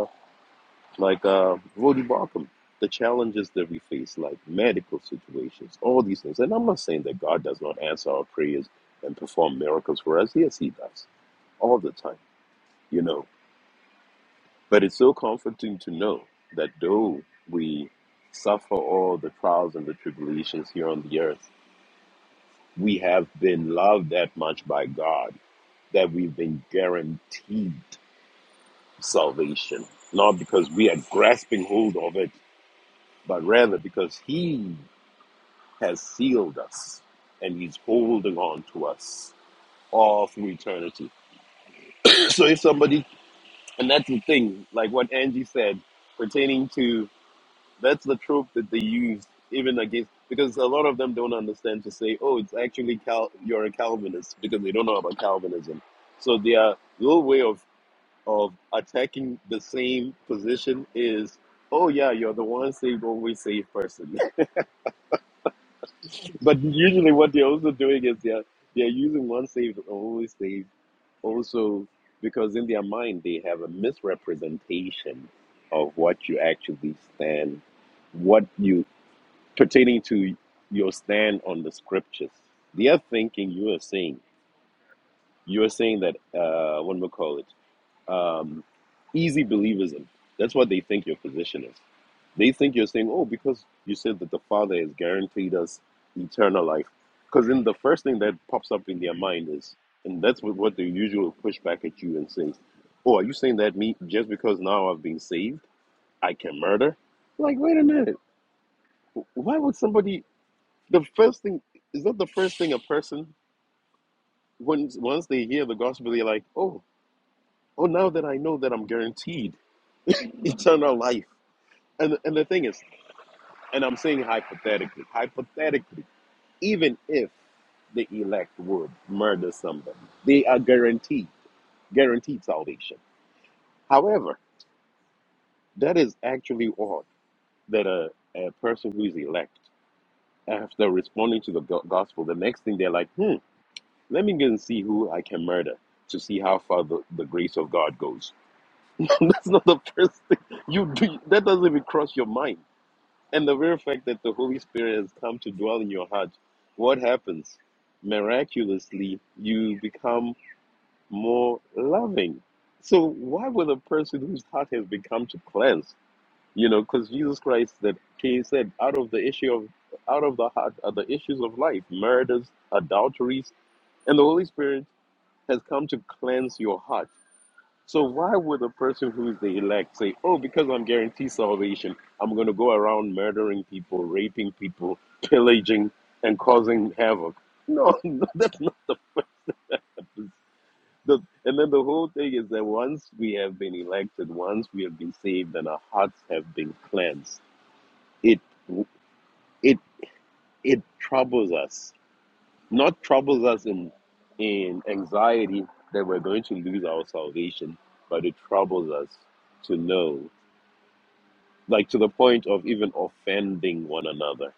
S5: like uh, Rody Barkham, the challenges that we face, like medical situations, all these things. And I'm not saying that God does not answer our prayers and perform miracles for us. Yes, He does all the time, you know. But it's so comforting to know that though we suffer all the trials and the tribulations here on the earth, we have been loved that much by God that we've been guaranteed salvation. Not because we are grasping hold of it, but rather because He has sealed us and he's holding on to us all through eternity. So if somebody, and that's the thing, like what Angie said pertaining to that's the trope that they use even against because a lot of them don't understand to say, oh, it's actually Cal- you're a Calvinist because they don't know about Calvinism. So their little way of of attacking the same position is, oh yeah, you're the one saved, always saved person. But usually, what they're also doing is they're they're using one slave to only slave also because in their mind they have a misrepresentation of what you actually stand, what you pertaining to your stand on the scriptures. They are thinking you are saying you are saying that uh, what do we call it? um, easy believism. That's what they think your position is. They think you're saying, oh, because you said that the Father has guaranteed us eternal life. Because then the first thing that pops up in their mind is, and that's what, what they usually push back at you and say, oh, are you saying that me, just because now I've been saved, I can murder? Like, wait a minute. Why would somebody, the first thing, is that the first thing a person, once, once they hear the gospel, they're like, oh, oh, now that I know that I'm guaranteed eternal life, And, and the thing is, and I'm saying hypothetically, hypothetically, even if the elect would murder somebody, they are guaranteed, guaranteed salvation. However, that is actually odd that a, a person who is elect, after responding to the go- gospel, the next thing they're like, hmm, let me go and see who I can murder to see how far the, the grace of God goes. That's not the first thing you do. That doesn't even cross your mind. And the very fact that the Holy Spirit has come to dwell in your heart, what happens? Miraculously, you become more loving. So, why would a person whose heart has become to cleanse? You know, because Jesus Christ that he said, out of the issue of out of the heart are the issues of life, murders, adulteries, and the Holy Spirit has come to cleanse your heart so why would a person who's the elect say, "Oh, because I'm guaranteed salvation, I'm going to go around murdering people, raping people, pillaging, and causing havoc"? No, no, that's not. The, and then the whole thing is that once we have been elected, once we have been saved, and our hearts have been cleansed, it it it troubles us. Not troubles us in in anxiety that we're going to lose our salvation, but it troubles us to know. like to the point of even offending one another.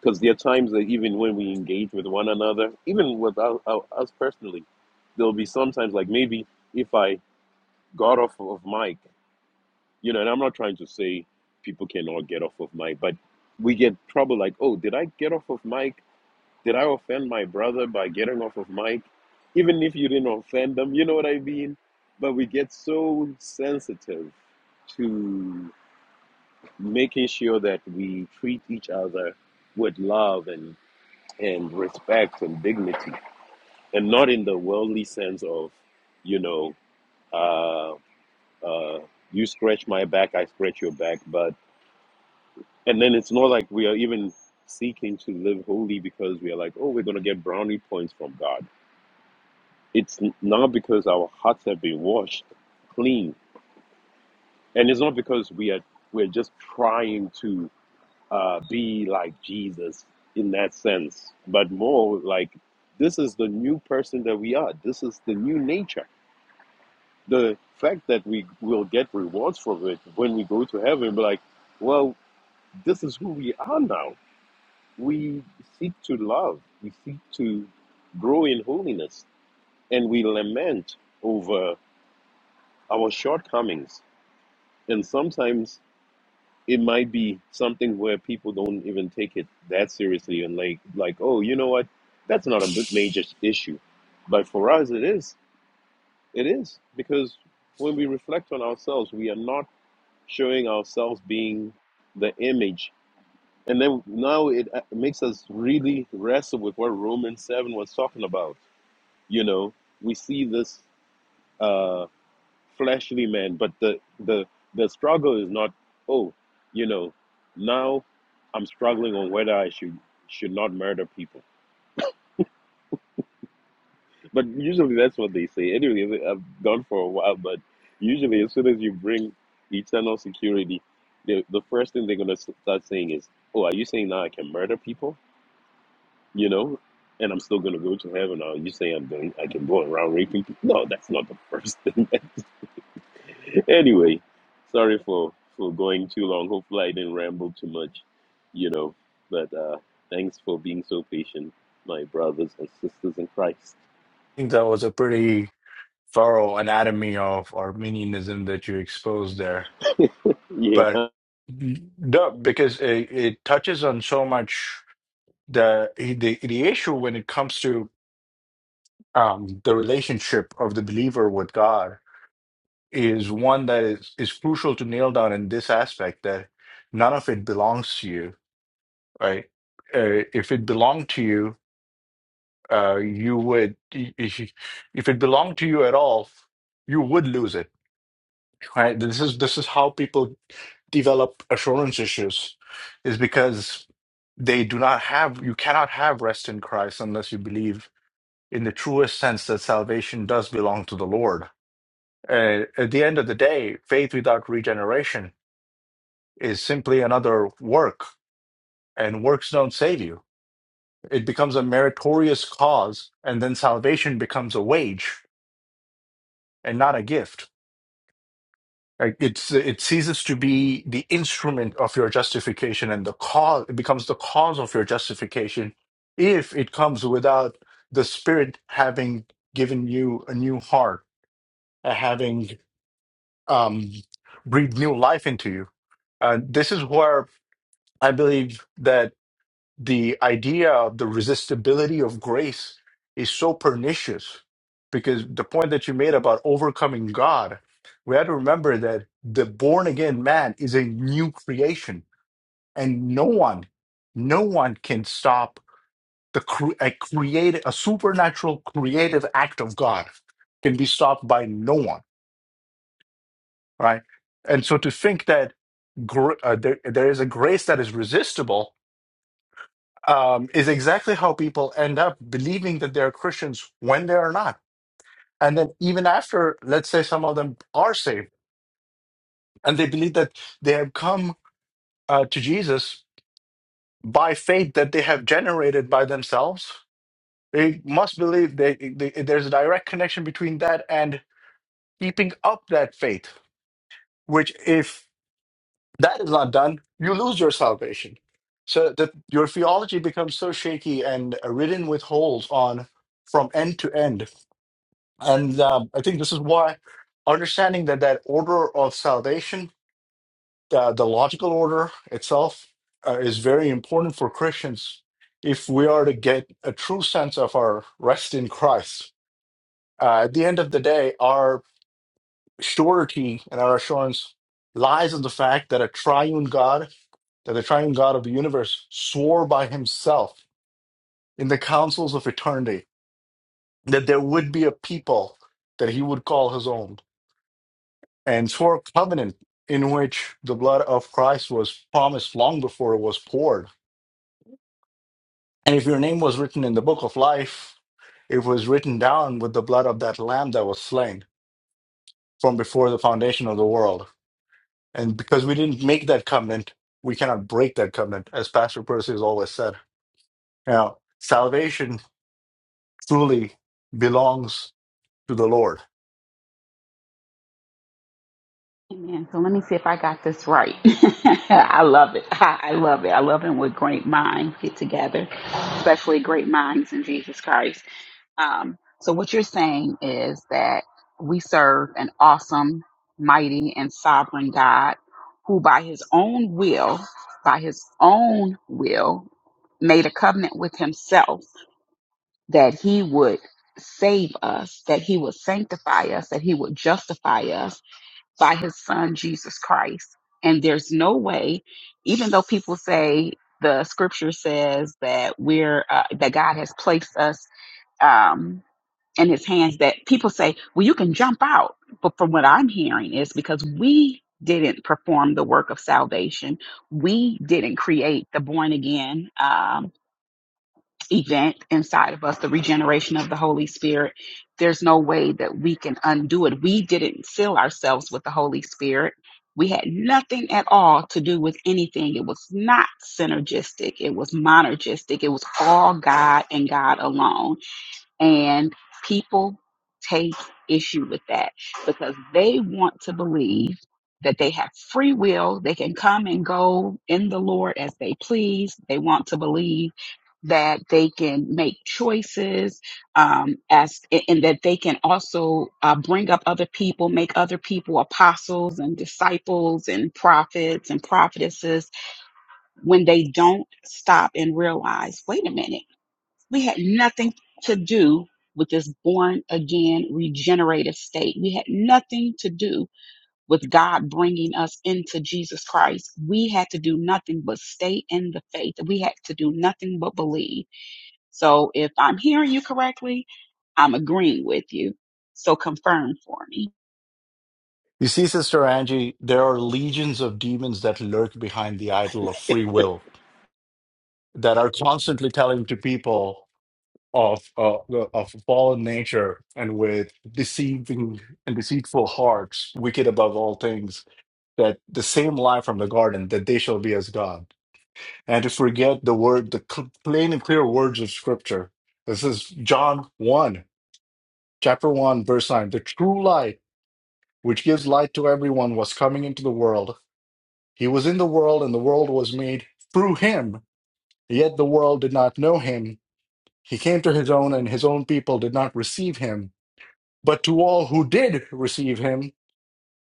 S5: Because there are times that even when we engage with one another, even with our, our, us personally, there'll be sometimes like maybe if I got off of mic, you know, and I'm not trying to say people cannot get off of mic, but we get trouble like, oh, did I get off of mic? Did I offend my brother by getting off of mic? Even if you didn't offend them, you know what I mean? But we get so sensitive to making sure that we treat each other with love and, and respect and dignity, and not in the worldly sense of, you know, uh, uh, you scratch my back, I scratch your back. But and then it's not like we are even seeking to live holy because we are like, oh, we're gonna get brownie points from God. It's n- not because our hearts have been washed clean, and it's not because we are we're just trying to. uh, be like Jesus in that sense, but more like this is the new person that we are. This is the new nature. The fact that we will get rewards from it when we go to heaven, but like, well, this is who we are now. We seek to love, we seek to grow in holiness, and we lament over our shortcomings. And sometimes it might be something where people don't even take it that seriously and like like oh you know what that's not a big major issue but for us it is it is because when we reflect on ourselves we are not showing ourselves being the image and then now it uh, makes us really wrestle with what romans 7 was talking about you know we see this uh fleshly man but the the the struggle is not oh you know now i'm struggling on whether i should should not murder people but usually that's what they say anyway i've gone for a while but usually as soon as you bring eternal security the, the first thing they're going to start saying is oh are you saying now i can murder people you know and i'm still going to go to heaven or are you saying i'm going i can go around raping people no that's not the first thing anyway, sorry for for going too long. Hopefully, I didn't ramble too much, you know. But uh, thanks for being so patient, my brothers and sisters in Christ.
S3: I think that was a pretty thorough anatomy of Arminianism that you exposed there.
S5: Yeah.
S3: But no, because it, it touches on so much the eh, the the issue when it comes to um, the relationship of the believer with God is one that is is crucial to nail down in this aspect that none of it belongs to you, right? Uh, if it belonged to you, uh, you would if if it belonged to you at all, you would lose it, right? This is this is how people develop assurance issues, is because they do not have you cannot have rest in Christ unless you believe in the truest sense that salvation does belong to the Lord. Uh, at the end of the day, faith without regeneration is simply another work, and works don't save you. It becomes a meritorious cause, and then salvation becomes a wage and not a gift. Like, It's it ceases to be the instrument of your justification, and the cause it becomes the cause of your justification if it comes without the Spirit having given you a new heart, uh, having um, breathe new life into you. Uh, this is where I believe that the idea of the resistibility of grace is so pernicious because the point that you made about overcoming God, we have to remember that the born again man is a new creation and no one, no one can stop the cre- a create a supernatural creative act of God can be stopped by no one right? And so to think that gr- uh, there, there is a grace that is resistible um, is exactly how people end up believing that they're Christians when they are not. And then even after, let's say some of them are saved and they believe that they have come uh, to Jesus by faith that they have generated by themselves. They must believe they, they, there's a direct connection between that and keeping up that faith, which if that is not done, you lose your salvation. So that your theology becomes so shaky and uh, ridden with holes on from end to end. And um, I think this is why understanding that that order of salvation, uh, the logical order itself, uh, is very important for Christians if we are to get a true sense of our rest in Christ. Uh, at the end of the day, our surety and our assurance lies in the fact that a triune God that the triune God of the universe swore by himself in the councils of eternity that there would be a people that he would call his own, and swore a covenant in which the blood of Christ was promised long before it was poured. And if your name was written in the book of life, it was written down with the blood of that lamb that was slain from before the foundation of the world. And because we didn't make that covenant, we cannot break that covenant, as Pastor Percy has always said. Now, salvation truly belongs to the Lord.
S4: Amen. So let me see if I got this right. I love it. I, I love it. I love it when great minds get together, especially great minds in Jesus Christ. Um, so what you're saying is that we serve an awesome, mighty, and sovereign God who by his own will, by his own will, made a covenant with himself that he would save us, that he would sanctify us, that he would justify us by his son Jesus Christ. And there's no way, even though people say the scripture says that we're uh, that God has placed us um, in His hands, that people say, "Well, you can jump out." But from what I'm hearing is because we didn't perform the work of salvation, we didn't create the born again. Um, event inside of us, the regeneration of the Holy Spirit. There's no way that we can undo it. We didn't seal ourselves with the Holy Spirit. We had nothing at all to do with anything. It was not synergistic. It was monergistic. It was all God and God alone and people take issue with that because they want to believe that they have free will. They can come and go in the Lord as they please. They want to believe that they can make choices um, as and that they can also uh, bring up other people, make other people apostles and disciples and prophets and prophetesses when they don't stop and realize, wait a minute. We had nothing to do with this born again regenerative state. We had nothing to do with God bringing us into Jesus Christ. We had to do nothing but stay in the faith. We had to do nothing but believe. So if I'm hearing you correctly, I'm agreeing with you. So confirm for me.
S3: You see, Sister Angie, there are legions of demons that lurk behind the idol of free will that are constantly telling to people of uh, of fallen nature and with deceiving and deceitful hearts, wicked above all things, that the same lie from the garden that they shall be as God, and to forget the word, the cl- plain and clear words of Scripture. This is John one, chapter one, verse nine. The true light which gives light to everyone, was coming into the world. He was in the world, and the world was made through him, yet the world did not know him. He came to his own, and his own people did not receive him. But to all who did receive him,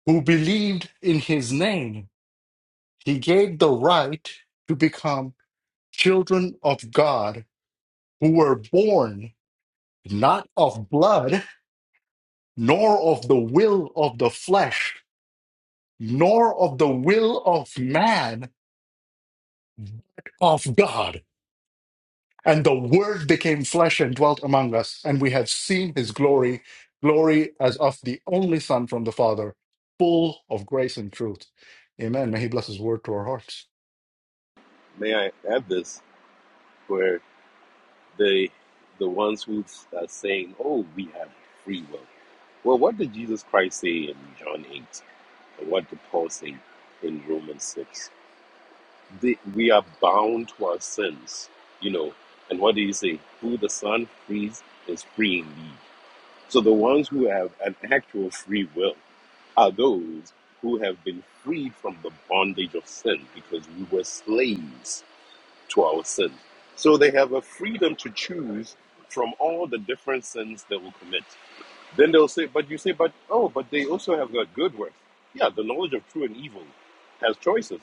S3: who believed in his name, he gave the right to become children of God, who were born not of blood, nor of the will of the flesh, nor of the will of man, of God. And the Word became flesh and dwelt among us, and we have seen his glory, glory as of the only Son from the Father, full of grace and truth. Amen. May he bless his word to our hearts.
S5: May I add this, where they, the ones who are saying, "Oh, we have free will." Well, what did Jesus Christ say in John eight, and what did Paul say in Romans six? the, we are bound to our sins, you know. And what do you say? Who the Son frees is free indeed. So the ones who have an actual free will are those who have been freed from the bondage of sin because we were slaves to our sin. So they have a freedom to choose from all the different sins they will commit. Then they'll say, but you say, but oh, but they also have got good works. Yeah, the knowledge of true and evil has choices,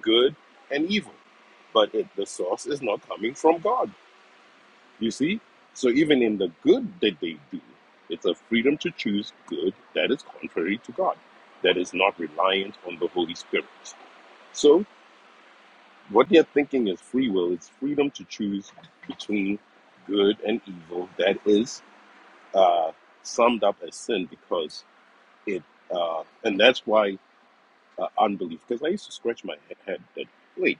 S5: good and evil. But it, the source is not coming from God. You see? So even in the good that they do, it's a freedom to choose good that is contrary to God, that is not reliant on the Holy Spirit. So what they're thinking is free will, it's freedom to choose between good and evil that is uh, summed up as sin because it uh, and that's why uh, unbelief because i used to scratch my he- head that wait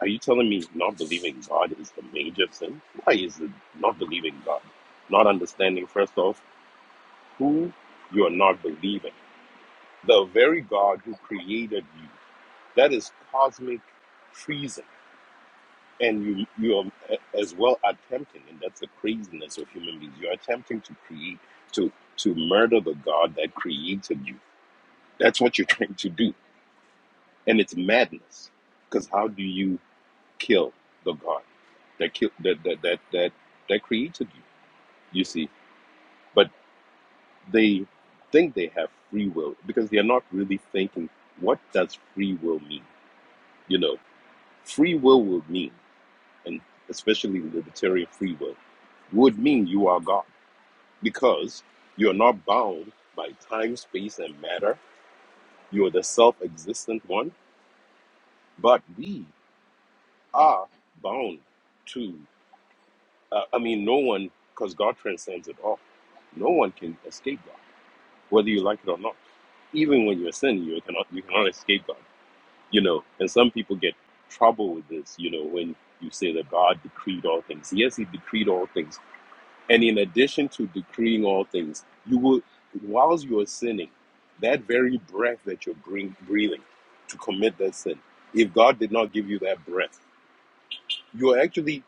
S5: are you telling me not believing god is the major sin why is it not believing god not understanding first off who you are not believing the very god who created you that is cosmic treason and you you are a- as well attempting and that's the craziness of human beings you're attempting to create to to murder the god that created you that's what you're trying to do and it's madness. Because how do you kill the God that kill that that that that that created you? You see, but they think they have free will because they are not really thinking what does free will mean. You know, free will would mean, and especially libertarian free will, would mean you are God because you are not bound by time, space, and matter. You are the self existent one, but we are bound Uh, I mean, no one, because God transcends it all. No one can escape God, whether you like it or not. Even when you're sinning, you cannot you cannot escape God. You know, and some people get trouble with this. You know, when you say that God decreed all things. Yes, He decreed all things, and in addition to decreeing all things, you will, whilst you are sinning, that very breath that you're bring, breathing to commit that sin. If God did not give you that breath, you're actually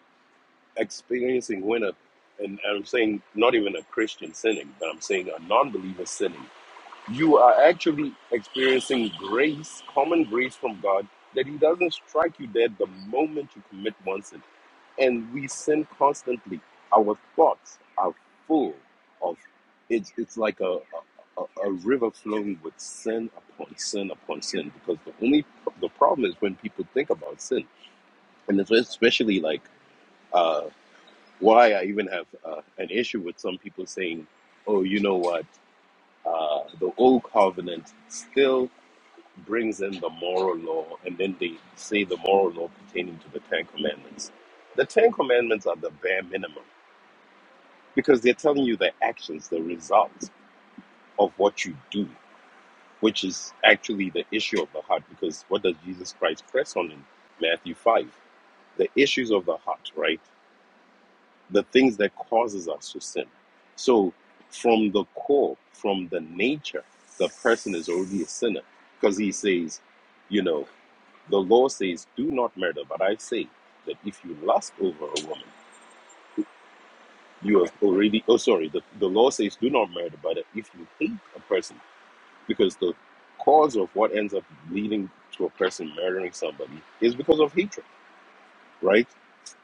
S5: experiencing when a and I'm saying not even a Christian sinning, but I'm saying a non-believer sinning, you are actually experiencing grace, common grace from God, that He doesn't strike you dead the moment you commit one sin. And we sin constantly. Our thoughts are full of it's it's like a a, a a river flowing with sin upon sin upon sin because the only the problem is when people think about sin and it's especially like uh, why I even have uh, an issue with some people saying, oh, you know what, uh, the old covenant still brings in the moral law, and then they say the moral law pertaining to the Ten Commandments. The Ten Commandments are the bare minimum because they're telling you the actions, the results of what you do, which is actually the issue of the heart. Because what does Jesus Christ press on in Matthew 5? The issues of the heart, right? the things that causes us to sin. So from the core, from the nature, the person is already a sinner. Because he says, you know, the law says, do not murder, but I say that if you lust over a woman, you have already oh sorry, the, the law says do not murder, but if you hate a person, because the cause of what ends up leading to a person murdering somebody is because of hatred, right?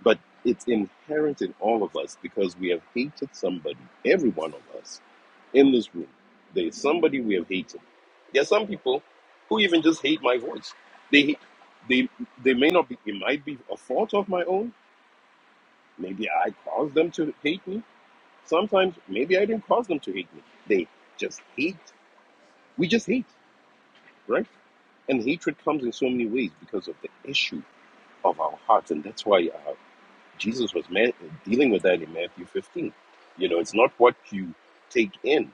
S5: But it's inherent in all of us because we have hated somebody, every one of us in this room. There is somebody we have hated. There are some people who even just hate my voice. They, they, they may not be, it might be a fault of my own. Maybe I caused them to hate me. Sometimes maybe I didn't cause them to hate me. They just hate. We just hate, right? And hatred comes in so many ways because of the issue of our hearts. And that's why uh, Jesus was ma- dealing with that in Matthew 15. You know, it's not what you take in,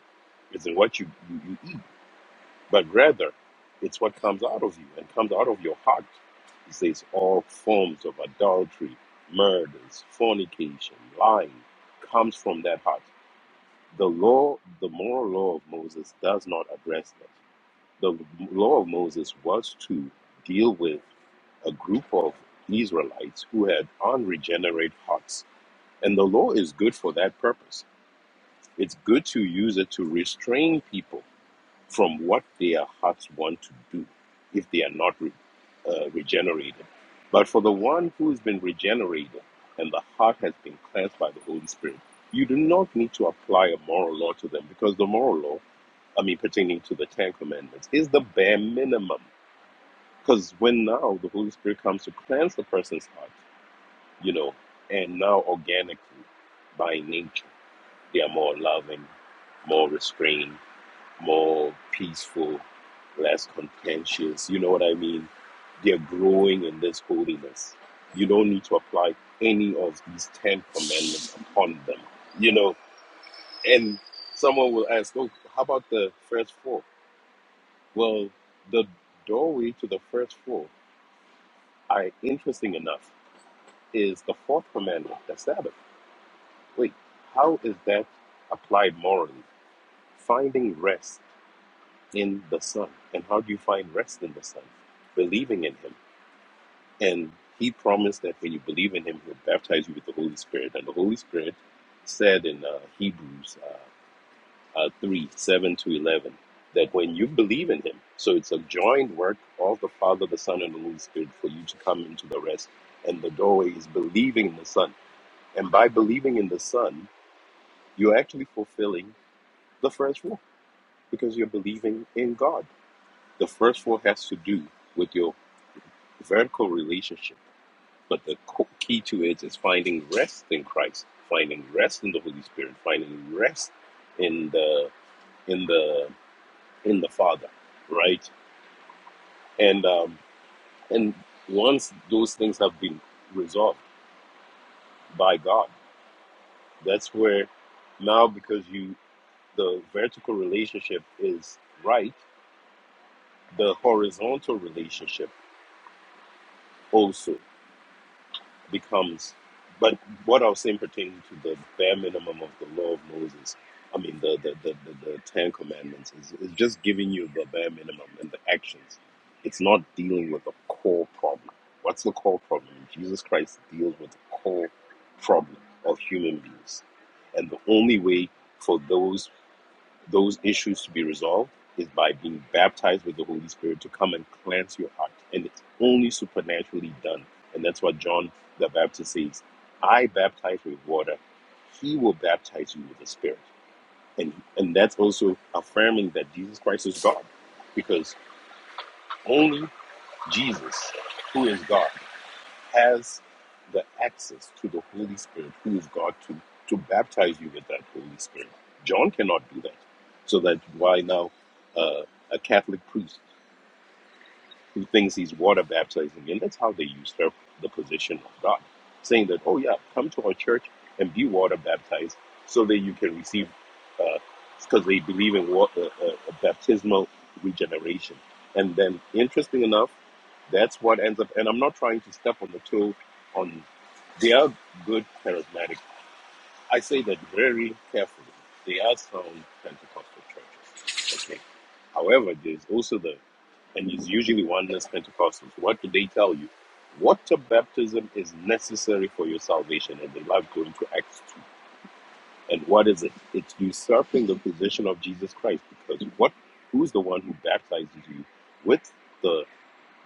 S5: it's in what you, you, you eat, but rather it's what comes out of you and comes out of your heart. He says, all forms of adultery, murders, fornication, lying comes from that heart. The law, the moral law of Moses does not address that. The law of Moses was to deal with a group of Israelites who had unregenerate hearts and the law is good for that purpose. It's good to use it to restrain people from what their hearts want to do if they are not re- uh, regenerated. But for the one who has been regenerated and the heart has been cleansed by the Holy Spirit, you do not need to apply a moral law to them because the moral law, I mean, pertaining to the Ten Commandments, is the bare minimum. Because when now the Holy Spirit comes to cleanse the person's heart, you know, and now organically by nature they are more loving, more restrained, more peaceful, less contentious. You know what I mean? They're growing in this holiness. You don't need to apply any of these 10 commandments upon them. You know, and someone will ask, oh, how about the first four? Well, the doorway to the first four, I interesting enough, is the fourth commandment, the Sabbath. Wait, how is that applied morally? Finding rest in the Son. And how do you find rest in the Son? Believing in Him. And He promised that when you believe in Him, He'll baptize you with the Holy Spirit. And the Holy Spirit said in uh, Hebrews uh, uh, 3 7 to 11, that when you believe in Him, so it's a joined work of the Father, the Son, and the Holy Spirit for you to come into the rest. And the doorway is believing in the Son. And by believing in the Son, you're actually fulfilling the first rule because you're believing in God. The first rule has to do with your vertical relationship. But the key to it is finding rest in Christ, finding rest in the Holy Spirit, finding rest in the in the in the Father, right? And um, and once those things have been resolved by God, that's where now because you the vertical relationship is right, the horizontal relationship also. becomes but what I was saying pertaining to the bare minimum of the law of Moses, I mean the the, the, the, the Ten Commandments is, is just giving you the bare minimum and the actions. It's not dealing with the core problem. What's the core problem? Jesus Christ deals with the core problem of human beings. And the only way for those those issues to be resolved is by being baptized with the Holy Spirit to come and cleanse your heart. And it's only supernaturally done. And that's what John the Baptist says I baptize with water, he will baptize you with the Spirit. And, and that's also affirming that Jesus Christ is God because only Jesus, who is God, has the access to the Holy Spirit, who is God, to, to baptize you with that Holy Spirit. John cannot do that. So that's why now uh, a Catholic priest who thinks he's water baptizing, and that's how they usurp the position of God, saying that, oh, yeah, come to our church and be water baptized so that you can receive, because uh, they believe in water, uh, uh, baptismal regeneration. And then, interesting enough, that's what ends up, and I'm not trying to step on the toe on they are good charismatic. I say that very carefully. They are sound Pentecostal churches. Okay. However, there's also the, and it's usually oneness Pentecostals. What do they tell you? Water baptism is necessary for your salvation, and they love going to Acts 2. And what is it? It's usurping the position of Jesus Christ because what? Who's the one who baptizes you with the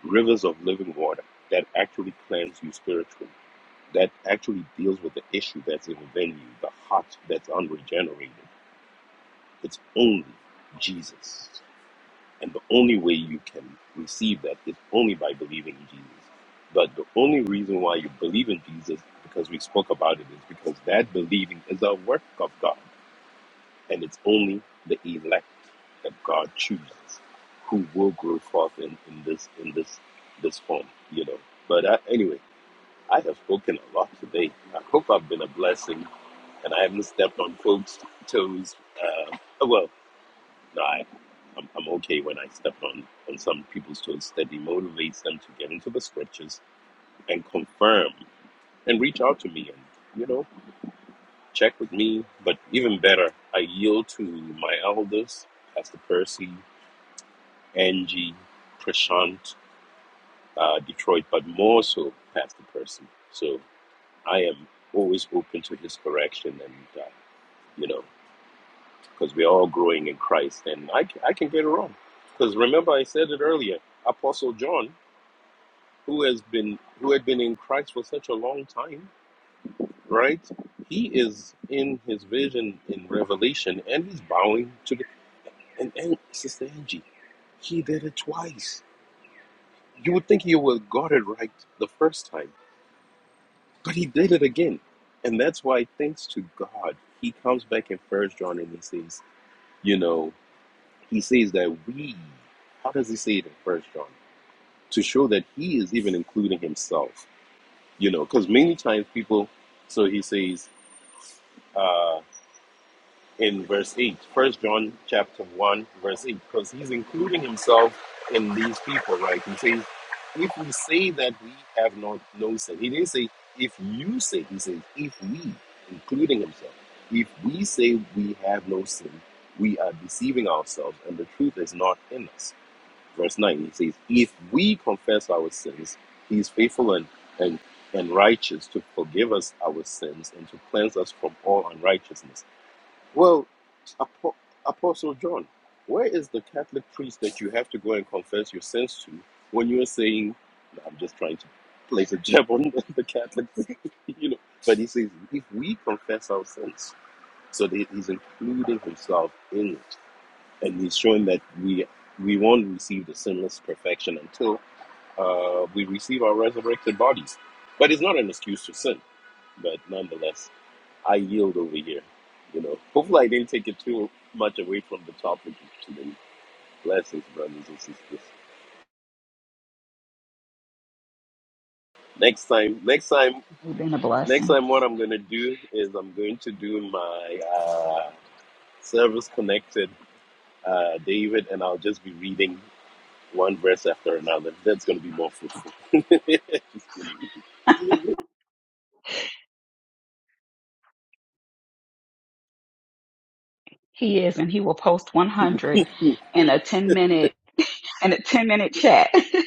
S5: rivers of living water that actually cleanse you spiritually? that actually deals with the issue that's in the venue, the heart that's unregenerated. It's only Jesus. And the only way you can receive that is only by believing in Jesus. But the only reason why you believe in Jesus, because we spoke about it, is because that believing is a work of God. And it's only the elect that God chooses who will grow forth in, in this in this this form, you know. But I, anyway, I have spoken a lot today. I hope I've been a blessing and I haven't stepped on folks' toes. Uh, oh, well, no, I, I'm, I'm okay when I step on, on some people's toes. That it motivates them to get into the scriptures and confirm and reach out to me and, you know, check with me. But even better, I yield to my elders, Pastor Percy, Angie, Prashant, uh, Detroit, but more so Pastor Percy. So I am always open to his correction and, uh, you know, because we're all growing in Christ. And I I can get it wrong because remember I said it earlier. Apostle John, who has been who had been in Christ for such a long time, right? He is in his vision in Revelation, and he's bowing to the and, and Sister Angie. He did it twice. You would think he would have got it right the first time, but he did it again. And that's why, thanks to God, he comes back in First John and he says, you know, He says that we, how does he say it in First John? To show that he is even including himself, you know, because many times people, so he says uh, in verse 8, First John chapter 1, verse 8, because he's including himself in these people, right? He says, if we say that we have not no sin, he didn't say if you say, he says if we, including himself, if we say we have no sin, we are deceiving ourselves and the truth is not in us verse 9 it says if we confess our sins he is faithful and, and and righteous to forgive us our sins and to cleanse us from all unrighteousness well Apo- apostle john where is the catholic priest that you have to go and confess your sins to when you're saying i'm just trying to place a jab on the catholic you know but he says if we confess our sins so that he's including himself in it and he's showing that we we won't receive the sinless perfection until uh, we receive our resurrected bodies. But it's not an excuse to sin. But nonetheless, I yield over here. You know, hopefully I didn't take it too much away from the topic of today. Blessings, brothers and sisters. Next time, next time,
S4: You've been a
S5: next
S4: blessing.
S5: time, what I'm gonna do is I'm going to do my uh, service connected uh, David, and I'll just be reading. one verse after another. That's going to be more fruitful. Just kidding.
S4: He is, and he will post 100 in a 10 minute in a 10 minute chat.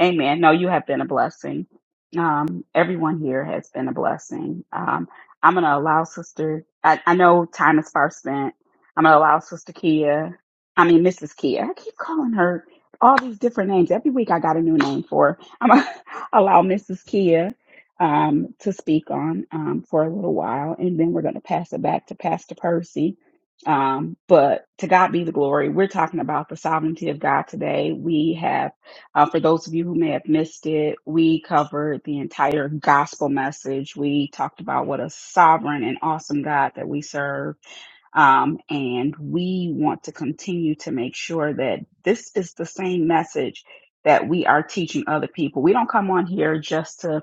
S4: Amen. No, you have been a blessing. Um, everyone here has been a blessing. Um, I'm going to allow Sister, I, I know time is far spent. I'm going to allow Sister Kia, I mean, Mrs. Kia. I keep calling her all these different names. Every week I got a new name for her. I'm going to allow Mrs. Kia um, to speak on um, for a little while, and then we're going to pass it back to Pastor Percy. Um, but to God be the glory. We're talking about the sovereignty of God today. We have uh, for those of you who may have missed it, we covered the entire gospel message. We talked about what a sovereign and awesome God that we serve. Um, and we want to continue to make sure that this is the same message that we are teaching other people. We don't come on here just to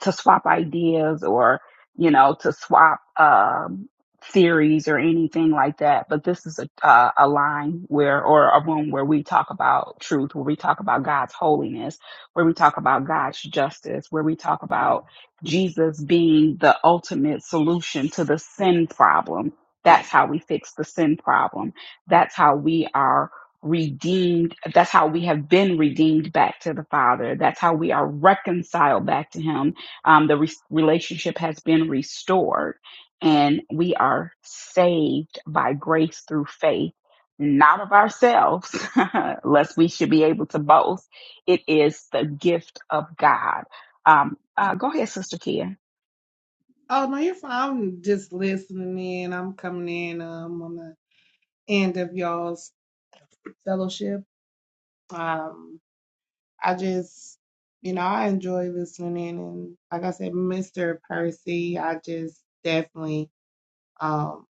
S4: to swap ideas or you know to swap um, theories or anything like that. But this is a uh, a line where or a room where we talk about truth, where we talk about God's holiness, where we talk about God's justice, where we talk about Jesus being the ultimate solution to the sin problem. That's how we fix the sin problem. That's how we are redeemed. That's how we have been redeemed back to the Father. That's how we are reconciled back to Him um, the re- relationship has been restored, and we are saved by grace through faith, not of ourselves, lest we should be able to boast. It is the gift of God. Um, uh, go ahead, Sister Kia.
S7: Oh no, you're fine. I'm just listening in. I'm coming in um on the end of y'all's fellowship. Um I just you know, I enjoy listening in and like I said, Mr. Percy, I just definitely um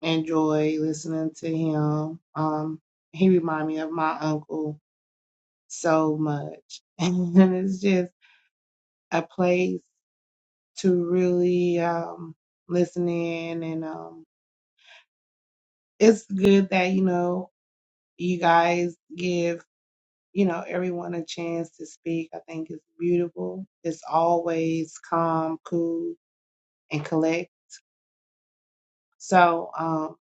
S7: enjoy listening to him. Um he remind me of my uncle so much. And it's just a place to really um listen in and um it's good that you know you guys give you know everyone a chance to speak i think it's beautiful it's always calm cool and collect so um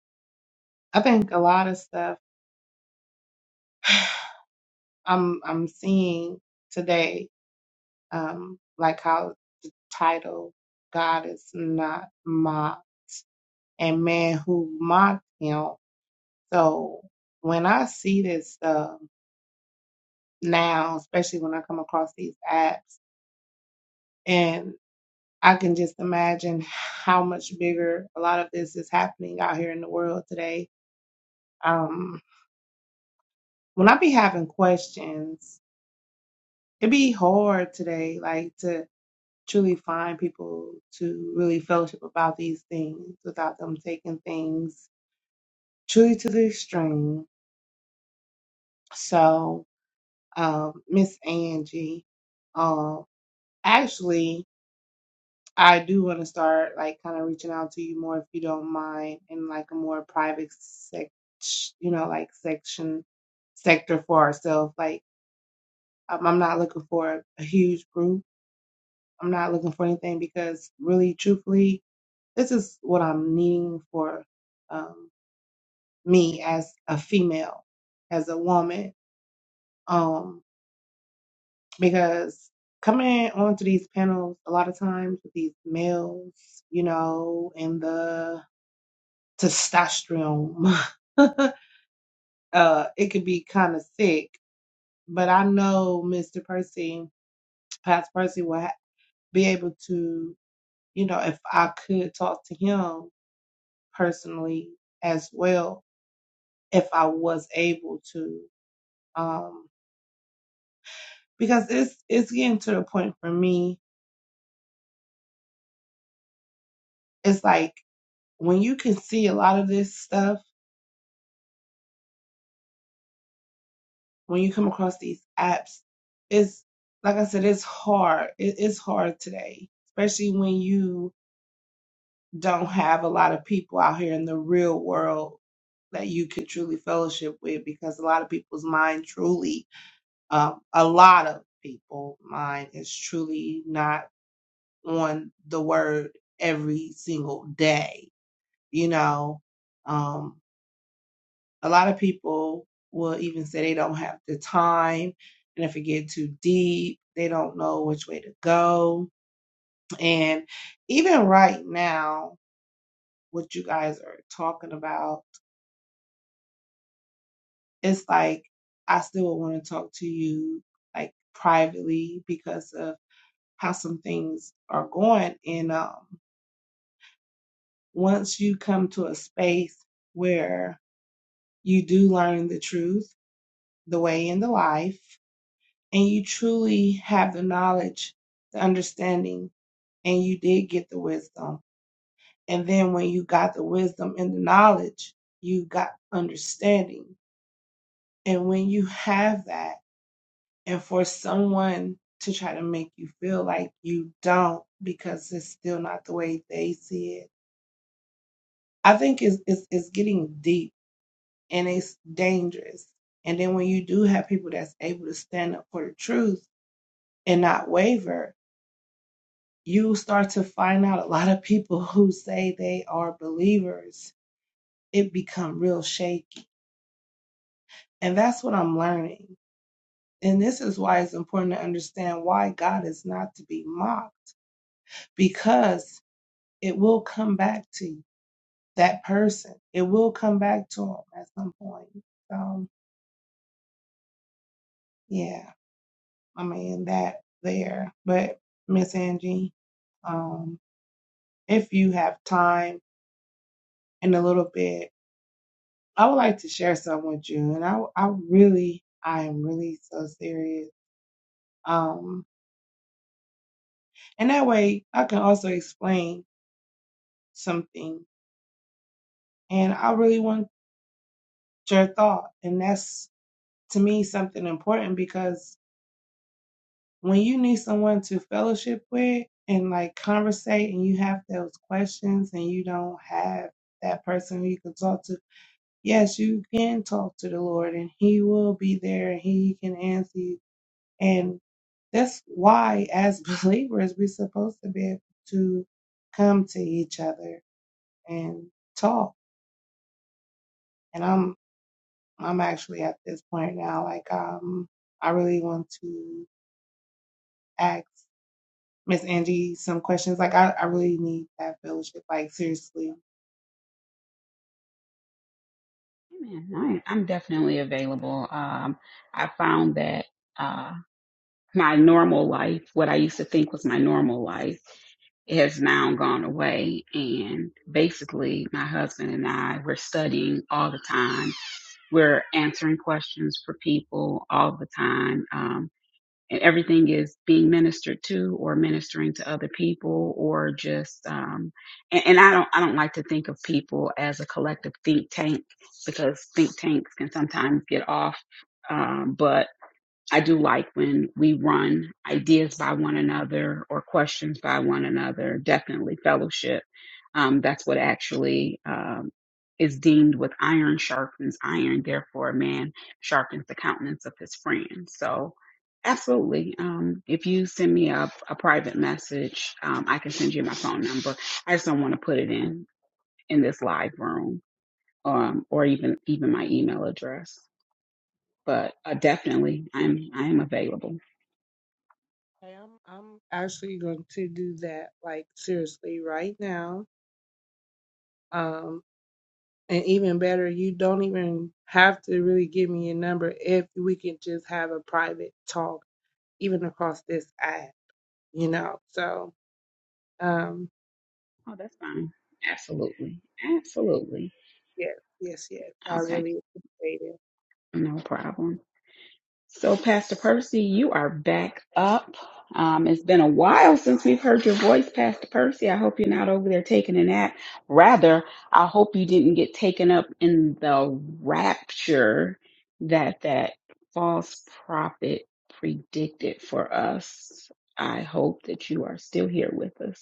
S7: i think a lot of stuff i'm i'm seeing today um like how the title god is not mocked and man who mocked him so when i see this stuff now especially when i come across these apps and I can just imagine how much bigger a lot of this is happening out here in the world today. Um, when I be having questions, it be hard today, like to truly find people to really fellowship about these things without them taking things truly to the extreme. So, um, Miss Angie, um, actually. I do want to start like kind of reaching out to you more if you don't mind in like a more private sec, you know, like section sector for ourselves. Like I'm, I'm not looking for a huge group. I'm not looking for anything because really, truthfully, this is what I'm needing for um, me as a female, as a woman. Um, because coming onto these panels a lot of times with these males, you know, and the testosterone. uh, it could be kind of sick, but I know Mr. Percy, Pastor Percy, will ha- be able to, you know, if I could talk to him personally as well, if I was able to, um, because it's it's getting to the point for me. It's like when you can see a lot of this stuff when you come across these apps. It's like I said, it's hard. It, it's hard today, especially when you don't have a lot of people out here in the real world that you could truly fellowship with because a lot of people's mind truly um, a lot of people mind is truly not on the word every single day you know um, a lot of people will even say they don't have the time and if it get too deep they don't know which way to go and even right now what you guys are talking about it's like I still would want to talk to you like privately because of how some things are going. And um, once you come to a space where you do learn the truth, the way and the life, and you truly have the knowledge, the understanding, and you did get the wisdom. And then when you got the wisdom and the knowledge, you got understanding. And when you have that, and for someone to try to make you feel like you don't because it's still not the way they see it i think it's it's, it's getting deep and it's dangerous and then when you do have people that's able to stand up for the truth and not waver you start to find out a lot of people who say they are believers it become real shaky and that's what i'm learning and this is why it's important to understand why god is not to be mocked because It will come back to you. That person, it will come back to them at some point. So yeah, I mean that there. But Miss Angie, um, if you have time in a little bit, I would like to share something with you. And I, I really, I am really so serious. Um, and that way I can also explain something. And I really want your thought. And that's to me something important because when you need someone to fellowship with and like conversate and you have those questions and you don't have that person who you can talk to, yes, you can talk to the Lord and He will be there and He can answer you. And that's why, as believers, we're supposed to be able to come to each other and talk. And I'm I'm actually at this point now, like um, I really want to ask Miss Angie some questions. Like I, I really need that fellowship. Like seriously.
S4: Amen. I, I'm definitely available. Um, I found that. my normal life, what I used to think was my normal life, has now gone away. And basically, my husband and I, we're studying all the time. We're answering questions for people all the time. Um, and everything is being ministered to or ministering to other people or just, um, and, and I don't, I don't like to think of people as a collective think tank because think tanks can sometimes get off. Um, but I do like when we run ideas by one another or questions by one another, definitely fellowship. Um, that's what actually um, is deemed with iron sharpens iron. Therefore, a man sharpens the countenance of his friend. So, absolutely. Um, if you send me a, a private message, um, I can send you my phone number. I just don't want to put it in in this live room um, or even even my email address. But uh, definitely, I'm I am available.
S7: Okay, I'm I'm actually going to do that like seriously right now. Um and even better, you don't even have to really give me your number if we can just have a private talk, even across this app, you know. So um
S4: Oh, that's fine. Absolutely. Absolutely.
S7: yes, yes, yes. I
S4: Okay.
S7: really appreciate it.
S4: No problem. So, Pastor Percy, you are back up. Um, it's been a while since we've heard your voice, Pastor Percy. I hope you're not over there taking a nap. Rather, I hope you didn't get taken up in the rapture that that false prophet predicted for us. I hope that you are still here with us.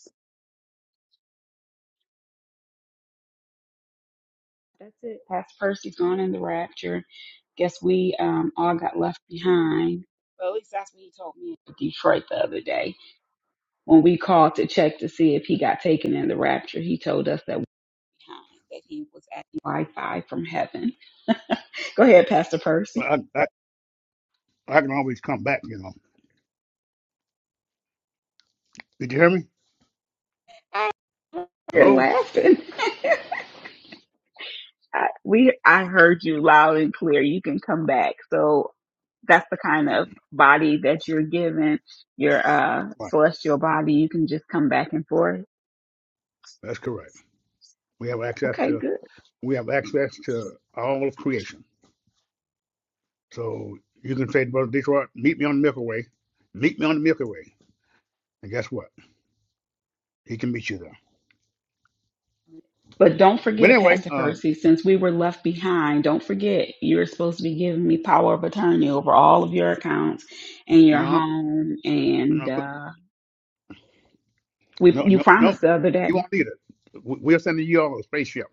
S4: That's it. Pastor Percy's gone in the rapture. Guess we um all got left behind. Well, at least that's what he told me in Detroit the other day. When we called to check to see if he got taken in the rapture, he told us that we were behind, that he was at Wi-Fi from heaven. Go ahead, Pastor Percy.
S1: I, I, I can always come back, you know. Did you hear me?
S4: I- You're
S1: Hello?
S4: laughing. I, we I heard you loud and clear. You can come back. So that's the kind of body that you're given, your uh
S1: Right.
S4: celestial body. You can just come back and forth.
S1: That's correct. We have access
S4: Okay,
S1: to
S4: good.
S1: we have access to all of creation. So you can say to Brother Detroit, meet me on the Milky Way. Meet me on the Milky Way. And guess what? He can meet you there.
S4: But don't
S1: But
S4: forget,
S1: anyway,
S4: Pastor
S1: uh,
S4: Percy, since we were left behind, don't forget you're supposed to be giving me power of attorney over all of your accounts and your
S1: no,
S4: home. And
S1: no,
S4: uh, we,
S1: no,
S4: you
S1: no, no.
S4: promised the other
S1: You
S4: day.
S1: won't need it. We- We'll send you all a spaceship.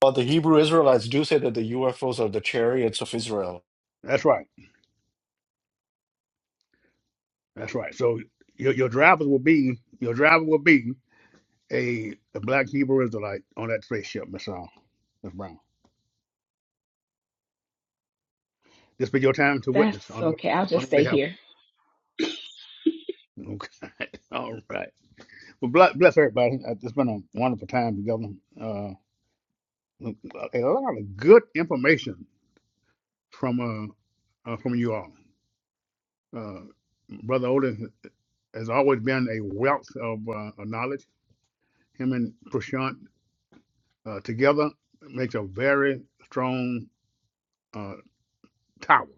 S3: But the Hebrew Israelites do say that the UFOs are the chariots of Israel.
S1: That's right. That's right. So your your driver will be your driver will be a, a black Hebrew Israelite on that spaceship, Miss uh, Miss Brown. This be your time to
S4: That's
S1: witness on the way
S4: okay. I'll
S1: on
S4: just
S1: the way to
S4: stay here.
S1: heaven. Okay. all right. Well, bless, bless everybody. Uh, It's been a wonderful time together. Uh, a lot of good information from uh, uh from you all. Uh, Brother Otis has always been a wealth of uh, of knowledge. Him and Prashant uh, together makes a very strong uh, tower,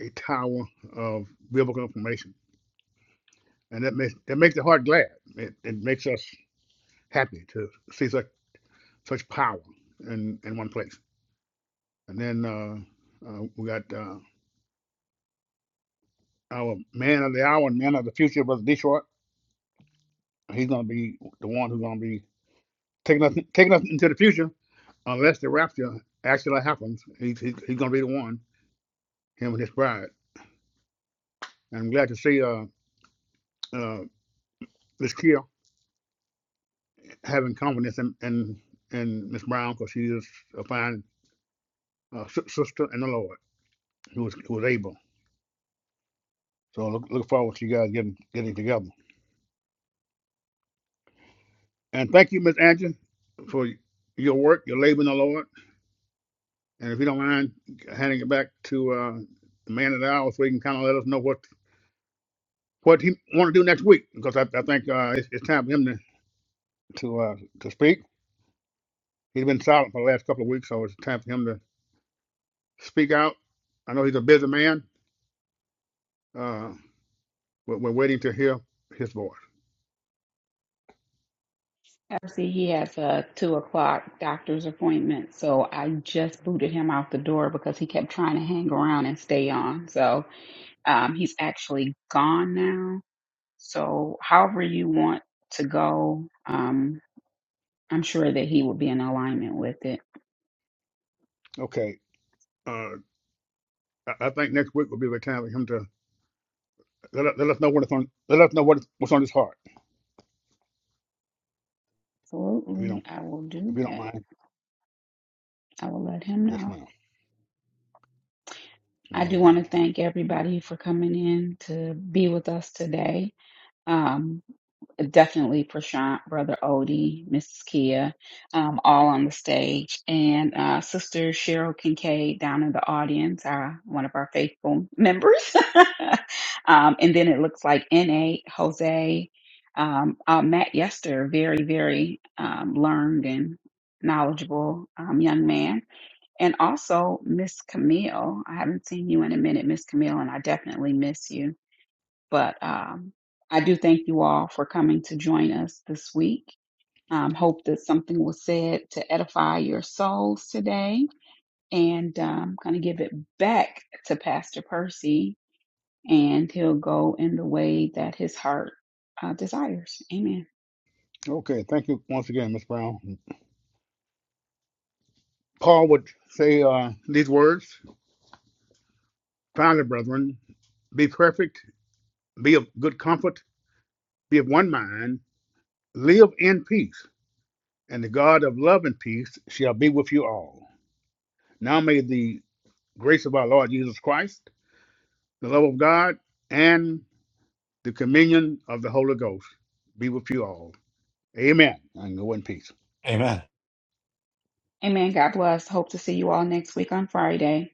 S1: a tower of biblical information, and that makes that makes the heart glad. It, it makes us happy to see such such power in in one place. And then uh, uh, we got. Uh, Our man of the hour and man of the future, Brother Detroit. He's going to be the one who's going to be taking us taking us into the future, unless the rapture actually happens. He's he's, he's going to be the one, him and his bride. And I'm glad to see uh, uh, Miss Kia having confidence in in, in Miss Brown because she is a fine uh, si- sister in the Lord who was who was able. So look, look forward to you guys getting getting together. And thank you, Miss Angie, for your work, your labor in the Lord, and handing it back to uh, the man of the hour so he can kind of let us know what what he want to do next week because I, I think uh, it's, it's time for him to to uh, to speak. He's been silent for the last couple of weeks, so it's time for him to speak out. I know he's a busy man. Uh, we're, we're waiting to hear his voice.
S4: Actually, he has a two o'clock doctor's appointment, so I just booted him out the door because he kept trying to hang around and stay on. So um, he's actually gone now. So however you want to go, um, I'm sure that he will be in alignment with it.
S1: Okay. Uh, I I think next week will be the time for him to let, us- let us know what it's on. Let us know what is- what's on his heart. If you
S4: Absolutely.
S1: don't,
S4: I will do
S1: if you don't
S4: that.
S1: mind,
S4: I will let him
S1: yes,
S4: know.
S1: ma'am.
S4: I
S1: All
S4: do
S1: right.
S4: want to thank everybody for coming in to be with us today. Um, definitely Prashant, Brother Odie, Mrs. Kia, um, all on the stage, and uh, Sister Cheryl Kincaid down in the audience, uh, one of our faithful members. um, and then it looks like NA, Jose, um, uh, Matt Yester, very, very um, learned and knowledgeable um, young man And also, Miss Camille, I haven't seen you in a minute, Miss Camille, and I definitely miss you. But um, I do thank you all for coming to join us this week. Um, hope that something was said to edify your souls today. And I'm going to give it back to Pastor Percy, and he'll go in the way that his heart uh, desires. Amen.
S1: Okay. Thank you once again, Miss Brown. Paul would say uh, these words: Finally, brethren, be perfect, be of good comfort, be of one mind Live in peace, and the God of love and peace shall be with you all. Now may the grace of our Lord Jesus Christ, the love of God, and the communion of the Holy Ghost be with you all. Amen. And go in peace.
S3: Amen.
S4: Amen. God bless. Hope to see you all next week on Friday.